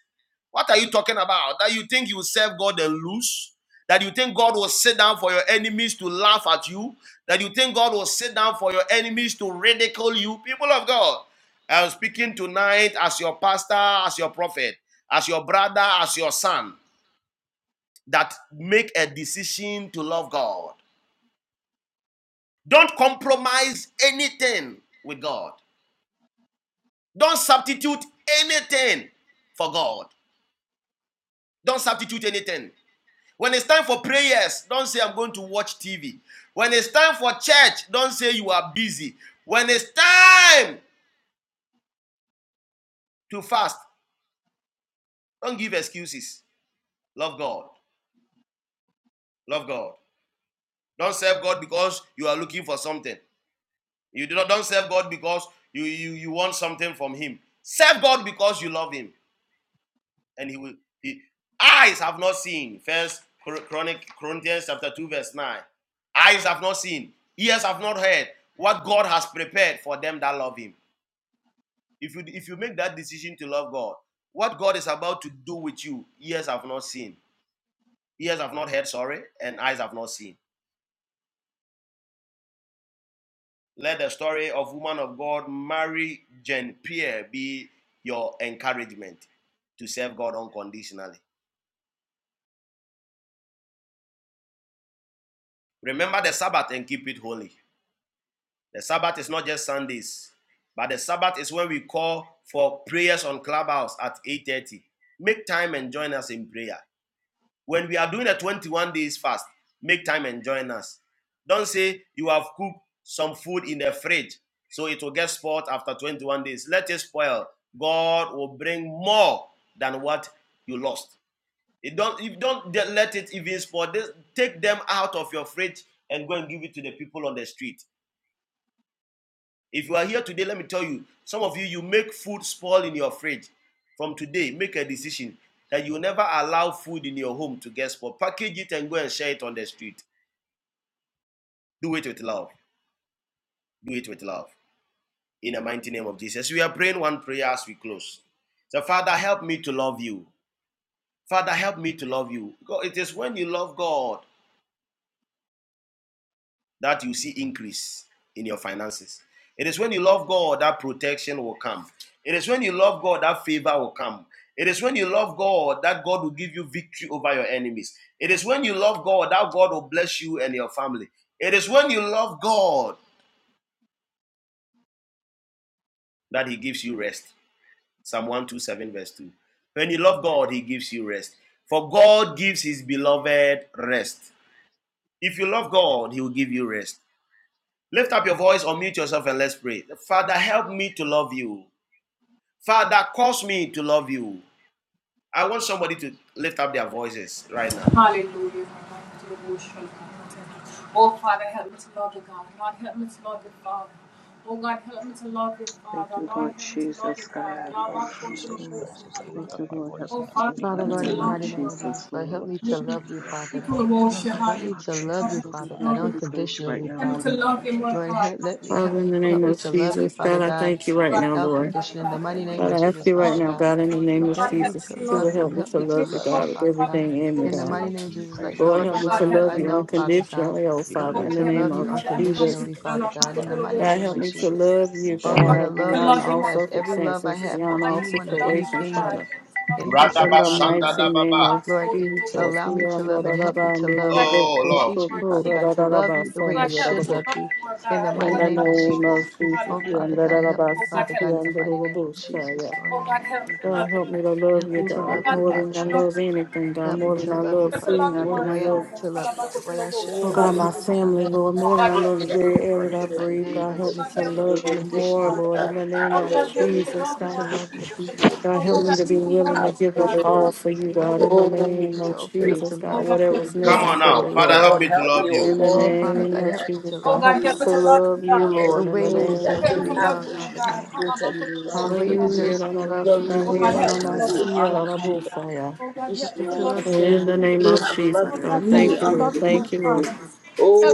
Speaker 5: what are you talking about? That you think you serve God and lose? That you think God will sit down for your enemies to laugh at you? That you think God will sit down for your enemies to ridicule you? People of God, I'm speaking tonight as your pastor, as your prophet, as your brother, as your son, that make a decision to love God. Don't compromise anything with God. Don't substitute anything for God. Don't substitute anything. When it's time for prayers, don't say, I'm going to watch TV. When it's time for church, don't say you are busy. When it's time to fast, don't give excuses. Love God. Love God. Don't serve God because you are looking for something. You do not, don't serve God because you, you, you want something from Him. Serve God because you love Him. And He will. He, eyes have not seen. First Chronic Corinthians chapter 2, verse 9. Eyes have not seen, ears have not heard what God has prepared for them that love Him. If you if you make that decision to love God, what God is about to do with you, ears have not seen, ears have not heard, sorry, and eyes have not seen. Let the story of woman of God, Mary Jane Pierre, be your encouragement to serve God unconditionally. Remember the Sabbath and keep it holy. The Sabbath is not just Sundays, but the Sabbath is when we call for prayers on Clubhouse at 8:30. Make time and join us in prayer. When we are doing a 21 days fast, make time and join us. Don't say you have cooked some food in the fridge, so it will get spoiled after 21 days. Let it spoil. God will bring more than what you lost. It don't if don't let it even spoil. take them out of your fridge and go and give it to the people on the street. If you are here today, let me tell you, some of you, you make food spoil in your fridge. From today, make a decision that you never allow food in your home to get spoiled. Package it and go and share it on the street. Do it with love. Do it with love. In the mighty name of Jesus. We are praying one prayer as we close. So, Father, help me to love you. Father, help me to love you. it is when you love God that you see increase in your finances. It is when you love God that protection will come. It is when you love God that favor will come. It is when you love God that God will give you victory over your enemies. It is when you love God that God will bless you and your family. It is when you love God that He gives you rest. Psalm 127, verse 2. When you love God, He gives you rest. For God gives His beloved rest. If you love God, He will give you rest. Lift up your voice, unmute yourself, and let's pray. Father, help me to love you. Father, cause me to love you. I want somebody to lift up their voices right now.
Speaker 10: Thank you, Lord Jesus, God.
Speaker 12: Lord Jesus
Speaker 10: Mm.
Speaker 12: Christ, as I
Speaker 10: Thank
Speaker 12: lift up
Speaker 10: you,
Speaker 12: my
Speaker 10: Lord. Help
Speaker 12: voice
Speaker 10: me
Speaker 12: and as I
Speaker 10: in
Speaker 12: begin
Speaker 10: the
Speaker 8: Father,
Speaker 12: to
Speaker 10: mighty
Speaker 8: Lord, in
Speaker 10: name
Speaker 8: the
Speaker 10: of
Speaker 12: pray,
Speaker 8: mighty name of
Speaker 10: Jesus,
Speaker 8: Jesus, Lord,
Speaker 12: Father
Speaker 10: Lord.
Speaker 8: help
Speaker 12: Lord
Speaker 8: me to
Speaker 12: Jesus,
Speaker 8: love
Speaker 12: we
Speaker 8: you,
Speaker 12: very moment
Speaker 8: Father God.
Speaker 12: I
Speaker 10: In the
Speaker 12: seek your
Speaker 10: mighty
Speaker 8: Help
Speaker 10: name
Speaker 8: me
Speaker 10: of
Speaker 8: to
Speaker 12: face.
Speaker 8: love you,
Speaker 10: Jesus, Lord, we
Speaker 8: Father God,
Speaker 10: thank you.
Speaker 12: Uh,
Speaker 10: We
Speaker 12: may
Speaker 10: praise
Speaker 12: you
Speaker 10: you right
Speaker 12: help
Speaker 8: unconditionally,
Speaker 10: now,
Speaker 12: me,
Speaker 10: Lord,
Speaker 8: Father.
Speaker 10: in
Speaker 12: Lord
Speaker 10: the mighty
Speaker 12: Jesus
Speaker 10: name of
Speaker 8: Lord,
Speaker 12: Christ, to
Speaker 8: help, let me
Speaker 12: love
Speaker 10: Jesus,
Speaker 8: help
Speaker 7: Father,
Speaker 10: God.
Speaker 7: in the
Speaker 12: you
Speaker 8: help
Speaker 7: name
Speaker 8: me
Speaker 7: of
Speaker 8: to
Speaker 12: and
Speaker 8: love you,
Speaker 12: serve
Speaker 7: Jesus,
Speaker 12: you
Speaker 8: Father
Speaker 7: God, I
Speaker 12: for
Speaker 10: Thank
Speaker 12: our
Speaker 10: you.
Speaker 8: God,
Speaker 12: Lord
Speaker 10: We
Speaker 7: thank you right
Speaker 10: praise you
Speaker 7: now,
Speaker 12: Jesus.
Speaker 10: right
Speaker 8: without
Speaker 10: now,
Speaker 7: Lord.
Speaker 10: Lord,
Speaker 12: Christ.
Speaker 10: in
Speaker 8: condition.
Speaker 10: the
Speaker 8: In the
Speaker 10: mighty
Speaker 12: Our
Speaker 10: name
Speaker 8: mighty
Speaker 10: of
Speaker 12: Lord
Speaker 8: name
Speaker 7: God,
Speaker 8: of
Speaker 7: I
Speaker 12: Jesus
Speaker 7: ask
Speaker 10: Jesus.
Speaker 8: Jesus,
Speaker 12: Christ,
Speaker 7: you
Speaker 12: you
Speaker 10: Help
Speaker 7: right
Speaker 8: Father
Speaker 7: now,
Speaker 12: said
Speaker 8: God.
Speaker 7: God, in
Speaker 12: if
Speaker 7: the
Speaker 10: Lord, in
Speaker 12: we
Speaker 10: the
Speaker 7: name of
Speaker 10: mighty
Speaker 8: Help
Speaker 12: love
Speaker 10: name
Speaker 8: me
Speaker 10: of
Speaker 12: you,
Speaker 7: Jesus,
Speaker 8: to
Speaker 12: you
Speaker 7: you will
Speaker 8: love
Speaker 10: Jesus,
Speaker 12: obey
Speaker 8: you.
Speaker 10: God.
Speaker 7: help me
Speaker 12: your
Speaker 8: Help
Speaker 7: to
Speaker 8: me to
Speaker 7: love you,
Speaker 8: love
Speaker 12: commandments.
Speaker 8: you,
Speaker 7: God, with
Speaker 8: Father
Speaker 10: Mm.
Speaker 8: God.
Speaker 7: everything
Speaker 12: You
Speaker 7: in me,
Speaker 8: In
Speaker 12: first
Speaker 8: the
Speaker 7: God.
Speaker 8: mighty
Speaker 10: Thank
Speaker 12: loved
Speaker 8: name
Speaker 10: you.
Speaker 8: of
Speaker 10: We
Speaker 12: me
Speaker 8: Jesus, like
Speaker 10: praise you
Speaker 8: no
Speaker 7: Lord,
Speaker 10: right
Speaker 8: other
Speaker 7: help
Speaker 10: now,
Speaker 7: me to
Speaker 10: God,
Speaker 8: love
Speaker 12: unconditionally,
Speaker 10: in
Speaker 8: I
Speaker 7: love
Speaker 10: the
Speaker 12: Father
Speaker 7: you
Speaker 10: mighty
Speaker 12: Lord
Speaker 8: know,
Speaker 10: name of
Speaker 8: Father
Speaker 12: Jesus
Speaker 8: God.
Speaker 12: Christ.
Speaker 7: unconditionally, oh
Speaker 10: Jesus,
Speaker 12: You
Speaker 8: Help
Speaker 10: God.
Speaker 7: Father,
Speaker 8: me
Speaker 7: in
Speaker 12: loved
Speaker 7: the
Speaker 8: to
Speaker 2: God,
Speaker 12: me
Speaker 2: I
Speaker 7: name
Speaker 8: love you
Speaker 7: of
Speaker 12: when
Speaker 2: praise your
Speaker 12: I was
Speaker 2: name.
Speaker 7: Jesus.
Speaker 2: I
Speaker 12: in
Speaker 8: unconditionally,
Speaker 12: the
Speaker 10: We
Speaker 2: thank
Speaker 8: Father
Speaker 12: world,
Speaker 10: praise
Speaker 2: your
Speaker 10: you
Speaker 2: name.
Speaker 8: God.
Speaker 10: right
Speaker 8: In
Speaker 2: I
Speaker 12: Father
Speaker 8: the
Speaker 10: now in the
Speaker 12: Lord
Speaker 8: mighty
Speaker 10: mighty
Speaker 7: God,
Speaker 2: glorify
Speaker 8: name
Speaker 7: help
Speaker 10: name
Speaker 8: of
Speaker 12: Jesus
Speaker 7: me
Speaker 10: of
Speaker 2: you,
Speaker 7: to
Speaker 12: Christ.
Speaker 8: Jesus.
Speaker 2: God.
Speaker 7: love
Speaker 2: Thanks
Speaker 10: Jesus.
Speaker 7: you,
Speaker 12: Thank
Speaker 8: Oh
Speaker 12: you,
Speaker 8: Lord, a
Speaker 12: my
Speaker 7: God,
Speaker 8: love
Speaker 12: grace,
Speaker 8: that
Speaker 7: beyond
Speaker 12: to
Speaker 7: all
Speaker 12: your
Speaker 8: surpasses every
Speaker 12: offer, I
Speaker 8: love I
Speaker 10: Thank
Speaker 7: circumstances,
Speaker 12: pray,
Speaker 8: have
Speaker 10: you,
Speaker 7: beyond
Speaker 8: for
Speaker 7: all
Speaker 10: Lord.
Speaker 12: Lord
Speaker 8: anyone
Speaker 10: In
Speaker 8: or
Speaker 10: the mighty name
Speaker 7: situations,
Speaker 12: Jesus
Speaker 10: of Jesus.
Speaker 8: anything
Speaker 12: Christ.
Speaker 7: Father.
Speaker 8: in this
Speaker 7: In
Speaker 8: earth,
Speaker 5: Radaba
Speaker 7: the
Speaker 8: Father God.
Speaker 7: mighty
Speaker 10: Thank you,
Speaker 7: name
Speaker 10: Lord,
Speaker 5: Shandadababa.
Speaker 10: in
Speaker 7: of
Speaker 10: the
Speaker 8: Lord,
Speaker 10: mighty name of
Speaker 7: Jesus. In
Speaker 8: allow
Speaker 7: the
Speaker 10: Jesus.
Speaker 8: me to
Speaker 7: name
Speaker 8: love and help me
Speaker 7: of
Speaker 8: to love, Father
Speaker 5: Oh,
Speaker 8: God.
Speaker 10: Thank
Speaker 5: Lord.
Speaker 10: you,
Speaker 8: Teach me,
Speaker 10: Lord.
Speaker 8: Father God, to love you the way I should
Speaker 10: Thank
Speaker 8: love
Speaker 10: you,
Speaker 8: you
Speaker 10: Lord. Yes,
Speaker 8: in
Speaker 10: God,
Speaker 8: the
Speaker 10: in the
Speaker 8: mighty
Speaker 10: mighty
Speaker 8: name
Speaker 10: name
Speaker 8: of
Speaker 10: of Jesus.
Speaker 8: Jesus.
Speaker 7: Jesus.
Speaker 8: Oh, Father God, help me, Father God, in the mighty name of Jesus, Lord.
Speaker 10: Thank you, Lord. Have
Speaker 7: God,
Speaker 10: your
Speaker 7: help
Speaker 10: way.
Speaker 7: me to love
Speaker 8: Help
Speaker 10: God,
Speaker 7: you,
Speaker 8: me
Speaker 10: in
Speaker 8: to
Speaker 10: the
Speaker 8: love
Speaker 10: mighty
Speaker 7: God,
Speaker 8: you,
Speaker 10: name
Speaker 7: more
Speaker 10: of
Speaker 7: than
Speaker 8: Father
Speaker 7: I
Speaker 8: God.
Speaker 7: love
Speaker 10: Jesus, God.
Speaker 7: anything, God,
Speaker 8: Help me
Speaker 7: more than
Speaker 8: to
Speaker 7: I
Speaker 8: love
Speaker 7: love
Speaker 8: you,
Speaker 10: Have
Speaker 8: Father
Speaker 10: your
Speaker 7: food,
Speaker 8: God,
Speaker 10: way,
Speaker 7: more
Speaker 8: the
Speaker 7: than
Speaker 10: God,
Speaker 7: I
Speaker 8: way
Speaker 10: in
Speaker 8: I
Speaker 10: the
Speaker 7: love
Speaker 8: need
Speaker 10: name
Speaker 8: to
Speaker 10: of
Speaker 8: love you, the
Speaker 10: Jesus.
Speaker 8: way I
Speaker 4: you,
Speaker 8: should
Speaker 7: Oh
Speaker 8: love
Speaker 7: God,
Speaker 8: you,
Speaker 7: my
Speaker 4: Lord
Speaker 8: Father God.
Speaker 7: family,
Speaker 10: Mm.
Speaker 7: Lord, more than I love the
Speaker 10: Thank you.
Speaker 7: very
Speaker 8: Oh,
Speaker 10: We
Speaker 7: air
Speaker 8: Lord,
Speaker 7: that
Speaker 8: in
Speaker 10: praise
Speaker 7: I
Speaker 8: the
Speaker 10: you right
Speaker 8: mighty
Speaker 10: now,
Speaker 7: breathe,
Speaker 8: name
Speaker 4: Jesus.
Speaker 10: Lord, in
Speaker 7: God,
Speaker 8: of
Speaker 10: the
Speaker 7: help me to
Speaker 8: Jesus,
Speaker 10: name of
Speaker 8: Lord,
Speaker 7: love you
Speaker 10: Jesus.
Speaker 7: more,
Speaker 8: unconditionally,
Speaker 7: Lord, in
Speaker 8: Father
Speaker 4: Hallelujah.
Speaker 7: the
Speaker 8: God.
Speaker 7: name of
Speaker 12: Yeah,
Speaker 4: Hallelujah.
Speaker 10: Have
Speaker 8: Help
Speaker 7: Jesus,
Speaker 10: your
Speaker 8: me
Speaker 10: way,
Speaker 8: to
Speaker 7: God.
Speaker 10: God, in
Speaker 4: This
Speaker 8: love
Speaker 10: the
Speaker 8: you,
Speaker 4: is
Speaker 10: name of
Speaker 8: Father
Speaker 4: my
Speaker 10: Jesus,
Speaker 8: God.
Speaker 7: God,
Speaker 10: Lord.
Speaker 7: help me to be willing to give
Speaker 4: push.
Speaker 7: up
Speaker 8: Help
Speaker 4: Hallelujah.
Speaker 7: all
Speaker 8: me
Speaker 7: for you,
Speaker 8: to love
Speaker 7: God,
Speaker 8: you,
Speaker 7: in the
Speaker 8: Father God.
Speaker 4: Oh,
Speaker 8: Help me
Speaker 7: name
Speaker 8: to
Speaker 7: of
Speaker 8: open up
Speaker 4: praise
Speaker 8: to
Speaker 7: Jesus,
Speaker 8: love
Speaker 4: thy
Speaker 7: God,
Speaker 8: you
Speaker 7: whatever's
Speaker 5: Come on
Speaker 8: unconditionally,
Speaker 4: faithfulness.
Speaker 8: God.
Speaker 7: necessary,
Speaker 5: now. Father,
Speaker 7: Lord.
Speaker 5: help
Speaker 4: Lord,
Speaker 5: me to
Speaker 4: help me,
Speaker 5: love
Speaker 4: oh
Speaker 7: In
Speaker 5: you.
Speaker 7: the
Speaker 8: Oh,
Speaker 4: Lord,
Speaker 8: Father
Speaker 4: to
Speaker 7: name
Speaker 8: God,
Speaker 7: of
Speaker 8: help
Speaker 4: let
Speaker 8: me
Speaker 7: Jesus,
Speaker 8: to
Speaker 7: God,
Speaker 8: love you,
Speaker 7: help
Speaker 4: you,
Speaker 7: us
Speaker 8: Father
Speaker 7: to
Speaker 8: God,
Speaker 7: love you,
Speaker 10: Lord,
Speaker 8: the
Speaker 7: Lord, in the
Speaker 8: way you
Speaker 7: name
Speaker 4: hallelujah,
Speaker 10: in
Speaker 7: of
Speaker 8: deserve
Speaker 10: the
Speaker 8: to
Speaker 4: to
Speaker 8: be
Speaker 7: Jesus.
Speaker 10: name
Speaker 4: have
Speaker 8: loved,
Speaker 10: of
Speaker 4: a
Speaker 8: Father
Speaker 10: Jesus,
Speaker 4: deep
Speaker 8: God,
Speaker 10: Lord.
Speaker 4: rooted love
Speaker 10: Yes,
Speaker 8: the
Speaker 10: God.
Speaker 8: way
Speaker 4: for
Speaker 8: you
Speaker 4: you.
Speaker 8: deserve
Speaker 7: Hallelujah. da,
Speaker 8: to be
Speaker 7: da, da,
Speaker 10: Some of
Speaker 8: loved
Speaker 4: To
Speaker 8: in
Speaker 10: you
Speaker 8: the
Speaker 10: even
Speaker 8: mighty
Speaker 7: shanda,
Speaker 10: the
Speaker 7: ya,
Speaker 8: name
Speaker 7: da,
Speaker 10: more,
Speaker 8: of
Speaker 7: da,
Speaker 4: love
Speaker 10: God,
Speaker 7: ma,
Speaker 10: in
Speaker 4: you
Speaker 10: the
Speaker 7: si,
Speaker 8: Jesus.
Speaker 7: ya,
Speaker 10: name of
Speaker 7: da, da, bo,
Speaker 10: Jesus,
Speaker 7: sa,
Speaker 4: unconditional
Speaker 7: ya.
Speaker 10: God.
Speaker 8: Help me to
Speaker 4: the
Speaker 8: love you,
Speaker 10: So
Speaker 7: In
Speaker 10: have
Speaker 8: God.
Speaker 7: the
Speaker 4: same
Speaker 10: your
Speaker 7: name
Speaker 10: way,
Speaker 4: you
Speaker 7: of
Speaker 10: God,
Speaker 4: have
Speaker 10: in the mighty
Speaker 7: Jesus,
Speaker 4: loved
Speaker 7: God,
Speaker 10: name of
Speaker 4: me
Speaker 7: thank you,
Speaker 10: Jesus,
Speaker 7: Lord.
Speaker 10: God.
Speaker 7: Thank you, Lord.
Speaker 4: unconditionally.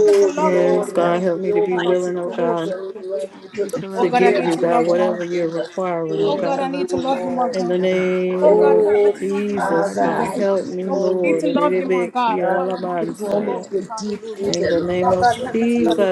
Speaker 10: Mm.
Speaker 8: me to love you,
Speaker 4: Lord,
Speaker 7: Yes,
Speaker 8: God.
Speaker 7: God,
Speaker 4: help
Speaker 8: Help
Speaker 7: help
Speaker 4: me,
Speaker 7: me to be
Speaker 10: in
Speaker 4: Almighty
Speaker 10: the
Speaker 7: willing,
Speaker 10: name
Speaker 7: oh
Speaker 10: of Jesus.
Speaker 4: God,
Speaker 7: God.
Speaker 4: to love you to
Speaker 8: me
Speaker 4: the
Speaker 8: to
Speaker 7: to
Speaker 8: love
Speaker 4: point
Speaker 8: you,
Speaker 4: where
Speaker 7: give
Speaker 8: Father
Speaker 4: I
Speaker 7: you, God,
Speaker 8: God.
Speaker 4: walk
Speaker 7: whatever
Speaker 4: in
Speaker 7: you're
Speaker 4: the
Speaker 7: requiring,
Speaker 8: Help
Speaker 7: oh
Speaker 8: me
Speaker 4: fear
Speaker 8: to
Speaker 7: God.
Speaker 4: of you,
Speaker 8: love you, Father God,
Speaker 4: Lord.
Speaker 7: In
Speaker 8: like
Speaker 7: the
Speaker 8: never
Speaker 10: God,
Speaker 8: before.
Speaker 10: we
Speaker 7: name
Speaker 10: thank you,
Speaker 7: of
Speaker 10: we
Speaker 4: Oh,
Speaker 10: praise you right
Speaker 8: In the
Speaker 10: now,
Speaker 7: Jesus,
Speaker 8: mighty
Speaker 10: God,
Speaker 4: Father,
Speaker 10: in
Speaker 8: name
Speaker 7: God,
Speaker 10: the
Speaker 8: of
Speaker 4: I
Speaker 10: mighty
Speaker 7: help me,
Speaker 10: name of
Speaker 8: Jesus,
Speaker 4: call
Speaker 10: Jesus.
Speaker 4: you,
Speaker 7: Lord. In the name
Speaker 4: Almighty God,
Speaker 10: Thank
Speaker 8: help
Speaker 7: of
Speaker 4: to
Speaker 8: me
Speaker 10: you,
Speaker 8: to
Speaker 4: call
Speaker 10: Lord.
Speaker 4: me
Speaker 8: love
Speaker 7: Jesus,
Speaker 4: to a
Speaker 8: you.
Speaker 4: deep
Speaker 7: in
Speaker 4: rooted
Speaker 7: the name
Speaker 4: love for you.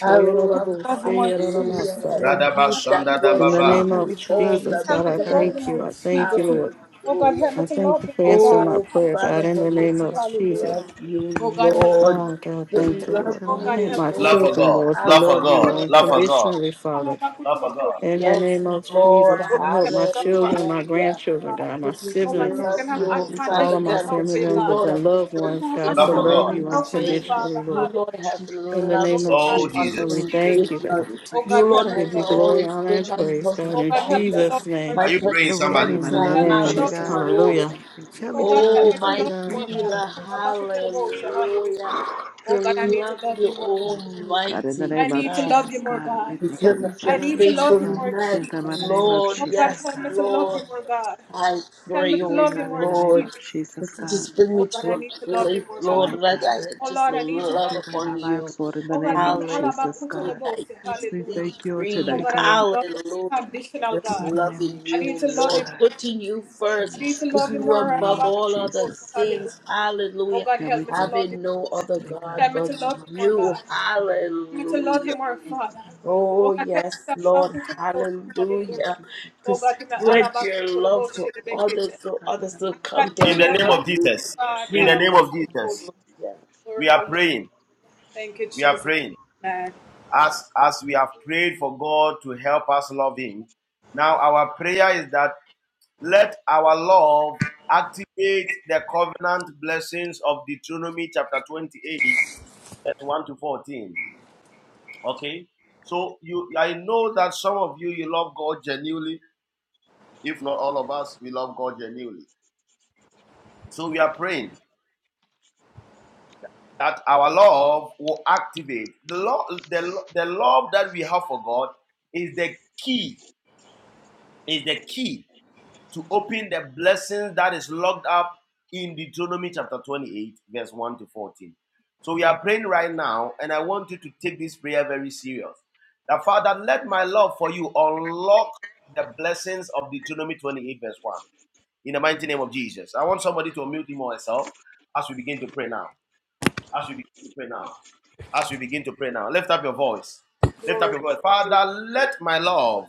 Speaker 4: I love, hallelujah, for
Speaker 5: Radaba
Speaker 4: you that will
Speaker 5: Shandadababa.
Speaker 4: give
Speaker 8: Help
Speaker 4: me
Speaker 7: of
Speaker 8: me to
Speaker 4: all
Speaker 8: love you,
Speaker 7: Jesus,
Speaker 4: the
Speaker 7: God, I
Speaker 8: Father God.
Speaker 7: thank you. I
Speaker 4: benefits,
Speaker 7: thank you, Lord.
Speaker 4: hallelujah.
Speaker 7: I thank you for answering my
Speaker 4: Oh,
Speaker 7: prayer, God,
Speaker 4: Father,
Speaker 7: in the
Speaker 4: help me
Speaker 2: for
Speaker 7: name
Speaker 2: me.
Speaker 7: of
Speaker 4: to
Speaker 7: Jesus.
Speaker 4: love you, Lord.
Speaker 7: Oh, God,
Speaker 4: To
Speaker 7: thank you,
Speaker 8: Help me
Speaker 4: love
Speaker 7: Lord.
Speaker 8: to
Speaker 4: you,
Speaker 8: love
Speaker 7: Help
Speaker 8: you,
Speaker 7: my
Speaker 8: Father
Speaker 5: Love for
Speaker 4: Lord,
Speaker 8: God.
Speaker 7: children,
Speaker 5: God.
Speaker 7: Lord, to
Speaker 5: Love for
Speaker 7: love you
Speaker 5: God. Love
Speaker 4: hallelujah.
Speaker 5: for God.
Speaker 7: unconditionally, Father.
Speaker 5: Love for God.
Speaker 7: In the
Speaker 4: Yes,
Speaker 7: name of
Speaker 4: Lord,
Speaker 7: Jesus, I help my children, my
Speaker 4: hallelujah.
Speaker 7: grandchildren, God, my
Speaker 4: We
Speaker 10: God,
Speaker 4: just
Speaker 10: we
Speaker 7: siblings,
Speaker 10: thank you
Speaker 8: Yes,
Speaker 4: love
Speaker 10: right
Speaker 4: you,
Speaker 8: Lord,
Speaker 10: now,
Speaker 8: help
Speaker 4: oh
Speaker 10: Lord,
Speaker 8: me
Speaker 10: in
Speaker 8: to
Speaker 10: the
Speaker 7: all
Speaker 10: name
Speaker 4: Father
Speaker 8: love
Speaker 7: of
Speaker 8: you,
Speaker 10: of
Speaker 7: my
Speaker 4: God,
Speaker 8: Father
Speaker 7: family
Speaker 4: because
Speaker 10: Jesus,
Speaker 4: you,
Speaker 8: God.
Speaker 10: God.
Speaker 7: members
Speaker 4: Lord,
Speaker 7: and
Speaker 4: have been
Speaker 7: loved
Speaker 4: so
Speaker 7: ones, God,
Speaker 10: My
Speaker 8: In
Speaker 5: Love
Speaker 7: to
Speaker 8: the
Speaker 5: for
Speaker 4: faithful
Speaker 10: family
Speaker 8: mighty
Speaker 7: love
Speaker 5: God.
Speaker 7: you
Speaker 8: name
Speaker 10: members,
Speaker 8: of
Speaker 4: to me.
Speaker 10: God,
Speaker 8: Jesus,
Speaker 7: unconditionally,
Speaker 4: You,
Speaker 7: Lord.
Speaker 10: my
Speaker 4: Lord, have
Speaker 10: children,
Speaker 7: In
Speaker 10: God,
Speaker 7: the
Speaker 10: in
Speaker 4: loved
Speaker 7: name
Speaker 10: the name
Speaker 7: of
Speaker 10: of
Speaker 4: me
Speaker 5: Oh,
Speaker 7: Jesus,
Speaker 10: Jesus,
Speaker 7: so we
Speaker 5: Jesus.
Speaker 10: Lord. God, we
Speaker 7: thank you,
Speaker 10: thank you,
Speaker 4: unconditionally.
Speaker 7: God.
Speaker 10: we praise
Speaker 4: You,
Speaker 10: you right
Speaker 4: Lord,
Speaker 10: now,
Speaker 7: Give
Speaker 4: has
Speaker 7: you
Speaker 10: Lord, in the
Speaker 7: glory,
Speaker 4: always
Speaker 10: name
Speaker 7: honor,
Speaker 8: oh,
Speaker 10: of
Speaker 4: been
Speaker 7: and
Speaker 4: my
Speaker 10: Jesus,
Speaker 8: help me
Speaker 7: praise,
Speaker 8: to
Speaker 7: God,
Speaker 10: God.
Speaker 8: love
Speaker 7: in
Speaker 8: you, Father
Speaker 4: provider,
Speaker 7: Jesus'
Speaker 8: God.
Speaker 7: name.
Speaker 4: my
Speaker 5: Are you
Speaker 10: Thank
Speaker 5: praying,
Speaker 10: you,
Speaker 8: The way
Speaker 10: Lord,
Speaker 8: I
Speaker 10: in
Speaker 5: somebody?
Speaker 10: the
Speaker 8: need to
Speaker 10: mighty
Speaker 4: protector.
Speaker 8: love
Speaker 10: name
Speaker 8: you,
Speaker 10: of
Speaker 7: Amen.
Speaker 8: Father
Speaker 10: Jesus,
Speaker 8: God.
Speaker 10: God. We
Speaker 4: Hallelujah.
Speaker 7: Hallelujah.
Speaker 10: thank you, we
Speaker 8: Help me to
Speaker 10: praise you.
Speaker 8: love
Speaker 4: Oh,
Speaker 8: you, Father
Speaker 4: my
Speaker 8: God.
Speaker 10: In the
Speaker 4: healer.
Speaker 10: mighty name of Jesus.
Speaker 4: Hallelujah. To love you,
Speaker 10: Come on, yes, God. In the
Speaker 4: Almighty
Speaker 10: name of
Speaker 4: God,
Speaker 10: Jesus, God, we thank you,
Speaker 8: Help
Speaker 4: because
Speaker 10: we
Speaker 4: of
Speaker 8: me to
Speaker 4: your
Speaker 10: praise
Speaker 8: love
Speaker 10: you,
Speaker 8: you,
Speaker 10: God.
Speaker 8: Father God.
Speaker 10: In
Speaker 4: faithfulness,
Speaker 10: the mighty name
Speaker 8: Help me
Speaker 10: of
Speaker 4: Lord.
Speaker 8: to love you.
Speaker 10: Jesus,
Speaker 4: Yes,
Speaker 10: God.
Speaker 4: Lord. I
Speaker 10: Have
Speaker 4: pray,
Speaker 10: your
Speaker 4: oh
Speaker 10: way, God, in the name
Speaker 4: Lord,
Speaker 10: of Jesus,
Speaker 4: that you
Speaker 10: God.
Speaker 4: just bring me to a
Speaker 10: Thank
Speaker 4: place,
Speaker 10: you
Speaker 4: Lord,
Speaker 10: tonight,
Speaker 4: that
Speaker 10: God.
Speaker 4: I had just
Speaker 10: Have
Speaker 4: love
Speaker 10: your way in our
Speaker 4: upon you.
Speaker 10: lives, Lord, in the name of
Speaker 4: Hallelujah.
Speaker 10: Jesus, God.
Speaker 4: I eat,
Speaker 10: We
Speaker 4: sleep,
Speaker 10: thank you
Speaker 4: dream.
Speaker 10: tonight, God.
Speaker 4: Hallelujah. Just
Speaker 10: Lord, In the name
Speaker 4: loving
Speaker 10: of
Speaker 4: you,
Speaker 10: Jesus,
Speaker 4: Lord,
Speaker 10: God.
Speaker 4: putting you
Speaker 10: Yes,
Speaker 4: first, putting
Speaker 10: God. In
Speaker 4: you
Speaker 10: the name
Speaker 4: above
Speaker 10: of
Speaker 4: all other
Speaker 10: Jesus, God.
Speaker 4: things. Hallelujah.
Speaker 10: God, we thank you
Speaker 4: Having
Speaker 10: on
Speaker 4: no other
Speaker 10: today, God.
Speaker 4: God
Speaker 10: In
Speaker 4: but
Speaker 10: the name of
Speaker 4: you.
Speaker 10: Jesus, God.
Speaker 4: Hallelujah.
Speaker 10: Thank you, Lord.
Speaker 4: Oh, yes, Lord. Hallelujah.
Speaker 10: Thank you for
Speaker 4: To
Speaker 10: praise, you, God.
Speaker 4: spread your love to others
Speaker 10: Yes,
Speaker 4: so
Speaker 10: God, in
Speaker 4: others
Speaker 10: the
Speaker 4: will
Speaker 10: name of
Speaker 4: come to
Speaker 5: In
Speaker 10: Jesus,
Speaker 5: the name
Speaker 10: God.
Speaker 4: love
Speaker 5: of
Speaker 4: you
Speaker 5: Jesus. In the
Speaker 4: too.
Speaker 5: name of Jesus.
Speaker 4: Hallelujah.
Speaker 5: We are praying. We are praying. as as we have prayed for God to help us love him. Now our prayer is that let our love activate the covenant blessings of Deuteronomy chapter 28 verse 1 to 14. Okay? So you I know that some of you you love God genuinely, if not all of us we love God genuinely. So we are praying that our love will activate the love the, the love that we have for God is the key is the key to open the blessings that is locked up in Deuteronomy chapter 28, verse 1 to 14. So we are praying right now, and I want you to take this prayer very serious. That Father, let my love for you unlock the blessings of Deuteronomy 28, verse 1. In the mighty name of Jesus. I want somebody to unmute him or herself as we begin to pray now. As we begin to pray now. As we begin to pray now. Lift up your voice. Lift up your voice. Father, let my love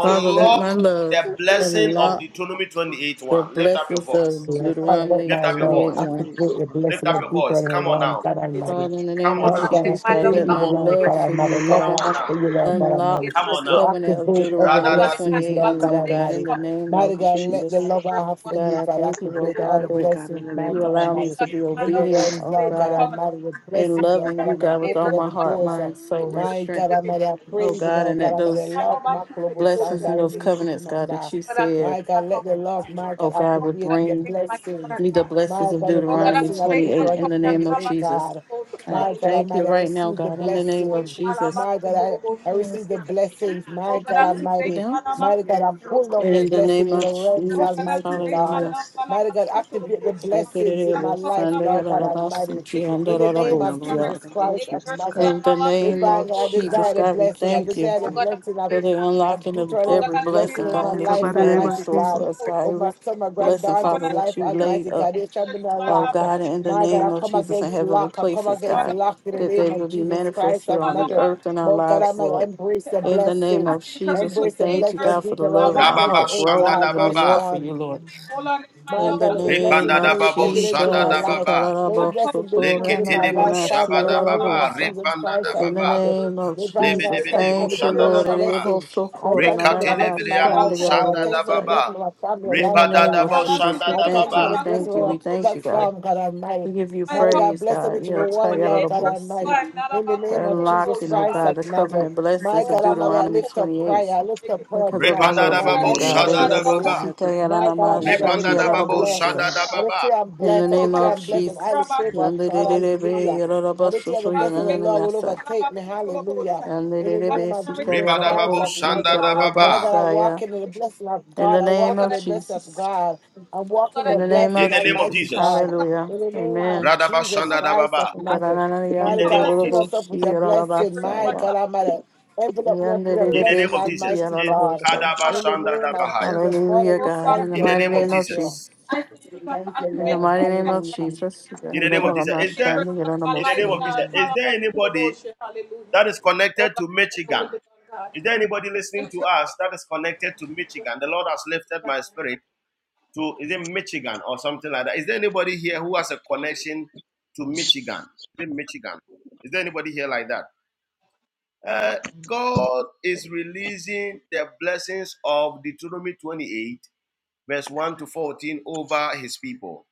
Speaker 7: Father, let my love
Speaker 5: the blessing of
Speaker 7: unlock
Speaker 5: Deuteronomy 28
Speaker 7: the
Speaker 5: 1. Lift up your
Speaker 7: blessings of
Speaker 5: voice.
Speaker 13: Yeah, Father, let
Speaker 7: Deuteronomy
Speaker 13: my
Speaker 5: Lift up your
Speaker 13: love
Speaker 7: 28
Speaker 5: voice.
Speaker 10: Truly,
Speaker 7: 1.
Speaker 13: activate the
Speaker 10: in
Speaker 5: Lift
Speaker 13: blessing
Speaker 5: up
Speaker 13: of
Speaker 5: your
Speaker 10: the
Speaker 5: voice.
Speaker 13: Deuteronomy
Speaker 5: Come on
Speaker 13: 1,
Speaker 5: now.
Speaker 13: God Almighty.
Speaker 7: Father, in the
Speaker 5: Come
Speaker 7: name
Speaker 10: name
Speaker 7: of
Speaker 5: on
Speaker 13: Mighty
Speaker 10: of
Speaker 5: now.
Speaker 13: God, I
Speaker 7: Jesus,
Speaker 10: Jesus,
Speaker 7: God,
Speaker 13: pray
Speaker 7: let
Speaker 10: God.
Speaker 5: Come
Speaker 13: even
Speaker 7: my
Speaker 5: on.
Speaker 13: now, God
Speaker 7: love for
Speaker 13: Almighty.
Speaker 7: you,
Speaker 13: Love
Speaker 5: Come
Speaker 13: I
Speaker 7: God.
Speaker 5: on
Speaker 13: have for
Speaker 5: now.
Speaker 13: you, Lord God
Speaker 7: Unlock
Speaker 13: Almighty.
Speaker 5: Come
Speaker 7: the
Speaker 5: on
Speaker 13: We
Speaker 5: now.
Speaker 7: covenant of
Speaker 13: activate every
Speaker 7: Deuteronomy
Speaker 10: Jesus,
Speaker 5: Radada-
Speaker 13: blessings,
Speaker 7: 28
Speaker 13: Lord
Speaker 7: and
Speaker 13: God
Speaker 7: 1. God,
Speaker 10: yes,
Speaker 7: in
Speaker 13: Almighty.
Speaker 7: the
Speaker 10: God,
Speaker 7: name
Speaker 10: in the
Speaker 13: Mighty
Speaker 7: of
Speaker 10: name of
Speaker 13: God, let the
Speaker 7: Jesus,
Speaker 10: Jesus,
Speaker 13: love I have for
Speaker 7: God,
Speaker 13: you,
Speaker 7: I
Speaker 13: God,
Speaker 7: thank you,
Speaker 10: Lord, Lord,
Speaker 7: oh
Speaker 13: activate
Speaker 10: have
Speaker 13: all
Speaker 7: God,
Speaker 10: your
Speaker 13: the
Speaker 10: way,
Speaker 7: that
Speaker 10: God, in
Speaker 13: blessings,
Speaker 10: the
Speaker 13: my
Speaker 10: name
Speaker 7: you
Speaker 10: of
Speaker 13: God
Speaker 7: allow me
Speaker 10: Jesus,
Speaker 13: Almighty.
Speaker 7: to be
Speaker 10: Lord.
Speaker 13: In the
Speaker 7: obedient,
Speaker 13: realms,
Speaker 7: oh
Speaker 13: Lord God
Speaker 7: God,
Speaker 13: Almighty, the
Speaker 7: and
Speaker 13: blessings, Lord
Speaker 7: loving
Speaker 13: God
Speaker 7: you,
Speaker 13: Almighty.
Speaker 7: God, with all
Speaker 13: Open
Speaker 7: my
Speaker 13: every
Speaker 7: heart,
Speaker 13: doors, uh,
Speaker 7: mind, soul, and
Speaker 13: my
Speaker 7: strength,
Speaker 13: God Almighty. I
Speaker 10: Thank you,
Speaker 13: pray
Speaker 7: oh
Speaker 13: even
Speaker 7: God,
Speaker 13: now,
Speaker 7: and
Speaker 13: God
Speaker 7: that
Speaker 13: Almighty.
Speaker 7: those
Speaker 13: Love, my global sound,
Speaker 7: blessings
Speaker 13: I
Speaker 7: and
Speaker 13: really
Speaker 7: those
Speaker 13: need you to
Speaker 7: covenants, God,
Speaker 13: remember.
Speaker 7: that you said,
Speaker 13: My God, let the love, my
Speaker 7: oh
Speaker 13: God,
Speaker 7: God, would
Speaker 13: activate the
Speaker 7: bring
Speaker 13: blessings.
Speaker 7: me the blessings
Speaker 13: My
Speaker 7: of
Speaker 13: God, the
Speaker 7: Deuteronomy
Speaker 13: blessing of
Speaker 7: 28 in
Speaker 13: Deuteronomy
Speaker 7: the name of
Speaker 13: 28,
Speaker 7: Jesus.
Speaker 13: God.
Speaker 7: I
Speaker 13: My God,
Speaker 7: thank you
Speaker 13: Almighty, I
Speaker 7: right now,
Speaker 13: receive the
Speaker 7: God, in the name of
Speaker 13: blessing.
Speaker 7: Jesus.
Speaker 13: My God, I, I receive
Speaker 7: Yes.
Speaker 13: the blessings. My God,
Speaker 7: Get
Speaker 13: Almighty.
Speaker 7: down.
Speaker 13: Mighty God, I pull down the
Speaker 7: In the
Speaker 13: blessings
Speaker 7: name
Speaker 13: in the
Speaker 7: of
Speaker 13: realms,
Speaker 7: Jesus,
Speaker 13: Almighty
Speaker 7: hallelujah.
Speaker 13: God. Mighty God, activate the blessings in my
Speaker 7: Ekerebo
Speaker 13: life, Lord God
Speaker 7: sandagarabasi
Speaker 13: Almighty.
Speaker 10: Thank you. we
Speaker 13: In the
Speaker 10: praise you right
Speaker 13: name
Speaker 10: now,
Speaker 13: of
Speaker 10: Lord, in
Speaker 7: kiandarabosya.
Speaker 10: the
Speaker 13: Jesus
Speaker 10: name of
Speaker 13: Christ of
Speaker 10: Jesus,
Speaker 13: Nazareth.
Speaker 10: God.
Speaker 7: In the name
Speaker 10: Have
Speaker 13: Divine,
Speaker 7: of
Speaker 10: your
Speaker 13: I
Speaker 10: way, God, in
Speaker 7: Jesus,
Speaker 13: desire the
Speaker 10: the
Speaker 7: God, we
Speaker 10: name of
Speaker 13: blessing. I
Speaker 7: thank you
Speaker 10: Jesus,
Speaker 13: desire the
Speaker 10: Lord.
Speaker 13: blessing of
Speaker 7: for the
Speaker 13: I
Speaker 7: unlocking
Speaker 13: do
Speaker 7: of
Speaker 13: try to
Speaker 7: every
Speaker 10: Praise you,
Speaker 13: bless
Speaker 7: blessing,
Speaker 13: you in
Speaker 10: God,
Speaker 13: my
Speaker 7: God,
Speaker 10: in the
Speaker 7: that
Speaker 13: life,
Speaker 7: you
Speaker 10: mighty
Speaker 7: have
Speaker 10: name
Speaker 7: in
Speaker 10: of
Speaker 13: Almighty
Speaker 7: store
Speaker 10: Jesus.
Speaker 7: for
Speaker 13: God.
Speaker 7: us, God.
Speaker 13: Oh, my
Speaker 7: Every
Speaker 13: son, my
Speaker 7: blessing,
Speaker 13: granddaughter's
Speaker 7: Father,
Speaker 13: life,
Speaker 7: that you
Speaker 10: Thank
Speaker 7: laid
Speaker 10: you,
Speaker 13: Almighty
Speaker 10: God,
Speaker 7: up,
Speaker 13: God. They shall be not
Speaker 10: in the
Speaker 7: oh
Speaker 10: name
Speaker 13: locked.
Speaker 10: of
Speaker 7: God, in the
Speaker 13: My
Speaker 10: Jesus,
Speaker 13: God, I
Speaker 7: name of
Speaker 13: come
Speaker 10: God.
Speaker 7: Jesus
Speaker 10: Lord,
Speaker 7: in
Speaker 13: against
Speaker 7: heavenly
Speaker 13: lock. I come
Speaker 7: places,
Speaker 13: against
Speaker 7: God,
Speaker 13: lock in the
Speaker 7: that
Speaker 13: name
Speaker 7: they
Speaker 13: of
Speaker 7: will be
Speaker 13: Jesus
Speaker 7: manifest
Speaker 13: Christ
Speaker 7: here
Speaker 13: of
Speaker 7: on the
Speaker 13: Nazareth.
Speaker 7: earth in our
Speaker 13: But God, I
Speaker 7: lives,
Speaker 13: might
Speaker 7: Lord.
Speaker 13: embrace the
Speaker 7: In the name
Speaker 13: blessings.
Speaker 7: of Jesus, we
Speaker 13: Embrace the
Speaker 7: thank you,
Speaker 13: blessing
Speaker 7: God,
Speaker 13: of
Speaker 7: for the love
Speaker 13: Deuteronomy
Speaker 7: in our
Speaker 5: Rababa
Speaker 7: heart
Speaker 13: 28,
Speaker 5: shanda
Speaker 7: growing
Speaker 5: da
Speaker 13: God,
Speaker 7: even the
Speaker 13: verse
Speaker 7: more
Speaker 5: baba.
Speaker 7: for
Speaker 13: 1.
Speaker 7: you, Lord.
Speaker 11: won't.
Speaker 13: My
Speaker 7: In the
Speaker 13: God, let the
Speaker 7: name
Speaker 13: blessing
Speaker 5: Ripanda da
Speaker 7: of
Speaker 13: be
Speaker 5: babo
Speaker 13: evident in
Speaker 5: shada
Speaker 13: my
Speaker 5: da
Speaker 7: Jesus,
Speaker 13: life.
Speaker 5: baba.
Speaker 13: Let the blessing be proven in
Speaker 5: Lekete
Speaker 13: my
Speaker 5: debo
Speaker 13: life, Father,
Speaker 5: shaba
Speaker 13: in
Speaker 5: da
Speaker 13: the name
Speaker 5: baba.
Speaker 13: of
Speaker 7: Ikararabosotorananananasiyararabosa.
Speaker 13: Jesus
Speaker 5: Ripanda
Speaker 13: Christ
Speaker 5: da
Speaker 13: of
Speaker 7: in the
Speaker 5: baba.
Speaker 13: Nazareth.
Speaker 7: name of
Speaker 10: Yes, God.
Speaker 13: Divine
Speaker 5: Lebe
Speaker 13: God,
Speaker 7: Jesus,
Speaker 13: I
Speaker 5: debe
Speaker 13: thank you for
Speaker 5: debo
Speaker 13: the
Speaker 7: thank you,
Speaker 13: gift
Speaker 5: shanda da
Speaker 7: Lord.
Speaker 5: baba.
Speaker 13: blessing. I thank you for the
Speaker 5: Rekate lebe
Speaker 13: blessing in my
Speaker 5: leando
Speaker 13: life, God. I
Speaker 5: shanda
Speaker 13: thank you
Speaker 5: da
Speaker 13: for the
Speaker 7: Erebosokoranananamashandigararabosaya.
Speaker 5: baba.
Speaker 13: blessing of my family
Speaker 7: In
Speaker 13: life,
Speaker 7: the
Speaker 5: Ripa
Speaker 13: God
Speaker 5: da
Speaker 7: name
Speaker 5: da
Speaker 7: of
Speaker 5: bo
Speaker 13: Almighty.
Speaker 7: Jesus, we
Speaker 5: shanda
Speaker 13: I
Speaker 5: da
Speaker 13: thank
Speaker 7: thank
Speaker 13: you
Speaker 7: you,
Speaker 5: baba.
Speaker 13: for
Speaker 7: we
Speaker 13: the blessing
Speaker 7: thank
Speaker 13: of
Speaker 7: you,
Speaker 13: our
Speaker 7: we thank you, God.
Speaker 13: platform, God
Speaker 7: We
Speaker 13: Almighty.
Speaker 7: give you
Speaker 13: Mother God,
Speaker 7: praise,
Speaker 13: bless them
Speaker 7: God.
Speaker 13: which will one, Lord God
Speaker 7: Yeltayararabosi.
Speaker 13: Almighty. In the
Speaker 7: For
Speaker 13: name of Jesus
Speaker 7: unlocking, oh
Speaker 13: Christ
Speaker 7: God,
Speaker 13: of
Speaker 7: the
Speaker 13: Nazareth.
Speaker 7: covenant
Speaker 13: My
Speaker 7: blessings of
Speaker 13: God Almighty, I
Speaker 7: Deuteronomy
Speaker 13: lift up
Speaker 7: 28
Speaker 13: prayer. I lift up prayer
Speaker 7: because of
Speaker 13: tonight,
Speaker 7: our
Speaker 10: Yes,
Speaker 13: God,
Speaker 5: Repanda
Speaker 7: love
Speaker 13: and
Speaker 10: God,
Speaker 5: da
Speaker 7: for
Speaker 13: I
Speaker 10: in the
Speaker 7: you,
Speaker 5: babo
Speaker 13: thank
Speaker 10: name
Speaker 13: you
Speaker 10: of
Speaker 13: for
Speaker 7: God.
Speaker 13: the
Speaker 5: shada da
Speaker 10: Jesus, God,
Speaker 13: blessing.
Speaker 5: baba.
Speaker 10: have your way,
Speaker 13: My
Speaker 10: Lord,
Speaker 13: God
Speaker 10: in the name
Speaker 13: Almighty, I
Speaker 10: of
Speaker 5: Repanda da
Speaker 13: declare
Speaker 10: Jesus,
Speaker 13: I'm
Speaker 5: babo
Speaker 10: God.
Speaker 13: blessed.
Speaker 5: shada
Speaker 7: Erebosikayaranamashandigararabosia.
Speaker 5: da
Speaker 13: I
Speaker 5: baba.
Speaker 13: declare I'm
Speaker 7: In the
Speaker 13: blessed. I
Speaker 7: name
Speaker 13: declare
Speaker 7: of
Speaker 13: I'm
Speaker 10: Have your
Speaker 13: blessed
Speaker 10: way,
Speaker 13: and highly
Speaker 7: Jesus.
Speaker 10: God.
Speaker 13: favored of God.
Speaker 7: Yandelelebe,
Speaker 13: Hallelujah. I declare the
Speaker 7: yalalabasoso,
Speaker 13: blessing of the Lord will
Speaker 7: yananamiyasa.
Speaker 13: overtake me. Hallelujah. In the name
Speaker 7: Yandelelebe,
Speaker 13: of
Speaker 7: sika,
Speaker 13: Jesus
Speaker 5: Rebada
Speaker 13: Christ
Speaker 5: babo
Speaker 13: of
Speaker 7: yalalaboshi,
Speaker 5: shanda
Speaker 13: Nazareth.
Speaker 5: da
Speaker 13: My
Speaker 5: baba.
Speaker 13: God, I
Speaker 7: talalabasaya.
Speaker 13: walk in the blessing of
Speaker 7: In the
Speaker 13: God. I
Speaker 7: name
Speaker 13: walk in
Speaker 7: of
Speaker 13: the blessing of
Speaker 7: Jesus.
Speaker 13: God. I walk in
Speaker 7: In
Speaker 13: the
Speaker 7: the name
Speaker 5: In
Speaker 13: blessing,
Speaker 7: of
Speaker 5: the name of
Speaker 7: Jesus.
Speaker 13: Almighty
Speaker 5: Jesus.
Speaker 13: God.
Speaker 7: Hallelujah.
Speaker 13: In the name of
Speaker 7: Amen.
Speaker 5: Radaba
Speaker 13: Jesus
Speaker 5: shanda da
Speaker 13: Christ of
Speaker 5: baba.
Speaker 13: Nazareth.
Speaker 5: In
Speaker 13: Mighty
Speaker 5: the name
Speaker 13: God,
Speaker 5: of
Speaker 13: fill us up
Speaker 5: Jesus.
Speaker 7: Ikarananayandololoboshi,
Speaker 13: with your blessing. My
Speaker 7: yalalabasaya.
Speaker 13: God Almighty. Envelope me up with your
Speaker 5: In the
Speaker 7: Yandelelebe,
Speaker 5: name
Speaker 13: blessing,
Speaker 5: of
Speaker 7: siki,
Speaker 5: Jesus.
Speaker 13: Almighty
Speaker 5: It-
Speaker 13: God.
Speaker 7: yalalabosa.
Speaker 5: Kadaba
Speaker 13: In the
Speaker 5: shanda da
Speaker 13: name of
Speaker 5: bahaya.
Speaker 13: Jesus, Father,
Speaker 7: Hallelujah,
Speaker 13: we
Speaker 7: God. In
Speaker 13: thank
Speaker 7: the
Speaker 13: you.
Speaker 5: In the
Speaker 13: We
Speaker 7: mighty
Speaker 5: name of
Speaker 7: name of
Speaker 13: bless
Speaker 7: Jesus.
Speaker 13: you.
Speaker 5: Jesus.
Speaker 13: Thank you,
Speaker 7: In the
Speaker 13: Lord.
Speaker 7: mighty name of
Speaker 13: Hallelujah.
Speaker 7: Jesus.
Speaker 5: In the name of Jesus. Is
Speaker 7: Yandalalabasha,
Speaker 5: there in the name
Speaker 7: yandalalabosaya.
Speaker 5: of Jesus?
Speaker 13: Mm.
Speaker 5: Is there anybody that is connected to Michigan? Is there anybody listening to us that is connected to Michigan? The Lord has lifted my spirit to is it Michigan or something like that? Is there anybody here who has a connection to Michigan? Is it Michigan? Is there anybody here like that? Uh, God is releasing the blessings of Deuteronomy 28, verse 1 to 14 over his people.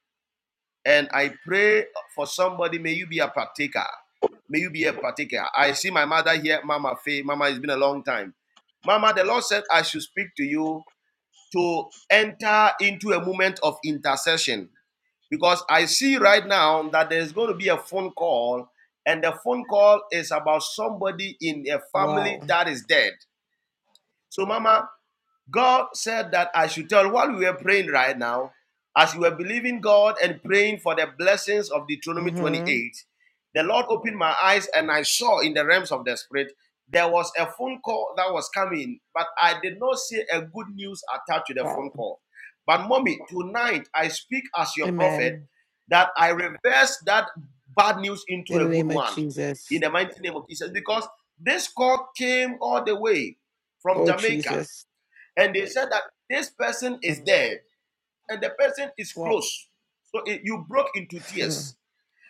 Speaker 5: And I pray for somebody, may you be a partaker. May you be a partaker. I see my mother here, Mama Faye. Mama, it's been a long time. Mama, the Lord said I should speak to you to enter into a moment of intercession because I see right now that there's going to be a phone call, and the phone call is about somebody in a
Speaker 13: Wow.
Speaker 5: family that is dead. So, Mama, God said that I should tell while we were praying right now, as you were believing God and praying for the blessings of Deuteronomy
Speaker 13: hmm
Speaker 5: 28, the Lord opened my eyes and I saw in the realms of the spirit there was a phone call that was coming, but I did not see a good news attached to the phone
Speaker 13: Wow.
Speaker 5: call. But mommy, tonight I speak as your prophet
Speaker 13: Amen.
Speaker 5: that I reverse that bad news into
Speaker 13: In
Speaker 5: a
Speaker 13: the
Speaker 5: good
Speaker 13: name of
Speaker 5: one in
Speaker 13: Jesus.
Speaker 5: the mighty name of Jesus because this call came all the way from
Speaker 13: Oh,
Speaker 5: Jamaica
Speaker 13: Jesus.
Speaker 5: and they said that this person is
Speaker 13: Mm.
Speaker 5: dead and the person is
Speaker 13: Wow.
Speaker 5: close so it, you broke into
Speaker 13: Mm.
Speaker 5: tears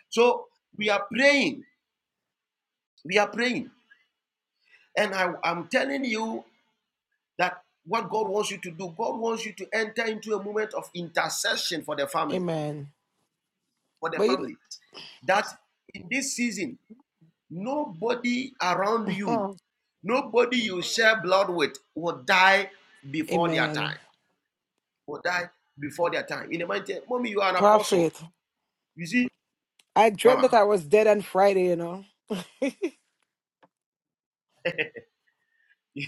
Speaker 5: so we are praying we are praying and I, i'm telling you that what god wants you to do god wants you to enter into a moment of intercession for the family
Speaker 13: Amen.
Speaker 5: for the
Speaker 13: But you,
Speaker 5: family that in this season nobody around you
Speaker 13: huh.
Speaker 5: nobody you share blood with will die before their time
Speaker 13: Amen.
Speaker 5: will die before their time in the mighty mommy you are an apostle
Speaker 13: Prophet,
Speaker 5: you see
Speaker 13: I dreamt that
Speaker 5: Mama.
Speaker 13: I was dead on Friday, you know?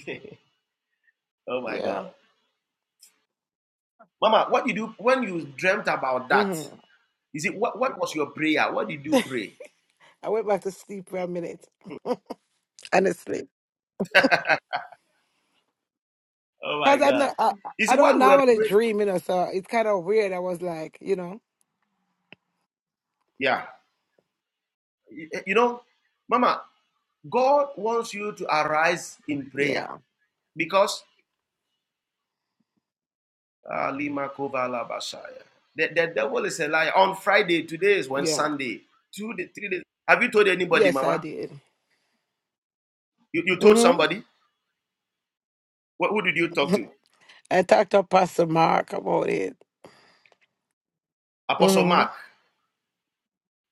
Speaker 5: oh my
Speaker 13: Yeah.
Speaker 5: God. Mama, what did you do when you dreamt about that?
Speaker 13: hmm
Speaker 5: Is it what, what was your prayer? What did you pray?
Speaker 13: I went back to sleep for a minute. Honestly.
Speaker 5: Oh.
Speaker 13: Because I'm not, I,
Speaker 5: Is
Speaker 13: I
Speaker 5: it what
Speaker 13: don't
Speaker 5: we were
Speaker 13: normally
Speaker 5: praying?
Speaker 13: dream, you know, so it's kind of weird. I was like, you know.
Speaker 5: Yeah. You, know, Mama, God wants you to arise in prayer
Speaker 13: Yeah,
Speaker 5: because Ah, Lima Kovala Bashaya. the, the devil is a liar. On Friday, today is when
Speaker 13: yeah.
Speaker 5: Sunday. Two, day- three days. Have you told anybody,
Speaker 13: Yes, I
Speaker 5: Mama?
Speaker 13: did.
Speaker 5: You, you told
Speaker 13: hmm
Speaker 5: somebody? Wh- who did you talk to?
Speaker 13: I talked to Pastor Mark about it.
Speaker 5: Apostle
Speaker 13: hmm
Speaker 5: Mark.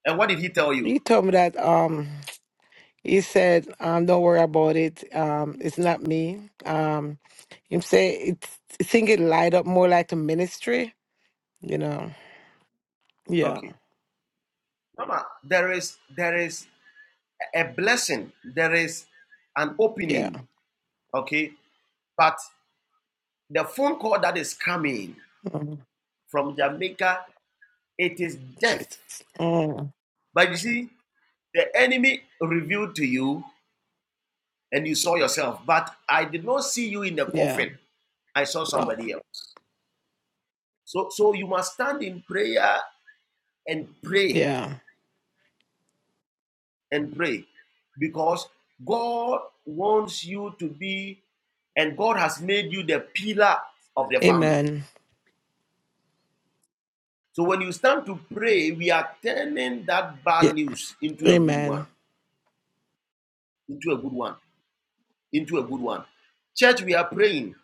Speaker 5: And what did he tell you?
Speaker 13: He told me that um he said, um, don't worry about it. Um, it's not me. Um him say it's I think it light up more like the ministry, you know. Yeah,
Speaker 5: Okay. Mama, there is there is a blessing, there is an
Speaker 13: yeah.
Speaker 5: opening, okay? But the phone call that is coming
Speaker 13: Mhm.
Speaker 5: from Jamaica, it is death.
Speaker 13: Jesus. Oh,
Speaker 5: But you see, the enemy revealed to you and you saw yourself, but I did not see you in the
Speaker 13: yeah.
Speaker 5: coffin. I saw
Speaker 13: Wow.
Speaker 5: somebody else. So, so you must stand in prayer and pray
Speaker 13: Yeah.
Speaker 5: and pray because God wants you to be, and God has made you the pillar of the family.
Speaker 13: Amen.
Speaker 5: So when you start to pray, we are turning that bad
Speaker 13: Yeah.
Speaker 5: news into a good one,
Speaker 13: Amen.
Speaker 5: into a good one, into a good one. Church, we are praying.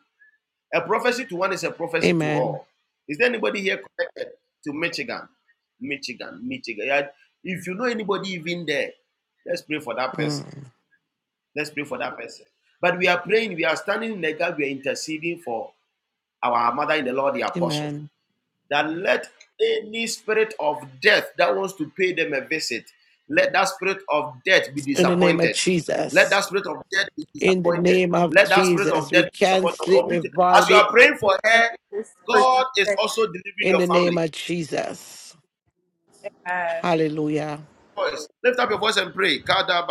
Speaker 5: A prophecy to one is a prophecy to
Speaker 13: Amen.
Speaker 5: all. Is there anybody here connected to Michigan? Michigan, Michigan. Yeah, If you know anybody even there, let's pray for that person.
Speaker 13: Mm.
Speaker 5: Let's pray for that person. But we are praying, we are standing in the gap, we are interceding for our mother in the Lord, the apostle.
Speaker 13: Amen.
Speaker 5: that let any spirit of death that wants to pay them a visit, let that spirit of death be
Speaker 13: In the name of
Speaker 5: disappointed. Let
Speaker 13: Jesus.
Speaker 5: that spirit of death be
Speaker 13: in the
Speaker 5: disappointed.
Speaker 13: name of
Speaker 5: Let that spirit
Speaker 13: Jesus.
Speaker 5: of
Speaker 13: We
Speaker 5: death be disappointed.
Speaker 13: cancel it, we
Speaker 5: As
Speaker 13: void
Speaker 5: you
Speaker 13: it
Speaker 5: are praying for her, God is also delivering
Speaker 13: in
Speaker 5: your
Speaker 13: the name
Speaker 5: family.
Speaker 13: of Jesus. Hallelujah.
Speaker 5: Voice. Lift up your voice and pray.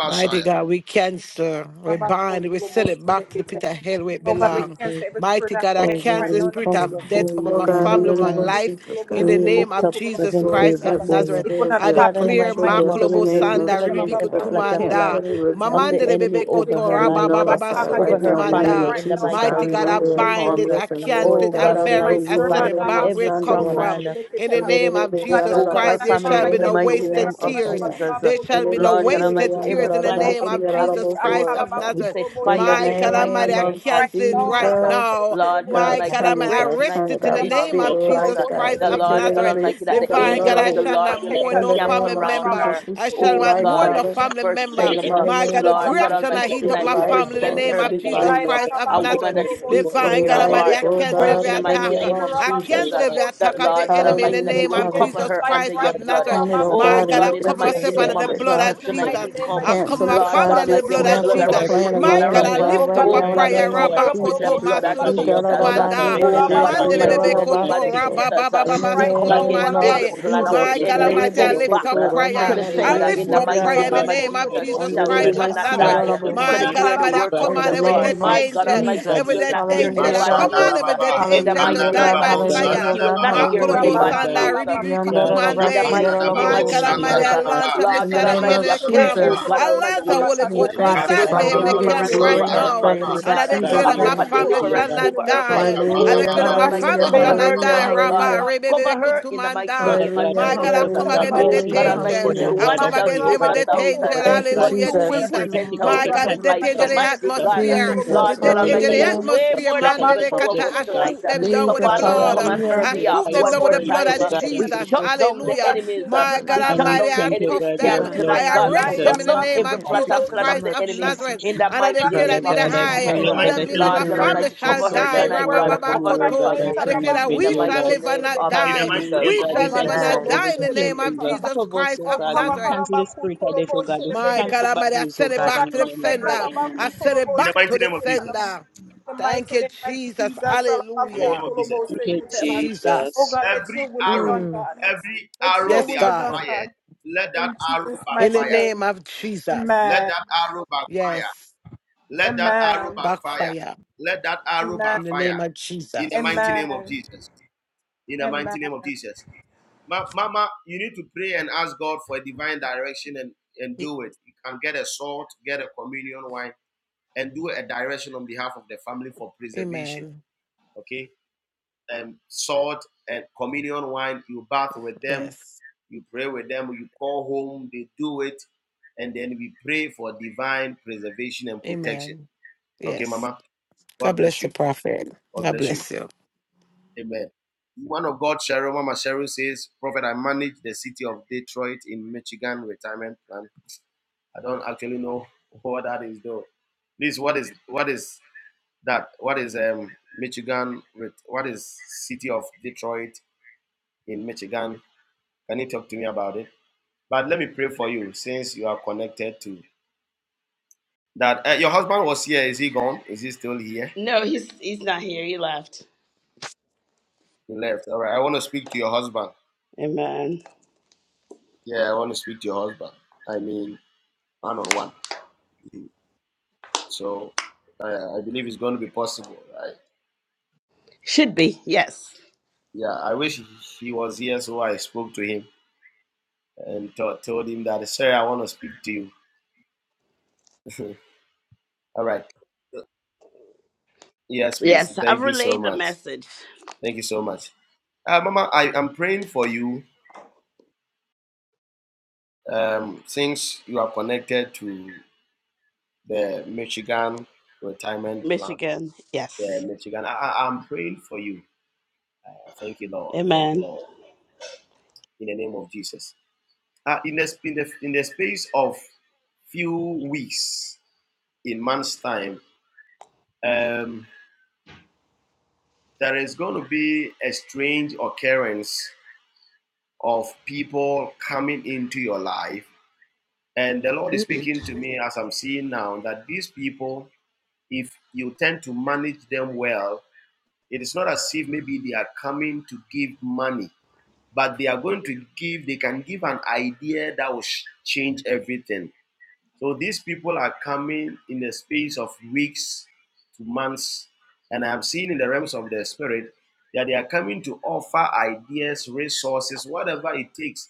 Speaker 13: Mighty God, we cancel, we bind, we send
Speaker 6: you.
Speaker 13: it
Speaker 6: Father,
Speaker 13: back to the
Speaker 6: in the
Speaker 13: pit
Speaker 6: mighty
Speaker 13: of hell where it
Speaker 6: name of
Speaker 13: belongs.
Speaker 6: Jesus.
Speaker 13: Mighty God, I
Speaker 6: Oh God,
Speaker 13: cancel the
Speaker 6: we
Speaker 13: spirit
Speaker 6: come
Speaker 14: Thank
Speaker 13: of death
Speaker 6: before
Speaker 13: over
Speaker 6: you
Speaker 7: Oh
Speaker 13: my
Speaker 6: one
Speaker 7: God, in
Speaker 6: more
Speaker 13: family,
Speaker 7: the
Speaker 13: over my
Speaker 7: name of
Speaker 6: time.
Speaker 13: life,
Speaker 7: Jesus,
Speaker 13: in
Speaker 7: God.
Speaker 13: the
Speaker 6: We
Speaker 13: name
Speaker 6: lift
Speaker 13: of
Speaker 6: up
Speaker 13: Jesus
Speaker 6: present
Speaker 7: Lord, we
Speaker 6: prayer
Speaker 13: Christ of
Speaker 7: cancel
Speaker 6: before
Speaker 7: the
Speaker 6: you.
Speaker 13: Nazareth.
Speaker 7: spirit of
Speaker 13: I
Speaker 7: death,
Speaker 6: Father, in the
Speaker 13: declare
Speaker 6: mighty
Speaker 7: premature
Speaker 6: name
Speaker 7: death
Speaker 6: of
Speaker 7: in the
Speaker 13: Maklobo
Speaker 6: Jesus,
Speaker 7: name
Speaker 6: we
Speaker 7: of
Speaker 13: Sanda,
Speaker 6: come against
Speaker 7: Jesus,
Speaker 13: Ribibiku
Speaker 6: every
Speaker 7: God. We
Speaker 6: plot and
Speaker 7: cancel
Speaker 6: plan
Speaker 13: Tumanda,
Speaker 7: it, we
Speaker 6: of
Speaker 7: rebuke
Speaker 6: the
Speaker 13: Mamanda de
Speaker 7: it,
Speaker 6: enemy
Speaker 13: Bebe
Speaker 6: over her
Speaker 7: we
Speaker 13: Kotora,
Speaker 6: life,
Speaker 13: Baba
Speaker 6: uh,
Speaker 13: Baba
Speaker 7: nullify it
Speaker 13: Suku
Speaker 6: over
Speaker 7: right
Speaker 6: her
Speaker 7: now in the name
Speaker 13: Tumanda.
Speaker 7: of
Speaker 6: family, in the
Speaker 7: Jesus,
Speaker 6: mighty
Speaker 7: God.
Speaker 13: Mighty
Speaker 7: We
Speaker 6: name
Speaker 13: God, I
Speaker 6: of
Speaker 7: render it
Speaker 13: bind
Speaker 6: Jesus.
Speaker 13: it,
Speaker 6: Uh,
Speaker 13: I
Speaker 7: harmless and Lord
Speaker 13: cancel
Speaker 6: oh
Speaker 13: it, I
Speaker 6: God
Speaker 7: God, that
Speaker 13: bury
Speaker 7: able
Speaker 6: Almighty,
Speaker 13: it, I
Speaker 6: we
Speaker 7: for
Speaker 13: send
Speaker 7: that
Speaker 6: bind
Speaker 7: it
Speaker 13: it
Speaker 6: up
Speaker 7: be
Speaker 13: back
Speaker 7: our
Speaker 13: where
Speaker 6: every
Speaker 13: it
Speaker 7: son, that
Speaker 13: come
Speaker 6: strong
Speaker 7: God.
Speaker 13: from.
Speaker 6: man. uh,
Speaker 13: In the
Speaker 7: And
Speaker 13: name
Speaker 7: that it
Speaker 13: of
Speaker 7: be our
Speaker 13: Jesus
Speaker 6: over
Speaker 7: of
Speaker 6: her
Speaker 13: Christ,
Speaker 7: us,
Speaker 13: there
Speaker 6: family
Speaker 13: shall
Speaker 7: for
Speaker 6: in
Speaker 13: be
Speaker 6: the
Speaker 7: that
Speaker 13: no
Speaker 7: it
Speaker 6: mighty
Speaker 7: be
Speaker 6: name
Speaker 13: wasted
Speaker 7: son,
Speaker 6: of
Speaker 7: that
Speaker 13: tears.
Speaker 7: God.
Speaker 6: Jesus.
Speaker 13: There shall
Speaker 7: And
Speaker 13: be
Speaker 7: that it
Speaker 13: no
Speaker 6: Lord God
Speaker 7: be
Speaker 6: Almighty,
Speaker 13: wasted
Speaker 7: our
Speaker 13: tears
Speaker 6: every
Speaker 13: in
Speaker 7: Lord,
Speaker 13: the
Speaker 7: of
Speaker 6: plan
Speaker 7: us,
Speaker 6: the
Speaker 13: name
Speaker 7: for that it
Speaker 13: of
Speaker 7: be
Speaker 6: enemy have
Speaker 13: Jesus
Speaker 6: in
Speaker 13: Christ
Speaker 6: store,
Speaker 13: of
Speaker 7: that God.
Speaker 6: we
Speaker 13: Nazareth.
Speaker 6: set
Speaker 7: In the
Speaker 6: fire
Speaker 13: My
Speaker 6: in the
Speaker 13: God
Speaker 6: mighty
Speaker 13: Almighty,
Speaker 7: name
Speaker 13: I
Speaker 7: of
Speaker 6: name of
Speaker 13: cancel it right
Speaker 6: Jesus.
Speaker 7: Jesus,
Speaker 13: now.
Speaker 6: Lord God
Speaker 13: My
Speaker 7: God,
Speaker 13: God
Speaker 6: Almighty, I
Speaker 7: turn
Speaker 13: Almighty,
Speaker 7: it,
Speaker 6: pray
Speaker 13: I
Speaker 7: God,
Speaker 13: arrest
Speaker 7: turn
Speaker 6: tonight
Speaker 7: it,
Speaker 6: in
Speaker 13: it
Speaker 6: the
Speaker 13: in
Speaker 7: God.
Speaker 13: the
Speaker 7: We
Speaker 6: name
Speaker 2: Father
Speaker 6: of
Speaker 13: name
Speaker 2: God,
Speaker 7: speak
Speaker 2: I
Speaker 13: of
Speaker 2: come
Speaker 6: Jesus,
Speaker 7: life,
Speaker 6: uh,
Speaker 13: Jesus
Speaker 2: speak on
Speaker 7: God.
Speaker 13: Christ
Speaker 2: this
Speaker 6: the
Speaker 13: of
Speaker 7: Yes,
Speaker 2: word
Speaker 7: it
Speaker 6: Lord
Speaker 2: of
Speaker 7: is,
Speaker 6: God
Speaker 7: it
Speaker 13: Nazareth.
Speaker 7: is,
Speaker 2: faith,
Speaker 6: Almighty,
Speaker 7: it is,
Speaker 6: that
Speaker 2: and
Speaker 6: the
Speaker 2: God,
Speaker 13: Divine
Speaker 2: I
Speaker 13: God,
Speaker 6: angel of
Speaker 13: I
Speaker 7: God.
Speaker 6: the
Speaker 2: pray,
Speaker 13: shall
Speaker 2: oh
Speaker 6: Lord
Speaker 13: not
Speaker 2: God,
Speaker 6: will
Speaker 2: that
Speaker 13: mourn
Speaker 7: In
Speaker 2: no
Speaker 13: no
Speaker 7: the
Speaker 2: one,
Speaker 6: encamp
Speaker 13: family
Speaker 7: name
Speaker 2: oh
Speaker 7: of
Speaker 2: God,
Speaker 6: around
Speaker 2: will
Speaker 13: member.
Speaker 7: Jesus,
Speaker 6: her,
Speaker 2: die
Speaker 7: we
Speaker 13: I
Speaker 7: speak
Speaker 13: shall
Speaker 6: oh
Speaker 13: not
Speaker 2: prematurely,
Speaker 7: life,
Speaker 2: oh
Speaker 6: God,
Speaker 13: mourn
Speaker 2: God,
Speaker 13: no
Speaker 6: and
Speaker 7: Father.
Speaker 6: keep
Speaker 13: family
Speaker 2: and
Speaker 6: her
Speaker 2: under
Speaker 7: In
Speaker 2: the
Speaker 13: member.
Speaker 7: the
Speaker 6: safe. Uh,
Speaker 7: mighty
Speaker 2: enemy,
Speaker 13: My
Speaker 7: name
Speaker 2: oh
Speaker 13: God, the
Speaker 7: of
Speaker 2: God.
Speaker 6: Lord God
Speaker 13: grave
Speaker 7: Jesus,
Speaker 13: shall
Speaker 7: we
Speaker 13: not
Speaker 6: Almighty,
Speaker 2: I
Speaker 13: heat
Speaker 7: speak
Speaker 13: up
Speaker 2: pray,
Speaker 6: tonight
Speaker 13: my
Speaker 2: oh
Speaker 6: we
Speaker 2: God,
Speaker 7: life,
Speaker 2: that
Speaker 13: family in
Speaker 2: we
Speaker 13: the
Speaker 7: Lord.
Speaker 6: present
Speaker 7: We
Speaker 2: shall
Speaker 13: name
Speaker 6: her
Speaker 2: not
Speaker 13: of
Speaker 7: speak
Speaker 2: die,
Speaker 6: before
Speaker 13: Jesus
Speaker 2: oh
Speaker 7: life.
Speaker 2: God,
Speaker 6: you,
Speaker 13: Christ
Speaker 2: but we
Speaker 13: of
Speaker 6: a
Speaker 2: shall
Speaker 6: woman
Speaker 13: Nazareth.
Speaker 7: We
Speaker 2: declare
Speaker 6: that
Speaker 2: your
Speaker 7: speak
Speaker 6: speaks
Speaker 2: word,
Speaker 6: from
Speaker 10: Yes,
Speaker 2: oh
Speaker 13: Divine
Speaker 6: your
Speaker 13: God
Speaker 2: God.
Speaker 10: God,
Speaker 2: I
Speaker 10: in
Speaker 7: life,
Speaker 13: Almighty,
Speaker 10: the
Speaker 6: heart,
Speaker 13: I
Speaker 6: and
Speaker 10: mighty
Speaker 6: we
Speaker 7: oh
Speaker 2: pray,
Speaker 10: name
Speaker 13: cancel
Speaker 2: back,
Speaker 10: of
Speaker 6: pray
Speaker 2: oh
Speaker 13: every
Speaker 7: God,
Speaker 6: in the
Speaker 2: God,
Speaker 7: in the
Speaker 2: every
Speaker 6: mighty
Speaker 13: attack.
Speaker 10: Jesus,
Speaker 7: name
Speaker 2: God,
Speaker 6: name
Speaker 7: of
Speaker 10: Lord.
Speaker 6: of
Speaker 13: I
Speaker 6: Jesus
Speaker 2: oh
Speaker 13: cancel
Speaker 7: Jesus.
Speaker 13: every
Speaker 2: God.
Speaker 10: Praise
Speaker 6: that,
Speaker 13: attack
Speaker 10: you
Speaker 13: of the
Speaker 6: Lord God
Speaker 13: enemy in the
Speaker 6: Almighty,
Speaker 13: in the
Speaker 6: that
Speaker 7: Hallelujah,
Speaker 6: you
Speaker 13: name
Speaker 6: will
Speaker 2: Even
Speaker 13: of
Speaker 10: right
Speaker 2: for
Speaker 7: Father.
Speaker 6: cover
Speaker 10: now
Speaker 13: Jesus
Speaker 2: provide
Speaker 10: in the
Speaker 6: her
Speaker 10: name
Speaker 2: peace,
Speaker 6: under
Speaker 13: Christ
Speaker 2: oh
Speaker 10: of
Speaker 6: your
Speaker 2: God,
Speaker 13: of
Speaker 2: every
Speaker 6: blood.
Speaker 2: of
Speaker 10: Jesus,
Speaker 13: Nazareth.
Speaker 7: Count it,
Speaker 2: us,
Speaker 7: oh
Speaker 2: oh
Speaker 10: Lord.
Speaker 6: Oh
Speaker 13: My
Speaker 7: God,
Speaker 13: God,
Speaker 7: and
Speaker 13: I
Speaker 6: God,
Speaker 2: God,
Speaker 6: in
Speaker 2: we
Speaker 6: the
Speaker 13: cover
Speaker 6: mighty
Speaker 2: find
Speaker 13: myself
Speaker 2: up
Speaker 10: Thank
Speaker 13: under
Speaker 6: name
Speaker 2: in
Speaker 13: the
Speaker 7: intercept
Speaker 10: you.
Speaker 2: your
Speaker 6: of
Speaker 10: We
Speaker 7: it,
Speaker 13: blood
Speaker 2: name,
Speaker 10: praise
Speaker 7: God.
Speaker 6: Jesus,
Speaker 13: of
Speaker 10: you right
Speaker 6: tonight
Speaker 2: Jesus.
Speaker 10: now
Speaker 13: Jesus.
Speaker 6: we
Speaker 10: in the
Speaker 6: come,
Speaker 10: mighty
Speaker 13: I
Speaker 6: uh,
Speaker 13: cover
Speaker 10: name of
Speaker 13: my
Speaker 7: Cancel it,
Speaker 6: Lord God
Speaker 13: family
Speaker 7: God.
Speaker 13: under
Speaker 10: Jesus,
Speaker 13: the
Speaker 6: Almighty, and
Speaker 13: blood
Speaker 6: we
Speaker 13: of
Speaker 10: Lord.
Speaker 2: Father
Speaker 6: blood
Speaker 7: Dismantle
Speaker 2: God,
Speaker 7: the
Speaker 6: her
Speaker 13: Jesus.
Speaker 6: up,
Speaker 2: I
Speaker 6: we
Speaker 7: plan
Speaker 2: pray,
Speaker 7: of
Speaker 6: blood
Speaker 7: the
Speaker 13: My
Speaker 2: oh
Speaker 6: her
Speaker 13: God,
Speaker 2: God,
Speaker 6: up.
Speaker 13: I
Speaker 7: enemy,
Speaker 2: that
Speaker 6: uh,
Speaker 2: you
Speaker 7: God,
Speaker 13: lift
Speaker 7: right
Speaker 13: up
Speaker 2: cover
Speaker 13: a
Speaker 6: Oh
Speaker 7: now
Speaker 2: my
Speaker 7: in the
Speaker 6: God, we
Speaker 10: In
Speaker 13: prayer.
Speaker 7: name
Speaker 2: family, oh
Speaker 10: the
Speaker 7: of
Speaker 6: soak
Speaker 2: God,
Speaker 6: her
Speaker 10: mighty
Speaker 13: Rabba
Speaker 6: up
Speaker 10: name
Speaker 6: in
Speaker 10: of
Speaker 6: the
Speaker 7: Jesus.
Speaker 13: koto
Speaker 2: especially
Speaker 6: blood of
Speaker 10: Jesus,
Speaker 2: Jamaica,
Speaker 7: We
Speaker 2: under
Speaker 7: got
Speaker 2: your
Speaker 10: Lord.
Speaker 7: out on
Speaker 6: Jesus.
Speaker 2: blood, oh
Speaker 6: uh,
Speaker 7: my
Speaker 2: God,
Speaker 7: knee
Speaker 13: masulubukutumanda.
Speaker 2: and
Speaker 7: to the
Speaker 2: you're
Speaker 6: Oh
Speaker 2: not
Speaker 6: God
Speaker 2: them
Speaker 7: best,
Speaker 2: under
Speaker 7: we
Speaker 13: Mandele
Speaker 2: your
Speaker 7: got
Speaker 6: Almighty,
Speaker 7: out
Speaker 6: in
Speaker 13: bebe
Speaker 6: the
Speaker 2: roof,
Speaker 7: of our
Speaker 6: name of
Speaker 2: mighty
Speaker 13: koto
Speaker 7: sister.
Speaker 13: rabba
Speaker 6: Jesus,
Speaker 13: baba
Speaker 6: uh,
Speaker 2: God.
Speaker 7: In the
Speaker 13: baba
Speaker 6: we come
Speaker 2: God,
Speaker 10: Thank
Speaker 2: you
Speaker 6: against
Speaker 7: name
Speaker 10: you,
Speaker 2: know this
Speaker 7: of
Speaker 10: Lord,
Speaker 6: every
Speaker 13: sukutumande.
Speaker 2: about
Speaker 10: yes,
Speaker 6: plan of
Speaker 10: God,
Speaker 7: Jesus,
Speaker 10: in
Speaker 6: the
Speaker 13: My
Speaker 2: everything,
Speaker 7: we
Speaker 2: oh
Speaker 10: the
Speaker 13: God
Speaker 7: get
Speaker 6: enemy.
Speaker 10: name
Speaker 2: God.
Speaker 6: We
Speaker 10: of
Speaker 7: it,
Speaker 13: Almighty,
Speaker 2: We
Speaker 6: send
Speaker 7: oh,
Speaker 13: I
Speaker 6: it
Speaker 2: love
Speaker 7: so,
Speaker 10: Jesus,
Speaker 13: lift
Speaker 2: you,
Speaker 6: back
Speaker 2: oh
Speaker 13: up
Speaker 7: so,
Speaker 2: God.
Speaker 6: uh,
Speaker 10: God.
Speaker 2: We
Speaker 7: oh, my,
Speaker 6: to
Speaker 13: prayer.
Speaker 2: praise
Speaker 6: the
Speaker 7: my,
Speaker 2: you, God.
Speaker 13: I
Speaker 6: sender
Speaker 2: We
Speaker 7: yes,
Speaker 6: in
Speaker 13: lift
Speaker 6: the
Speaker 10: Thank
Speaker 13: up
Speaker 10: you. We
Speaker 2: worship
Speaker 7: yeah,
Speaker 6: mighty
Speaker 2: you,
Speaker 13: prayer
Speaker 7: yeah.
Speaker 13: in the
Speaker 6: name
Speaker 2: God.
Speaker 10: praise you
Speaker 6: of
Speaker 2: We
Speaker 13: name
Speaker 10: right now
Speaker 13: of
Speaker 2: thank
Speaker 6: Jesus.
Speaker 10: in
Speaker 6: She
Speaker 10: the
Speaker 7: In
Speaker 13: Jesus
Speaker 7: the
Speaker 2: you, oh
Speaker 10: name
Speaker 6: shall
Speaker 10: of
Speaker 2: God.
Speaker 13: Christ
Speaker 6: live
Speaker 13: of
Speaker 6: and not
Speaker 10: Jesus,
Speaker 2: I
Speaker 13: Nazareth.
Speaker 2: will
Speaker 6: die uh,
Speaker 2: lift
Speaker 10: God.
Speaker 2: up
Speaker 6: to
Speaker 2: mine
Speaker 13: My God
Speaker 2: eyes
Speaker 6: declare
Speaker 2: to
Speaker 6: the
Speaker 13: Almighty,
Speaker 2: you, oh
Speaker 13: I
Speaker 6: works
Speaker 2: God,
Speaker 6: of
Speaker 2: from
Speaker 6: the
Speaker 13: command
Speaker 2: whence
Speaker 13: every
Speaker 6: Lord.
Speaker 13: dead
Speaker 2: cometh
Speaker 7: name
Speaker 6: My
Speaker 2: my
Speaker 7: of
Speaker 6: God
Speaker 2: help,
Speaker 13: angel,
Speaker 2: oh
Speaker 6: Almighty,
Speaker 2: God.
Speaker 6: she
Speaker 13: every
Speaker 2: My
Speaker 14: you.
Speaker 6: will
Speaker 7: Jesus.
Speaker 13: dead
Speaker 2: help
Speaker 6: not hear
Speaker 2: cometh
Speaker 6: any
Speaker 13: angel.
Speaker 2: from
Speaker 7: Hallelujah,
Speaker 13: I
Speaker 2: you,
Speaker 6: bad
Speaker 7: God.
Speaker 13: command
Speaker 2: oh
Speaker 5: Mashanda
Speaker 2: God.
Speaker 5: da
Speaker 13: command
Speaker 6: news
Speaker 2: You
Speaker 13: every death
Speaker 2: made
Speaker 5: baba,
Speaker 6: in the
Speaker 2: heaven
Speaker 13: angel
Speaker 2: and
Speaker 13: to
Speaker 5: Ripanda
Speaker 7: Hallelujah,
Speaker 6: mighty
Speaker 5: da
Speaker 13: die
Speaker 2: earth,
Speaker 7: God.
Speaker 6: name
Speaker 13: by
Speaker 6: of
Speaker 2: oh
Speaker 5: babo,
Speaker 2: God.
Speaker 6: Jesus.
Speaker 5: Shada
Speaker 13: fire.
Speaker 7: Hallelujah,
Speaker 6: You
Speaker 5: da
Speaker 6: will
Speaker 7: God.
Speaker 6: not
Speaker 2: I
Speaker 5: baba,
Speaker 6: hear any
Speaker 7: Hallelujah,
Speaker 2: pray,
Speaker 13: Makolobo
Speaker 2: oh
Speaker 7: God.
Speaker 6: bad
Speaker 2: God.
Speaker 13: Sanda
Speaker 6: news. Uh,
Speaker 7: In
Speaker 13: Ribibiku
Speaker 2: God, I
Speaker 6: in the
Speaker 13: Tumande.
Speaker 2: just
Speaker 5: Rapanda
Speaker 6: mighty
Speaker 5: da
Speaker 2: lift
Speaker 6: name
Speaker 2: up
Speaker 13: My
Speaker 5: babo,
Speaker 6: of
Speaker 2: your
Speaker 13: God
Speaker 5: Shanda
Speaker 2: name,
Speaker 13: Almighty,
Speaker 6: Jesus,
Speaker 5: da
Speaker 13: I
Speaker 2: oh
Speaker 6: uh,
Speaker 2: God.
Speaker 13: launch
Speaker 5: baba,
Speaker 13: a
Speaker 6: Lord
Speaker 7: the
Speaker 6: God
Speaker 13: missile at
Speaker 7: name
Speaker 13: the
Speaker 5: Rekapanda
Speaker 13: end
Speaker 6: Almighty,
Speaker 7: of
Speaker 13: of
Speaker 6: I
Speaker 13: the
Speaker 5: da
Speaker 6: pray,
Speaker 13: camp.
Speaker 6: oh
Speaker 5: baba,
Speaker 7: Jesus,
Speaker 6: God
Speaker 13: I
Speaker 2: We
Speaker 13: launch a
Speaker 6: Almighty,
Speaker 13: Holy
Speaker 2: worship
Speaker 7: we
Speaker 6: oh
Speaker 2: you,
Speaker 13: Ghost
Speaker 6: God, I
Speaker 7: thank you,
Speaker 2: Jesus,
Speaker 6: pray
Speaker 13: missile in
Speaker 2: like
Speaker 6: for
Speaker 13: him
Speaker 7: Father.
Speaker 13: in
Speaker 7: We
Speaker 13: the
Speaker 2: never
Speaker 7: give
Speaker 5: Ekadadababo,
Speaker 7: you
Speaker 13: camp
Speaker 2: before,
Speaker 6: deliverance over
Speaker 2: oh
Speaker 13: right
Speaker 7: glory
Speaker 10: Thank
Speaker 2: God.
Speaker 6: our
Speaker 10: you,
Speaker 7: and
Speaker 2: You
Speaker 13: now.
Speaker 10: Lord,
Speaker 2: are
Speaker 5: sandadababa,
Speaker 10: in
Speaker 6: family,
Speaker 10: the
Speaker 7: praise
Speaker 2: great,
Speaker 13: And
Speaker 7: in
Speaker 13: I
Speaker 10: name
Speaker 6: God. Uh,
Speaker 2: oh
Speaker 10: of
Speaker 2: God,
Speaker 13: declare
Speaker 2: and
Speaker 6: I
Speaker 7: Jesus'
Speaker 13: that
Speaker 6: pray
Speaker 2: you're
Speaker 13: my
Speaker 6: for
Speaker 7: name.
Speaker 10: Jesus,
Speaker 13: family
Speaker 5: rekapandadababa,
Speaker 2: wonderful,
Speaker 10: Lord.
Speaker 2: oh
Speaker 13: shall
Speaker 6: deliverance
Speaker 2: God.
Speaker 13: not
Speaker 6: over our
Speaker 13: die.
Speaker 6: family.
Speaker 10: Thank
Speaker 2: We
Speaker 13: I
Speaker 10: you.
Speaker 6: Oh
Speaker 10: We
Speaker 7: Hallelujah,
Speaker 13: declare
Speaker 6: God
Speaker 13: that
Speaker 2: thank
Speaker 10: praise
Speaker 13: my
Speaker 10: you
Speaker 5: rekapadabababo,
Speaker 2: you,
Speaker 10: right
Speaker 6: Almighty,
Speaker 2: oh
Speaker 7: hallelujah,
Speaker 13: family
Speaker 10: now,
Speaker 2: God.
Speaker 13: shall
Speaker 6: cover
Speaker 10: God, in
Speaker 6: her
Speaker 13: not
Speaker 10: the
Speaker 7: hallelujah,
Speaker 13: die.
Speaker 5: sadabababa.
Speaker 10: name
Speaker 6: tonight,
Speaker 10: of
Speaker 6: God.
Speaker 13: Rabba
Speaker 7: hallelujah.
Speaker 10: Jesus,
Speaker 6: Cover
Speaker 10: Lord.
Speaker 13: Ribibiku
Speaker 10: Have
Speaker 6: her
Speaker 10: your
Speaker 6: in the
Speaker 10: way, God.
Speaker 6: mighty
Speaker 2: God,
Speaker 13: Tumanda.
Speaker 2: oh
Speaker 6: name of
Speaker 2: God,
Speaker 7: Hallelujah,
Speaker 13: My
Speaker 2: I
Speaker 13: God,
Speaker 2: lift
Speaker 13: I
Speaker 2: up,
Speaker 6: Jesus. Uh,
Speaker 2: oh
Speaker 13: come
Speaker 10: In the
Speaker 2: God,
Speaker 7: hallelujah,
Speaker 13: against the
Speaker 2: my
Speaker 10: mighty
Speaker 6: Oh
Speaker 10: name
Speaker 13: death
Speaker 6: God
Speaker 7: hallelujah,
Speaker 2: children
Speaker 10: of
Speaker 6: Almighty, you
Speaker 2: before
Speaker 13: angel.
Speaker 6: said
Speaker 2: you,
Speaker 7: hallelujah.
Speaker 2: oh
Speaker 13: I
Speaker 10: Jesus.
Speaker 2: God.
Speaker 6: one
Speaker 2: I
Speaker 13: come
Speaker 6: shall
Speaker 2: pray,
Speaker 13: against
Speaker 2: oh
Speaker 6: chase
Speaker 13: every
Speaker 2: God,
Speaker 6: a
Speaker 2: that
Speaker 13: death
Speaker 2: you
Speaker 10: Lord.
Speaker 13: angel.
Speaker 6: thousand,
Speaker 2: cover
Speaker 6: uh,
Speaker 2: them,
Speaker 7: Thank
Speaker 2: oh
Speaker 7: you,
Speaker 2: God.
Speaker 6: but
Speaker 13: Hallelujah,
Speaker 6: two will
Speaker 2: I
Speaker 7: Jesus.
Speaker 10: Thank
Speaker 2: pray,
Speaker 13: Jesus.
Speaker 6: put
Speaker 10: you,
Speaker 6: ten
Speaker 2: mighty
Speaker 10: Lord,
Speaker 2: God,
Speaker 10: right
Speaker 13: My
Speaker 2: you
Speaker 6: thousand
Speaker 10: now
Speaker 13: God,
Speaker 6: to
Speaker 10: in
Speaker 13: the
Speaker 2: cancel,
Speaker 10: the
Speaker 13: death
Speaker 10: name
Speaker 6: flight.
Speaker 2: oh
Speaker 10: of
Speaker 6: So
Speaker 13: into
Speaker 2: God, the
Speaker 13: the
Speaker 10: Jesus,
Speaker 6: mighty
Speaker 2: spirit of
Speaker 10: God.
Speaker 6: God,
Speaker 10: We
Speaker 6: uh,
Speaker 13: atmosphere.
Speaker 10: thank
Speaker 2: sickness
Speaker 10: you.
Speaker 2: out
Speaker 10: We
Speaker 2: of
Speaker 13: The
Speaker 7: Jesus,
Speaker 6: Lord
Speaker 2: their
Speaker 6: God
Speaker 10: praise
Speaker 13: death
Speaker 10: you
Speaker 2: way, oh
Speaker 10: right
Speaker 13: into
Speaker 6: Almighty,
Speaker 2: God,
Speaker 13: the
Speaker 10: now,
Speaker 2: and
Speaker 6: there's
Speaker 2: the
Speaker 7: hallelujah.
Speaker 10: God, in
Speaker 2: spirit
Speaker 10: the
Speaker 6: way
Speaker 2: of
Speaker 13: atmosphere,
Speaker 10: mighty
Speaker 6: more
Speaker 2: death
Speaker 6: than
Speaker 10: name
Speaker 13: man.
Speaker 10: of
Speaker 2: away
Speaker 6: even
Speaker 13: Lady
Speaker 2: from
Speaker 6: two of
Speaker 2: them,
Speaker 13: Kata,
Speaker 10: Jesus,
Speaker 6: us
Speaker 13: I
Speaker 2: oh
Speaker 10: Lord.
Speaker 2: God.
Speaker 6: tonight.
Speaker 13: shoot
Speaker 6: uh.
Speaker 13: them down
Speaker 6: So
Speaker 13: with the
Speaker 7: Jesus,
Speaker 6: Father,
Speaker 2: Father
Speaker 10: Say,
Speaker 6: we
Speaker 2: God,
Speaker 13: blood.
Speaker 10: Lord,
Speaker 6: come on
Speaker 2: we
Speaker 10: have your
Speaker 6: her
Speaker 2: give
Speaker 7: hallelujah.
Speaker 13: I
Speaker 10: way,
Speaker 2: you the
Speaker 10: God,
Speaker 6: behalf
Speaker 13: shoot
Speaker 10: in the
Speaker 13: them
Speaker 6: one
Speaker 2: highest
Speaker 13: down
Speaker 10: mighty
Speaker 13: with
Speaker 6: more
Speaker 13: the
Speaker 2: praise,
Speaker 10: name
Speaker 13: blood
Speaker 10: of
Speaker 2: oh
Speaker 6: time.
Speaker 13: of
Speaker 6: Uh,
Speaker 2: God, and
Speaker 6: we
Speaker 10: Jesus,
Speaker 2: we
Speaker 13: Jesus.
Speaker 10: Lord,
Speaker 6: shut
Speaker 10: in our
Speaker 2: worship
Speaker 6: down the
Speaker 2: you,
Speaker 10: lives,
Speaker 13: Hallelujah.
Speaker 2: God.
Speaker 10: Lord,
Speaker 6: enemies. uh,
Speaker 10: in
Speaker 13: My
Speaker 10: the
Speaker 13: God
Speaker 6: we
Speaker 10: name of
Speaker 2: And
Speaker 6: shut
Speaker 2: we
Speaker 13: Almighty,
Speaker 6: down
Speaker 10: Jesus.
Speaker 6: the
Speaker 13: I
Speaker 2: thank you, oh
Speaker 6: enemy
Speaker 13: uncuff
Speaker 2: God,
Speaker 10: We
Speaker 2: your
Speaker 13: them.
Speaker 6: camp
Speaker 10: bind
Speaker 2: blood,
Speaker 10: every
Speaker 6: tonight,
Speaker 13: I
Speaker 10: attack
Speaker 6: God.
Speaker 10: of
Speaker 6: We
Speaker 13: arrest
Speaker 10: the
Speaker 6: shut
Speaker 2: Jesus.
Speaker 13: them in
Speaker 10: enemy
Speaker 13: the
Speaker 6: down
Speaker 10: right now.
Speaker 13: name
Speaker 6: every
Speaker 13: of
Speaker 10: Had to
Speaker 6: plot
Speaker 10: be
Speaker 13: Jesus
Speaker 6: and
Speaker 10: in the
Speaker 6: plan of
Speaker 10: name
Speaker 13: Christ
Speaker 10: of
Speaker 6: the
Speaker 13: of
Speaker 6: enemy
Speaker 13: Nazareth.
Speaker 10: Jesus,
Speaker 6: in the
Speaker 10: God.
Speaker 13: And I
Speaker 14: Thank
Speaker 6: mighty
Speaker 13: declare
Speaker 2: Father
Speaker 13: that
Speaker 6: name
Speaker 13: neither
Speaker 6: of
Speaker 2: God, I
Speaker 10: So have
Speaker 13: I,
Speaker 5: In
Speaker 2: pray,
Speaker 6: Jesus.
Speaker 10: your
Speaker 5: the
Speaker 2: oh
Speaker 6: uh,
Speaker 10: way,
Speaker 2: God,
Speaker 13: neither
Speaker 2: that
Speaker 5: mighty
Speaker 10: God,
Speaker 13: me,
Speaker 10: in
Speaker 5: name
Speaker 13: nor
Speaker 10: the
Speaker 5: of
Speaker 13: my
Speaker 6: Lord
Speaker 10: mighty
Speaker 2: you'll
Speaker 6: God
Speaker 5: Jesus.
Speaker 10: name
Speaker 2: direct
Speaker 13: family
Speaker 10: of
Speaker 6: Almighty,
Speaker 13: shall
Speaker 6: cover
Speaker 2: us, oh
Speaker 6: her
Speaker 10: Jesus,
Speaker 13: die.
Speaker 2: God,
Speaker 10: God.
Speaker 6: tonight, God,
Speaker 2: towards
Speaker 6: and
Speaker 2: you,
Speaker 6: cover her
Speaker 2: oh God.
Speaker 13: Rabababakoto.
Speaker 2: I
Speaker 10: Thank
Speaker 6: family
Speaker 13: I
Speaker 10: you.
Speaker 2: pray and
Speaker 10: We
Speaker 2: I
Speaker 13: declare that
Speaker 6: in
Speaker 2: beg
Speaker 6: the
Speaker 10: praise
Speaker 13: we
Speaker 10: you
Speaker 2: you, oh
Speaker 10: right
Speaker 13: shall
Speaker 2: God.
Speaker 6: mighty
Speaker 10: now
Speaker 13: live
Speaker 10: in
Speaker 13: and
Speaker 10: the
Speaker 6: name
Speaker 10: mighty
Speaker 13: not
Speaker 6: of
Speaker 10: name
Speaker 5: In
Speaker 10: of
Speaker 5: the
Speaker 13: die.
Speaker 5: mighty
Speaker 2: Hallelujah,
Speaker 10: Jesus,
Speaker 6: Jesus.
Speaker 5: name
Speaker 2: oh
Speaker 13: We
Speaker 5: of
Speaker 10: God.
Speaker 2: God. We
Speaker 13: shall live
Speaker 2: thank you
Speaker 13: and
Speaker 5: Jesus.
Speaker 2: for
Speaker 13: not
Speaker 6: Amen.
Speaker 13: die in the
Speaker 14: you.
Speaker 2: everything,
Speaker 13: name of
Speaker 2: Jesus.
Speaker 10: Thank
Speaker 13: Jesus
Speaker 2: Cover
Speaker 10: you,
Speaker 2: us,
Speaker 13: Christ
Speaker 2: oh
Speaker 13: of
Speaker 2: God. We
Speaker 13: Nazareth.
Speaker 10: Lord.
Speaker 2: cancel the spirit of death, oh
Speaker 10: Thank
Speaker 2: God. We
Speaker 10: you,
Speaker 13: My
Speaker 10: Lord.
Speaker 13: God
Speaker 2: cancel bad
Speaker 13: Almighty, I
Speaker 2: news, oh
Speaker 13: send it
Speaker 2: God, in your
Speaker 13: back to the
Speaker 2: name we
Speaker 10: Yes,
Speaker 2: pray.
Speaker 13: sender.
Speaker 10: yes,
Speaker 13: I
Speaker 2: Amen.
Speaker 13: send
Speaker 10: yes.
Speaker 13: it
Speaker 5: In the
Speaker 13: back
Speaker 5: mighty
Speaker 13: to the
Speaker 5: name of Jesus.
Speaker 13: sender. Thank you, Jesus.
Speaker 10: yes,
Speaker 5: In the name
Speaker 13: Hallelujah.
Speaker 5: of Jesus.
Speaker 2: Thank you,
Speaker 13: Jesus.
Speaker 2: Jesus.
Speaker 5: Every arrow,
Speaker 13: Mm.
Speaker 5: every arrow
Speaker 13: Yes,
Speaker 5: they are
Speaker 13: God.
Speaker 5: fired, let that arrow
Speaker 13: In the
Speaker 5: backfire.
Speaker 13: name of Jesus.
Speaker 5: Let that arrow backfire.
Speaker 13: Yes.
Speaker 5: Let that arrow backfire.
Speaker 13: Backfire.
Speaker 5: Let that arrow
Speaker 13: In the name
Speaker 5: backfire.
Speaker 13: of
Speaker 5: In the
Speaker 13: Jesus.
Speaker 5: mighty name of Jesus. In the mighty name of Jesus. Ma- Mama, you need to pray and ask God for a divine direction and, and
Speaker 13: Y-
Speaker 5: do it. You can get a salt, get a communion wine, and do a direction on behalf of the family for preservation.
Speaker 13: Amen.
Speaker 5: Okay? And salt and communion wine, you bath with them,
Speaker 13: Yes.
Speaker 5: you pray with them, you call home, they do it, and then we pray for divine preservation and protection.
Speaker 13: Amen.
Speaker 5: Okay,
Speaker 13: Yes.
Speaker 5: Mama? God
Speaker 13: God
Speaker 5: bless
Speaker 13: bless you,
Speaker 5: you.
Speaker 13: prophet.
Speaker 5: God
Speaker 13: God
Speaker 5: bless you.
Speaker 13: bless you.
Speaker 5: Amen. One of God, Cheryl, Mama Cheryl says, Prophet, I manage the city of Detroit in Michigan retirement plan. I don't actually know what that is though. Please, what is what is that? What is um Michigan? ret- What is city of Detroit in Michigan? Can you talk to me about it? But let me pray for you since you are connected to that. Uh, your husband was here. Is he gone? Is he still here?
Speaker 4: No, he's he's not here. He left.
Speaker 5: He left. All right. I want to speak to your husband.
Speaker 4: Amen.
Speaker 5: Yeah, I want to speak to your husband. I mean, one on one. So I, I believe it's going to be possible. I,
Speaker 4: Should be. Yes.
Speaker 5: yeah, I wish he was here so I spoke to him and to- told him that, sir, I want to speak to you. All right. Yes, please.
Speaker 4: Yes. I've
Speaker 5: Thank you so
Speaker 4: relayed the
Speaker 5: much.
Speaker 4: message.
Speaker 5: Thank you so much. Uh, Mama, I am praying for you um, since you are connected to the Michigan retirement plan.
Speaker 4: Michigan.
Speaker 5: The
Speaker 4: Yes.
Speaker 5: Michigan, I, I- I'm praying for you. Thank you, Lord. Thank you,
Speaker 4: Amen.
Speaker 5: Lord. In the name of Jesus. Uh, in, the, in, the, in the space of few weeks, in months' time, um, there is going to be a strange occurrence of people coming into your life. And the Lord is
Speaker 4: Mm.
Speaker 5: speaking to me as I'm seeing now that these people, if you tend to manage them well, it is not as if maybe they are coming to give money, but they are going to give, they can give an idea that will change everything. So these people are coming in the space of weeks to months, and I have seen in the realms of the spirit that they are coming to offer ideas, resources, whatever it takes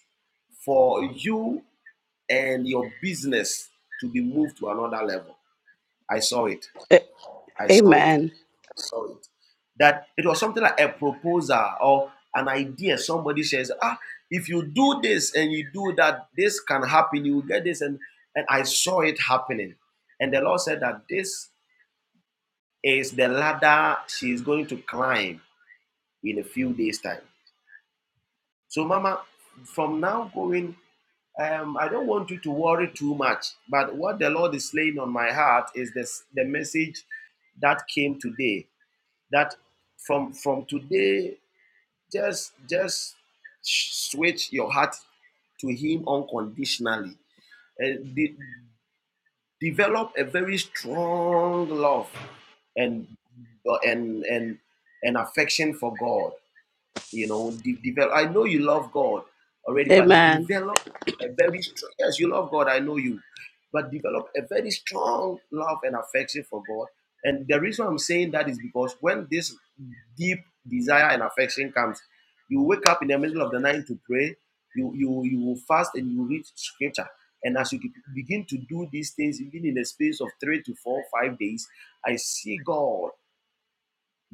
Speaker 5: for you and your business to be moved to another level. I saw it.
Speaker 4: A-
Speaker 5: I saw it
Speaker 4: Amen.
Speaker 5: saw it. That it was something like a proposal or an idea. Somebody says, ah, if you do this and you do that, this can happen. You will get this. And, and I saw it happening. And the Lord said that this is the ladder she is going to climb in a few days' time. So, Mama, from now going, um, I don't want you to worry too much. But what the Lord is laying on my heart is this the message that came today. That from from today Just just switch your heart to him unconditionally and de- develop a very strong love and and and and affection for God. You know, de- develop. I know you love God already, but
Speaker 4: Amen.
Speaker 5: develop a very strong. Yes, you love God. I know you, but develop a very strong love and affection for God. And the reason I'm saying that is because when this deep desire and affection comes, you wake up in the middle of the night to pray. You you you will fast and you read scripture. And as you begin to do these things, even in the space of three to four, five days, I see God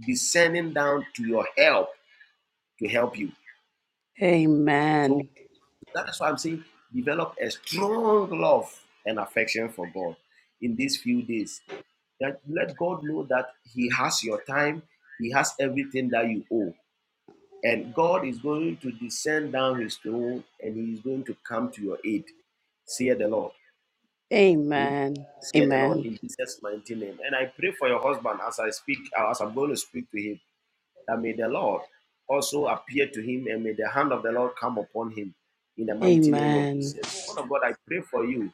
Speaker 5: descending down to your help to help you. So
Speaker 4: Amen.
Speaker 5: That's why I'm saying develop a strong love and affection for God in these few days. That let God know that He has your time, He has everything that you owe. And God is going to descend down His throne and He is going to come to your aid. Say the Lord. Hmm? Say the Lord in Jesus' mighty name. And I pray for your husband as I speak, as I'm going to speak to him that may the Lord also appear to him and may the hand of the Lord come upon him in the mighty name of
Speaker 4: Amen.
Speaker 5: Jesus. Lord of God, I pray for you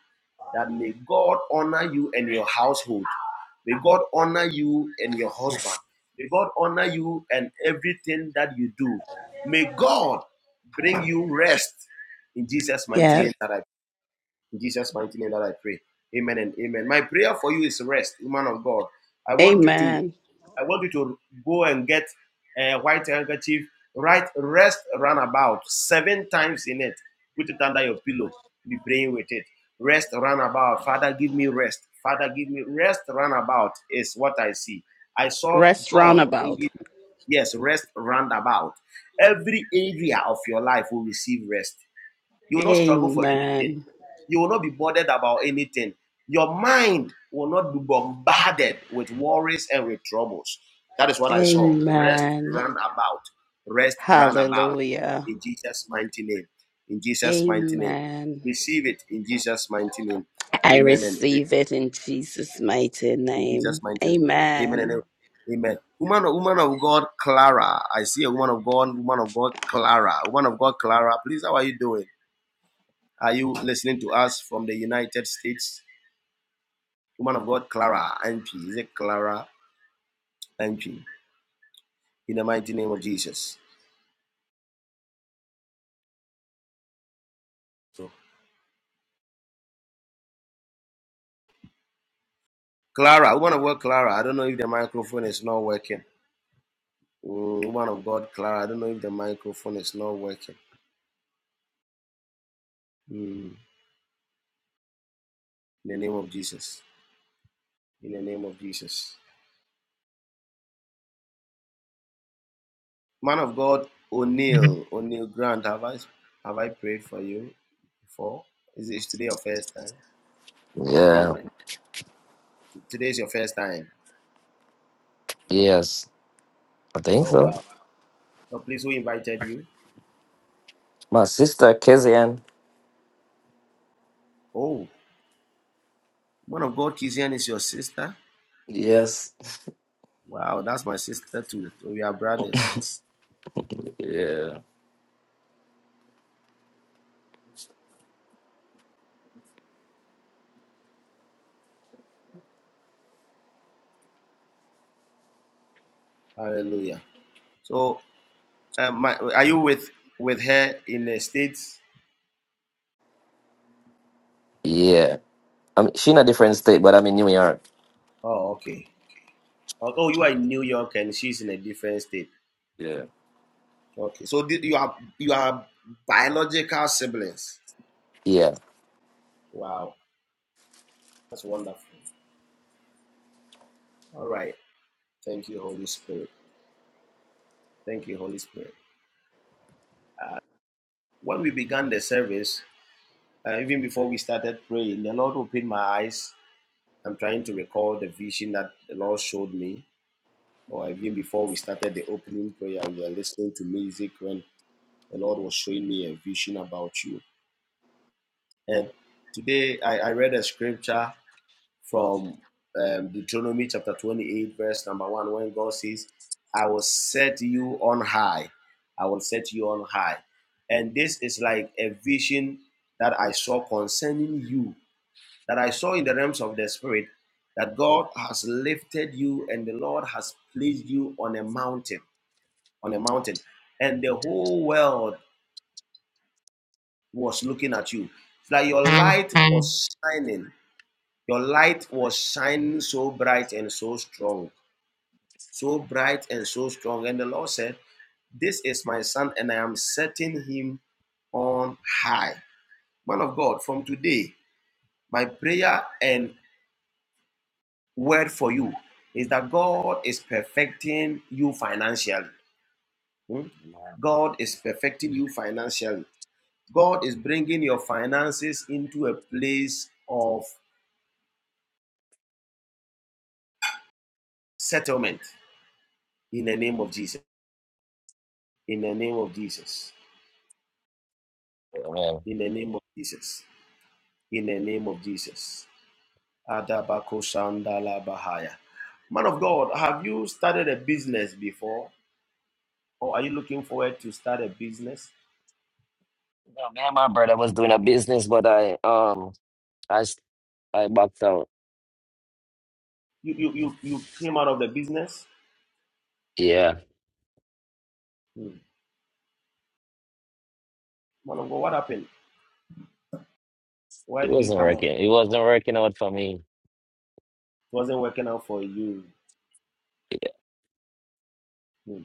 Speaker 5: that may God honor you and your household. May God honor you and your husband.
Speaker 4: Yes.
Speaker 5: May God honor you and everything that you do. May God bring you rest in Jesus' mighty
Speaker 4: Yes.
Speaker 5: name that I in Jesus' mighty name that I pray. Amen and amen. My prayer for you is rest, woman of God. I want you to
Speaker 4: Amen.
Speaker 5: I want you to go and get a white handkerchief, write rest runabout seven times in it. Put it under your pillow. Be praying with it. Rest runabout. Father, give me rest. Father, give me rest runabout is what I see. I saw
Speaker 4: Rest
Speaker 5: God
Speaker 4: roundabout.
Speaker 5: yes, rest roundabout. Every area of your life will receive rest. You will not struggle for anything.
Speaker 4: Amen.
Speaker 5: You will not be bothered about anything. Your mind will not be bombarded with worries and with troubles. That is what I saw. Rest,
Speaker 4: Amen.
Speaker 5: run about. Rest, run about.
Speaker 4: Hallelujah.
Speaker 5: In Jesus' mighty name. In Jesus' mighty name.
Speaker 4: Amen.
Speaker 5: Receive it in Jesus' mighty name.
Speaker 4: I
Speaker 5: Amen and amen.
Speaker 4: receive it in Jesus' mighty
Speaker 5: In Jesus'
Speaker 4: name.
Speaker 5: mighty name. Amen and
Speaker 4: Amen.
Speaker 5: amen. Amen. Woman, woman of God, Clara. I see a woman of God, woman of God, Clara. Woman of God, Clara. Please, how are you doing? Are you listening to us from the United States? Woman of God, Clara MP. Is it Clara MP? In the mighty name of Jesus. So, Clara, woman of God, Clara. I don't know if the microphone is not working. Mm, woman of God, Clara. I don't know if the microphone is not working. Mm, in the name of Jesus. In the name of Jesus. Man of God, O'Neill. O'Neill Grant. Have I have I prayed for you before? Is it today your first time?
Speaker 15: Yeah.
Speaker 5: Today is your first time.
Speaker 15: Yes. I think
Speaker 5: Oh
Speaker 15: so.
Speaker 5: wow. So please, who invited you?
Speaker 15: My sister Kezian.
Speaker 5: Oh, one of God Kizian is your sister?
Speaker 15: Yes.
Speaker 5: Wow, that's my sister too. We are brothers.
Speaker 15: Yeah.
Speaker 5: Hallelujah. So, um, my, are you with with her in the states?
Speaker 15: Yeah. I mean, she in a different state, but I'm in New York.
Speaker 5: Oh, okay. Oh, oh, you are in New York and she's in a different state.
Speaker 15: Yeah.
Speaker 5: Okay, so thi- you are you are biological siblings.
Speaker 15: Yeah.
Speaker 5: Wow, that's wonderful. All right, thank you, Holy Spirit. Thank you, Holy Spirit. When we began the service, uh, even before we started praying, the Lord opened my eyes I'm trying to recall the vision that the Lord showed me, or even before we started the opening prayer, we were listening to music when the Lord was showing me a vision about you. And today I, I read a scripture from um, Deuteronomy chapter 28, verse number one, when God says, I will set you on high. I will set you on high. And this is like a vision that I saw concerning you that I saw in the realms of the spirit that God has lifted you and the Lord has placed you on a mountain, on a mountain, and the whole world was looking at you. It's like your light was shining. Your light was shining so bright and so strong, so bright and so strong. And the Lord said, This is my son, and I am setting him on high. Man of God, from today, my prayer and word for you is that God is perfecting you financially. Hmm?
Speaker 15: Man,
Speaker 5: God is perfecting you financially. God is bringing your finances into a place of settlement in the name of Jesus. In the name of Jesus.
Speaker 15: yeah, man.
Speaker 5: In the name of Jesus. In the name of Jesus. Adabako Shandala Bahaya. Man of God, have you started a business before? Or are you looking forward to start a business?
Speaker 15: No, me and my brother was doing a business, but I um I s- I backed out.
Speaker 5: You you you, you came out of the business?
Speaker 15: Yeah,
Speaker 5: Hmm. Monongo, what happened? Why
Speaker 15: it
Speaker 5: did you
Speaker 15: wasn't
Speaker 5: come out? It
Speaker 15: working. It wasn't working out for me.
Speaker 5: wasn't working out for you. Hmm.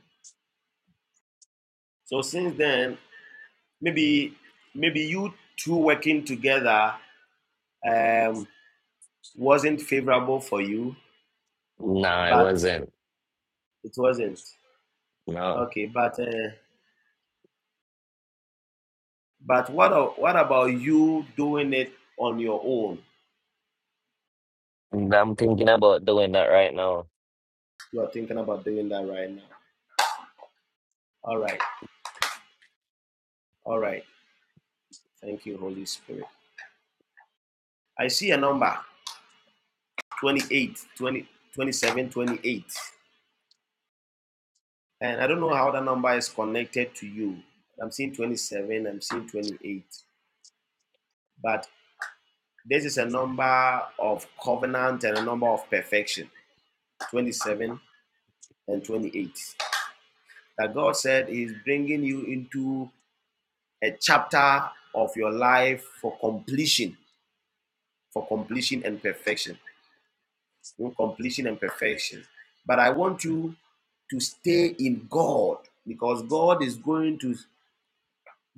Speaker 5: So since then, maybe maybe you two working together um, wasn't favorable for you,
Speaker 15: No, it
Speaker 5: but
Speaker 15: wasn't.
Speaker 5: it wasn't
Speaker 15: No,
Speaker 5: okay. But uh, but what what about you doing it on your own?
Speaker 15: And I'm thinking about doing that right now.
Speaker 5: You are thinking about doing that right now. All right, all right. Thank you, Holy Spirit. I see a number 28, 20 27, twenty-eight. And I don't know how that number is connected to you. I'm seeing 27, I'm seeing 28. But this is a number of covenant and a number of perfection 27 and 28. That God said is bringing you into a chapter of your life for completion, for completion and perfection. Hmm, Completion and perfection. But I want you to stay in God because God is going to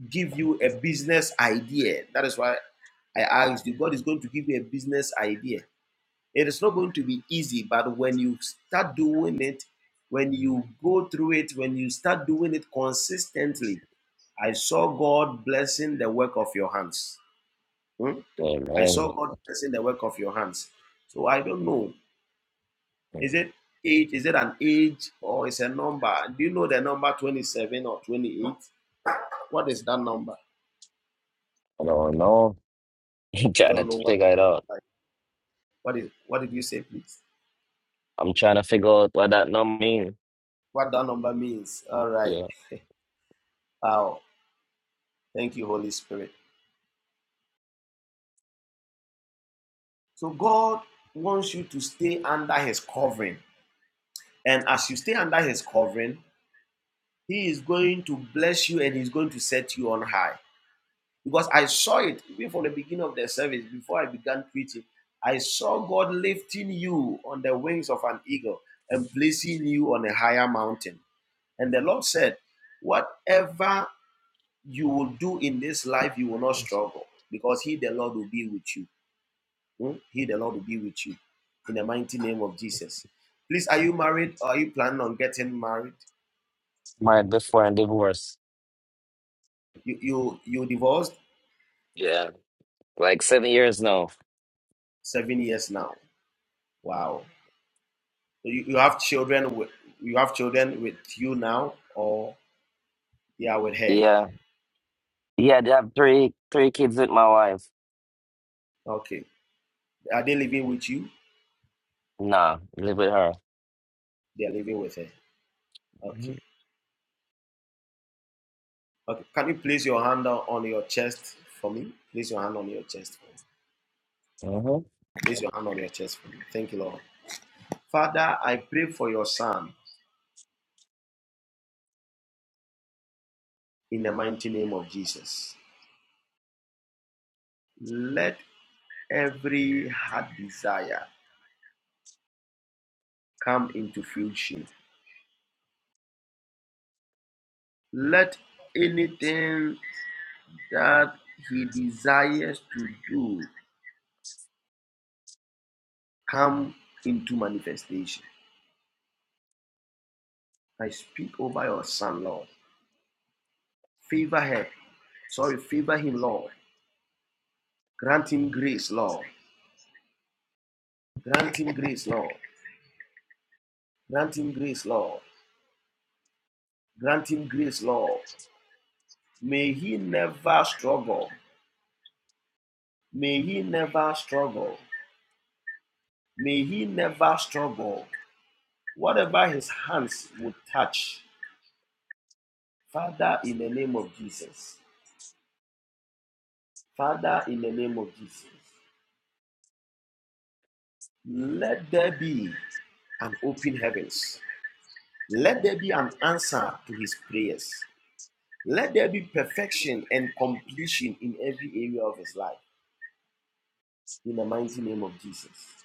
Speaker 5: give you a business idea. That is why I asked you. God is going to give you a business idea. It is not going to be easy, but when you start doing it, when you go through it, when you start doing it consistently, I saw God blessing the work of your hands. Hmm?
Speaker 15: Yeah,
Speaker 5: I Yes, saw
Speaker 15: man,
Speaker 5: God blessing the work of your hands. So I don't know. Is
Speaker 15: I
Speaker 5: it age? Is it an age or is a number? Do you know the number 27 or 28? What is that number?
Speaker 15: don't know. trying to
Speaker 5: Don't know what.
Speaker 15: figure it out.
Speaker 5: What is what did you say, please?
Speaker 15: I'm trying to figure out what that number mean.
Speaker 5: What that number means? All right.
Speaker 15: Yeah.
Speaker 5: Wow. Thank you, Holy Spirit. So God wants you to stay under His covering, and as you stay under His covering, He is going to bless you and He's going to set you on high. Because I saw it even from the beginning of the service before I began preaching. I saw God lifting you on the wings of an eagle and placing you on a higher mountain. And the Lord said, Whatever you will do in this life, you will not struggle because He, the Lord, will be with you. Hmm? He, the Lord, will be with you in the mighty name of Jesus. Please, are you married? Or Are you planning on getting married?
Speaker 15: Married before and divorced.
Speaker 5: You you you divorced
Speaker 15: Yeah. Like seven years now.
Speaker 5: seven years now. Wow. So you, you have children with you have children with you now, or they are with her.
Speaker 15: Yeah. Yeah, they have three three kids with my wife.
Speaker 5: Okay. Are they living with you?
Speaker 15: Nah, live with her.
Speaker 5: They are living with her. Okay. Okay. Can you place your hand on on your chest for me? Place your hand on your chest for me.
Speaker 15: Mm-hmm.
Speaker 5: Place your hand on your chest for me. Thank you, Lord. Father, I pray for your son in the mighty name of Jesus. Let every heart desire come into fruition. Let anything that he desires to do come into manifestation. I speak over your son, Lord. Favor him. Sorry, favor him, Lord. Grant him grace, Lord. Grant him grace, Lord. Grant him grace, Lord. Grant him grace, Lord. May he never struggle May he never struggle. May he never struggle. Whatever his hands would touch, Father, in the name of Jesus, Father, in the name of Jesus, let there be an open heavens. Let there be an answer to his prayers. Let there be perfection and completion in every area of his life. In the mighty name of Jesus.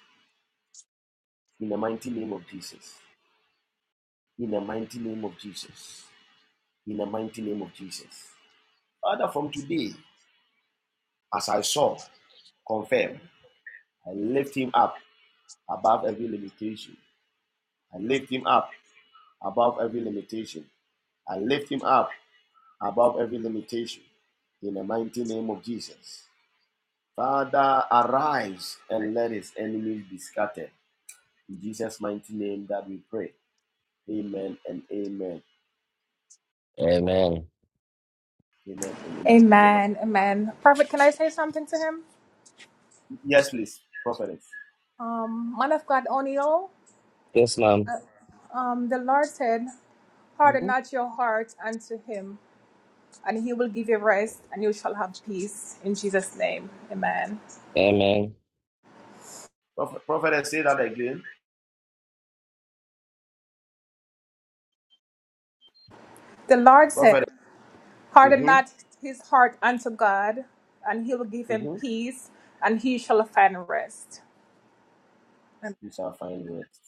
Speaker 5: In the mighty name of Jesus. In the mighty name of Jesus. In the mighty name of Jesus. Father, from today, as I saw, confirm, I lift him up above every limitation. I lift him up above every limitation. I lift him up above every limitation. In the mighty name of Jesus. Father, arise and let his enemies be scattered. In Jesus' mighty name that we pray. Amen and amen.
Speaker 15: Amen.
Speaker 5: Amen and amen. Yes, please. Prophetess.
Speaker 15: Yes, ma'am. Mhm. Amen.
Speaker 5: Prophet, prophetess, say that again. Prophet. Mm-hmm. Mm-hmm. You shall find rest.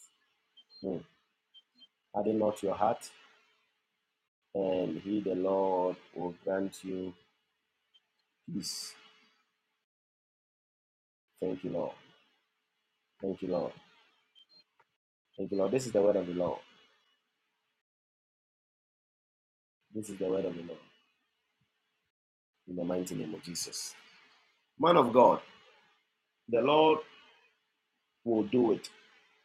Speaker 5: Mm. Harden not your heart, and He, the Lord, will grant you peace. Thank you, Lord. Thank you, Lord. Thank you, Lord. This is the word of the Lord. This is the word of the Lord. In the mighty name of Jesus. Man of God, the Lord will do it,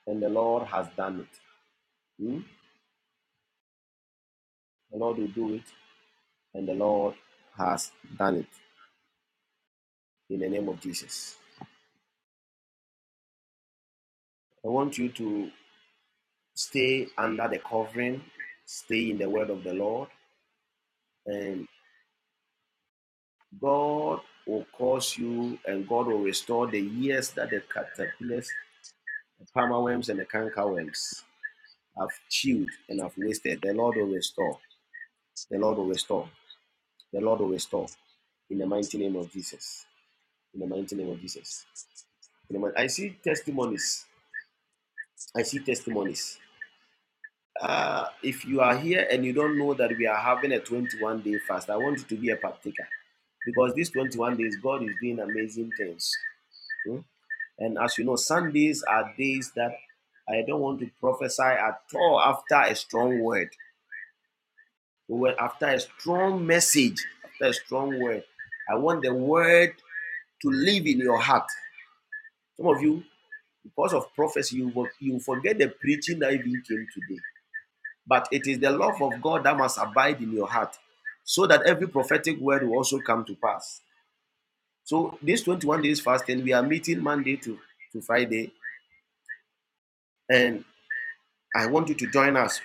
Speaker 5: and the Lord has done it. Hmm? The Lord will do it, and the Lord has done it. In the name of Jesus. I want you to stay under the covering, stay in the word of the Lord, and. God will cause you and God will restore the years that the caterpillars, the palmerworms, and the cankerworms have chewed and have wasted. The Lord will restore. The Lord will restore. The Lord will restore. In the mighty name of Jesus. In the mighty name of Jesus. In the, I see testimonies. I see testimonies. Uh, if you are here and you don't know that we are having a 21 day fast, I want you to be a partaker because these 21 days, God is doing amazing things. Hmm? And as you know, Sundays are days that I don't want to prophesy at all after a strong word. But after a strong message, after a strong word, I want the word to live in your heart. Some of you, because of prophecy, you, you forget the preaching that even came today. But it is the love of God that must abide in your heart so that every prophetic word will also come to pass. So, this 21 days fasting, we are meeting Monday to, to Friday, and I want you to join us.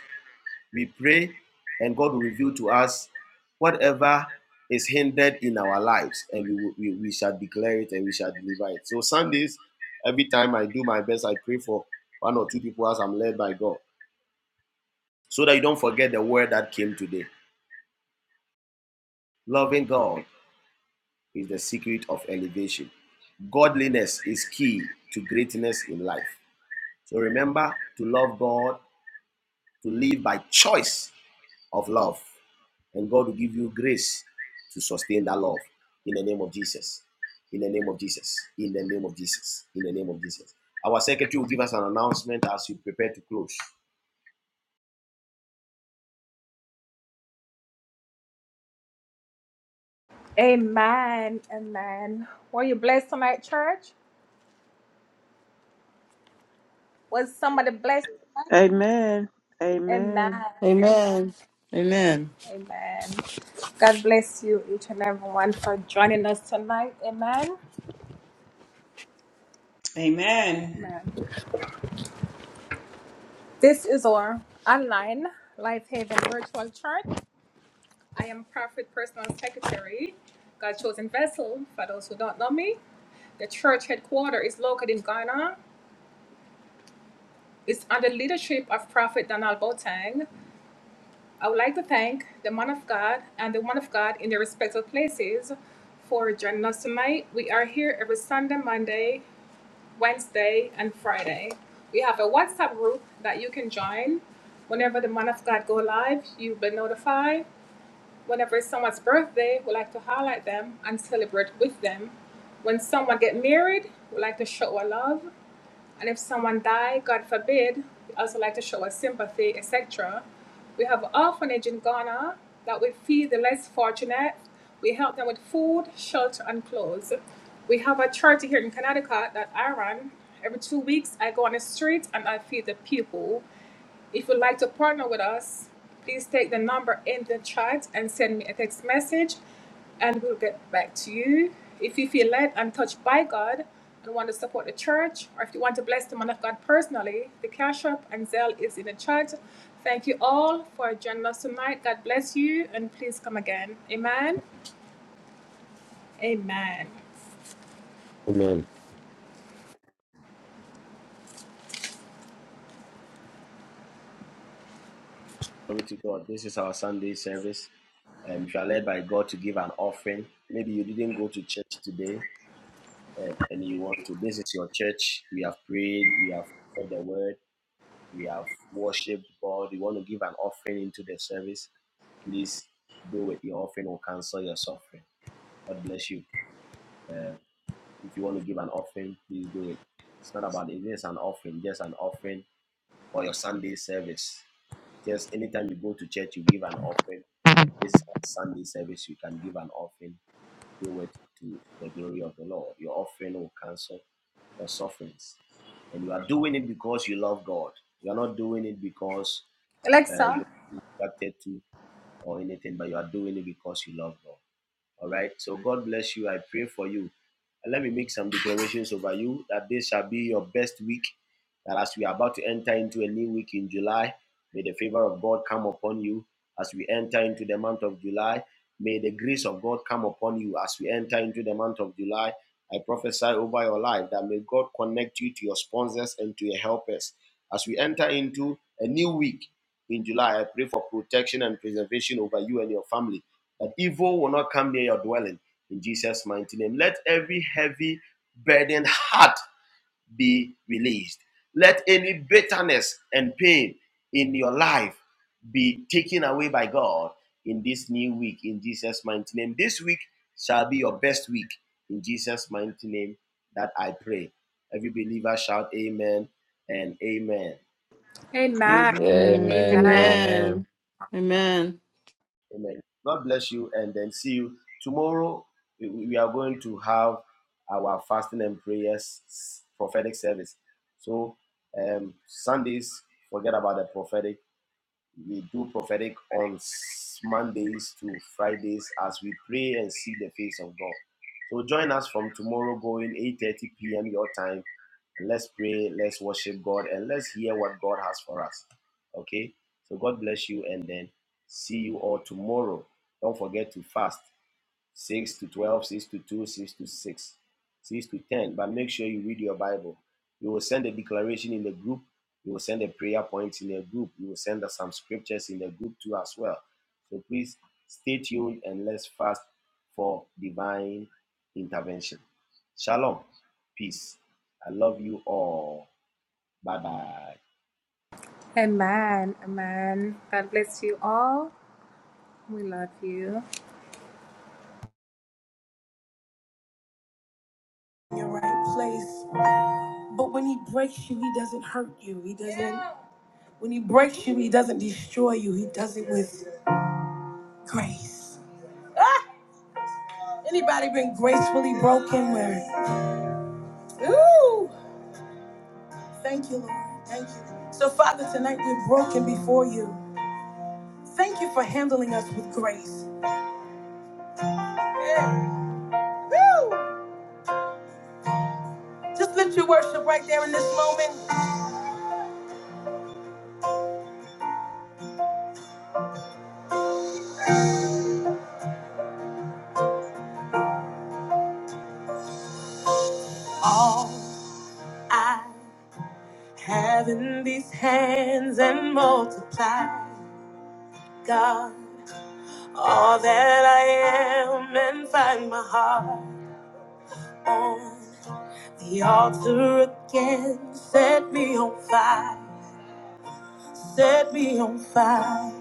Speaker 5: We pray and God will reveal to us whatever is hindered in our lives and we, we, we shall declare it and we shall deliver it. So, Sundays, every time I do my best, I pray for one or two people as I'm led by God so that you don't forget the word that came today. Loving God is the secret of elevation. Godliness is key to greatness in life. So remember to love God, to live by choice of love. And God will give you grace to sustain that love in the name of Jesus. In the name of Jesus. In the name of Jesus. In the name of Jesus. Our secretary will give us an announcement as we prepare to close.
Speaker 10: Amen.
Speaker 1: Amen.
Speaker 10: Amen.
Speaker 7: Amen. Amen.
Speaker 1: Amen. God bless you, each and everyone, for joining us tonight. Amen. is under the leadership of Prophet Donald Boateng. I would like to thank the man of God and the woman of God in their respective places for joining us tonight. We are here every Sunday, Monday, Wednesday, and Friday. We have a WhatsApp group that you can join. Whenever the man of God go live, you'll be notified. Whenever it's someone's birthday, we like to highlight them and celebrate with them. When someone get married, we like to show our love. And if someone died, God forbid, we also like to show our sympathy, etc. We have an orphanage in Ghana that we feed the less fortunate. We help them with food, shelter, and clothes. We have a charity here in Connecticut that I run. Every two weeks, I go on the street and I feed the people. If you'd like to partner with us, please take the number in the chat and send me a text message and we'll get back to you. If you feel led and touched by God and want to support the church, or if you want to bless the man of God personally, the Cash App and Zelle is in the chat. Thank you all for joining us tonight. God bless you and please come again. Amen. Amen.
Speaker 16: Amen.
Speaker 5: Glory to God. This is our Sunday service. And if you are led by God to give an offering, maybe you didn't go to church today and, and you want to. This is your church. We have prayed. We have heard the word. We have worshipped God. You want to give an offering into the service. Please do it. Your offering will cancel your suffering. God bless you. Uh, if you want to give an offering, please do it. It's not about it. It's an offering, just an offering for your Sunday service. Just anytime you go to church, you give an offering. This Sunday service, you can give an offering. Do it to the glory of the Lord. Your offering will cancel your sufferings. And you are doing it because you love God. You are not doing it because uh, you are attracted to or anything, but you are doing it because you love God. All right. So God bless you. I pray for you. And let me make some declarations over you that this shall be your best week. That as we are about to enter into a new week in July, may the favor of God come upon you. As we enter into the month of July, may the grace of God come upon you. As we enter into the month of July, I prophesy over your life that may God connect you to your sponsors and to your helpers. As we enter into a new week in July, I pray for protection and preservation over you and your family that evil will not come near your dwelling in Jesus' mighty name. Let every heavy, burdened heart be released. Let any bitterness and pain in your life be taken away by God in this new week in Jesus' mighty name. This week shall be your best week in Jesus' mighty name that I pray. Every believer shout amen and amen.
Speaker 1: Amen.
Speaker 10: Amen.
Speaker 15: Amen.
Speaker 5: Amen.
Speaker 1: Amen.
Speaker 15: Amen.
Speaker 7: Amen. Amen.
Speaker 5: Amen. God bless you and then see you tomorrow. We we are going to have our fasting and prayers prophetic service. So um Sundays, forget about the prophetic. We do prophetic on s- Mondays to Fridays as we pray and see the face of God. So join us from tomorrow going 8:30 p.m. your time. Let's pray, let's worship God, and let's hear what God has for us. Okay? So God bless you and then see you all tomorrow. Don't forget to fast. 6 to 12, 6 to 2, 6 to 6, 6 to 10. But make sure you read your Bible. You will send a declaration in the group. You will send a prayer point in the group. You will send us some scriptures in the group too as well. So please stay tuned and let's fast for divine intervention. Shalom. Peace. I love you all. Bye bye.
Speaker 1: Amen. Amen. God bless you all. We love you. Your right place. But when he breaks you, he doesn't hurt you. He doesn't. Yeah. When he breaks you, he doesn't destroy you. He does it with grace. Ah! Anybody been gracefully broken? Where? Ooh! Thank you, Lord. Thank you. So, Father, tonight we're broken before you. Thank you for handling us with grace. Yeah. Just lift your worship right there in this moment. All I have in these hands and multiply, God. All that I am and find my heart on the altar again. Set me on fire, set me on fire.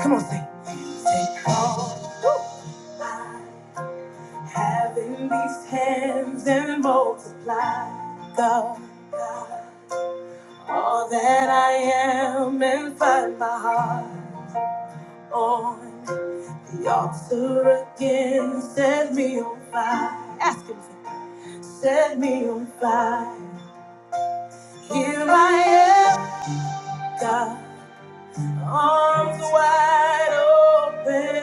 Speaker 1: Come on, sing. Take all I have in these hands and multiply, God. All that I am and find my heart. on. The altar again set me on fire. Ask him, to set me on fire. Here I am, God, arms wide open,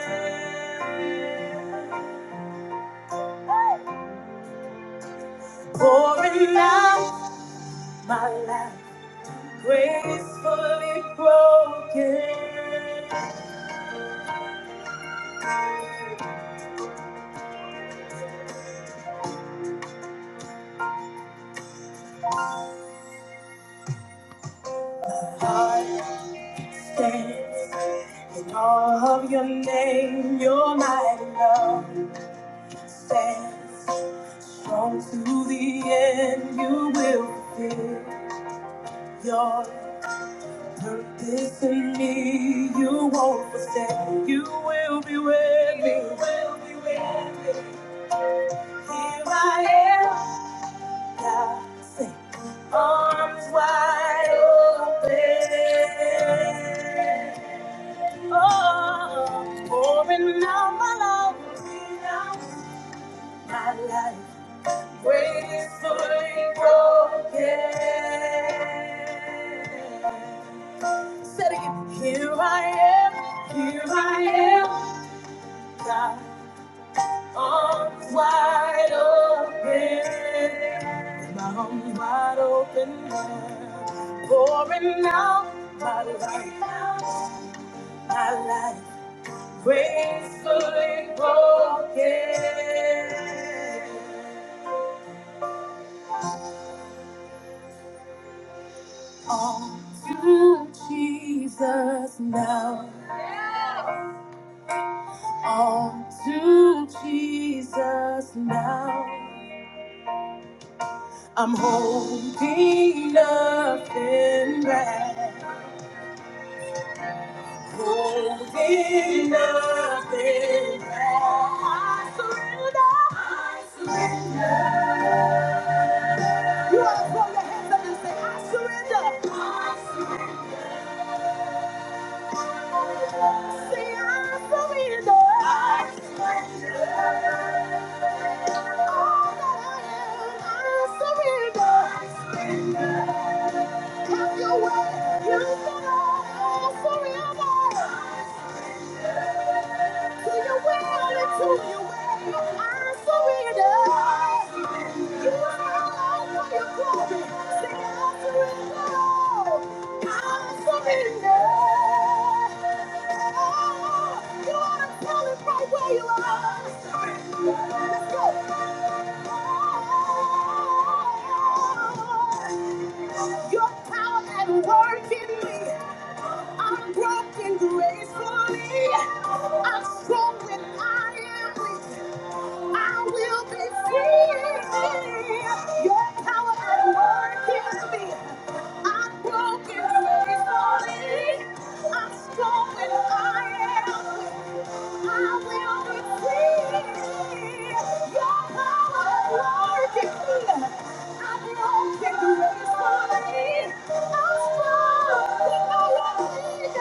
Speaker 1: pouring out my life, gracefully broken. Heart stands in all of your name, your mighty love. Stand strong to the end, you will fulfill your purpose in me. You won't forsake, you will be with me. You will be with me. Here I am, God, say, arms wide open. Oh, pouring out my love, my life. Great is fully broken. Said again, here I am, here I am, God, arms wide open, with my arms wide open, Lord, pouring out my life, my life, gracefully broken, all to Jesus now. On to Jesus now. I'm holding nothing back. Holding nothing back. I surrender. I surrender. You want to throw your hands up and say, I surrender. I surrender. Have your way, you surrender, surrender. To your will and to your way, I surrender. You are all for your glory. Say, I surrender. I surrender. You ought to tell it right where you are. I surrender. Let's go. Your power at work in me. I'm broken gracefully. I'm strong when I am weak. I will be free. Your power at work in me. I'm broken faithfully. I'm strong when I am. weak. I will receive your power working. I'm broken faithfully. I'm strong when I am. weak.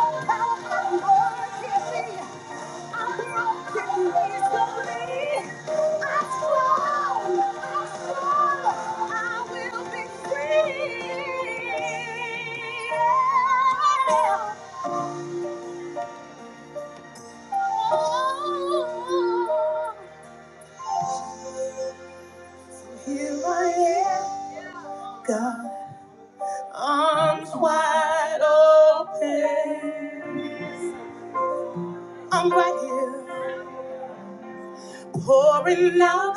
Speaker 1: I will receive your power working. Here I am, God, arms wide open. I'm right here, pouring out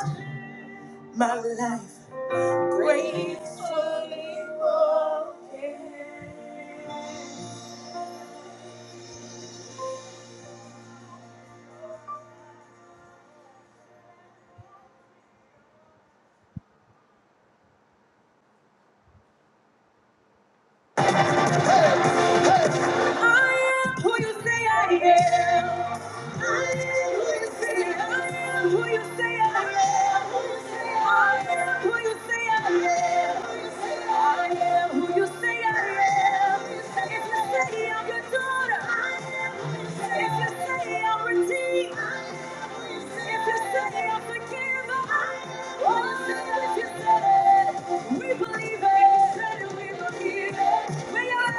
Speaker 1: my life. Wait,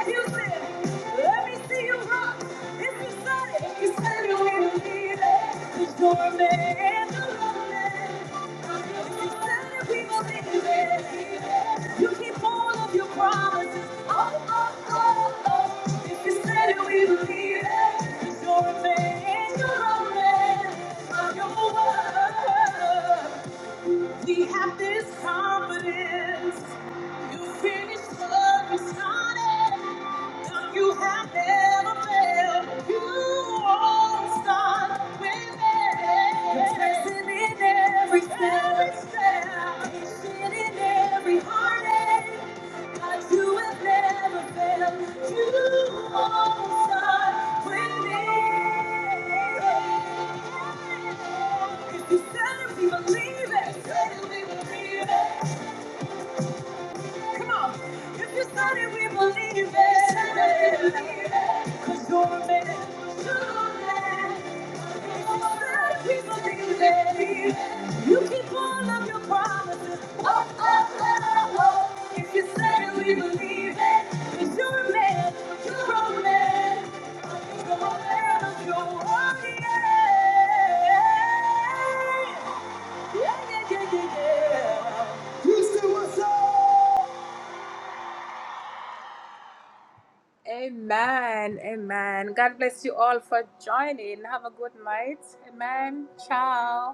Speaker 1: music, let me see. We have this confidence. You finished what you started. Amen. Amen. God bless you all for joining. Have a good night. Amen. Ciao.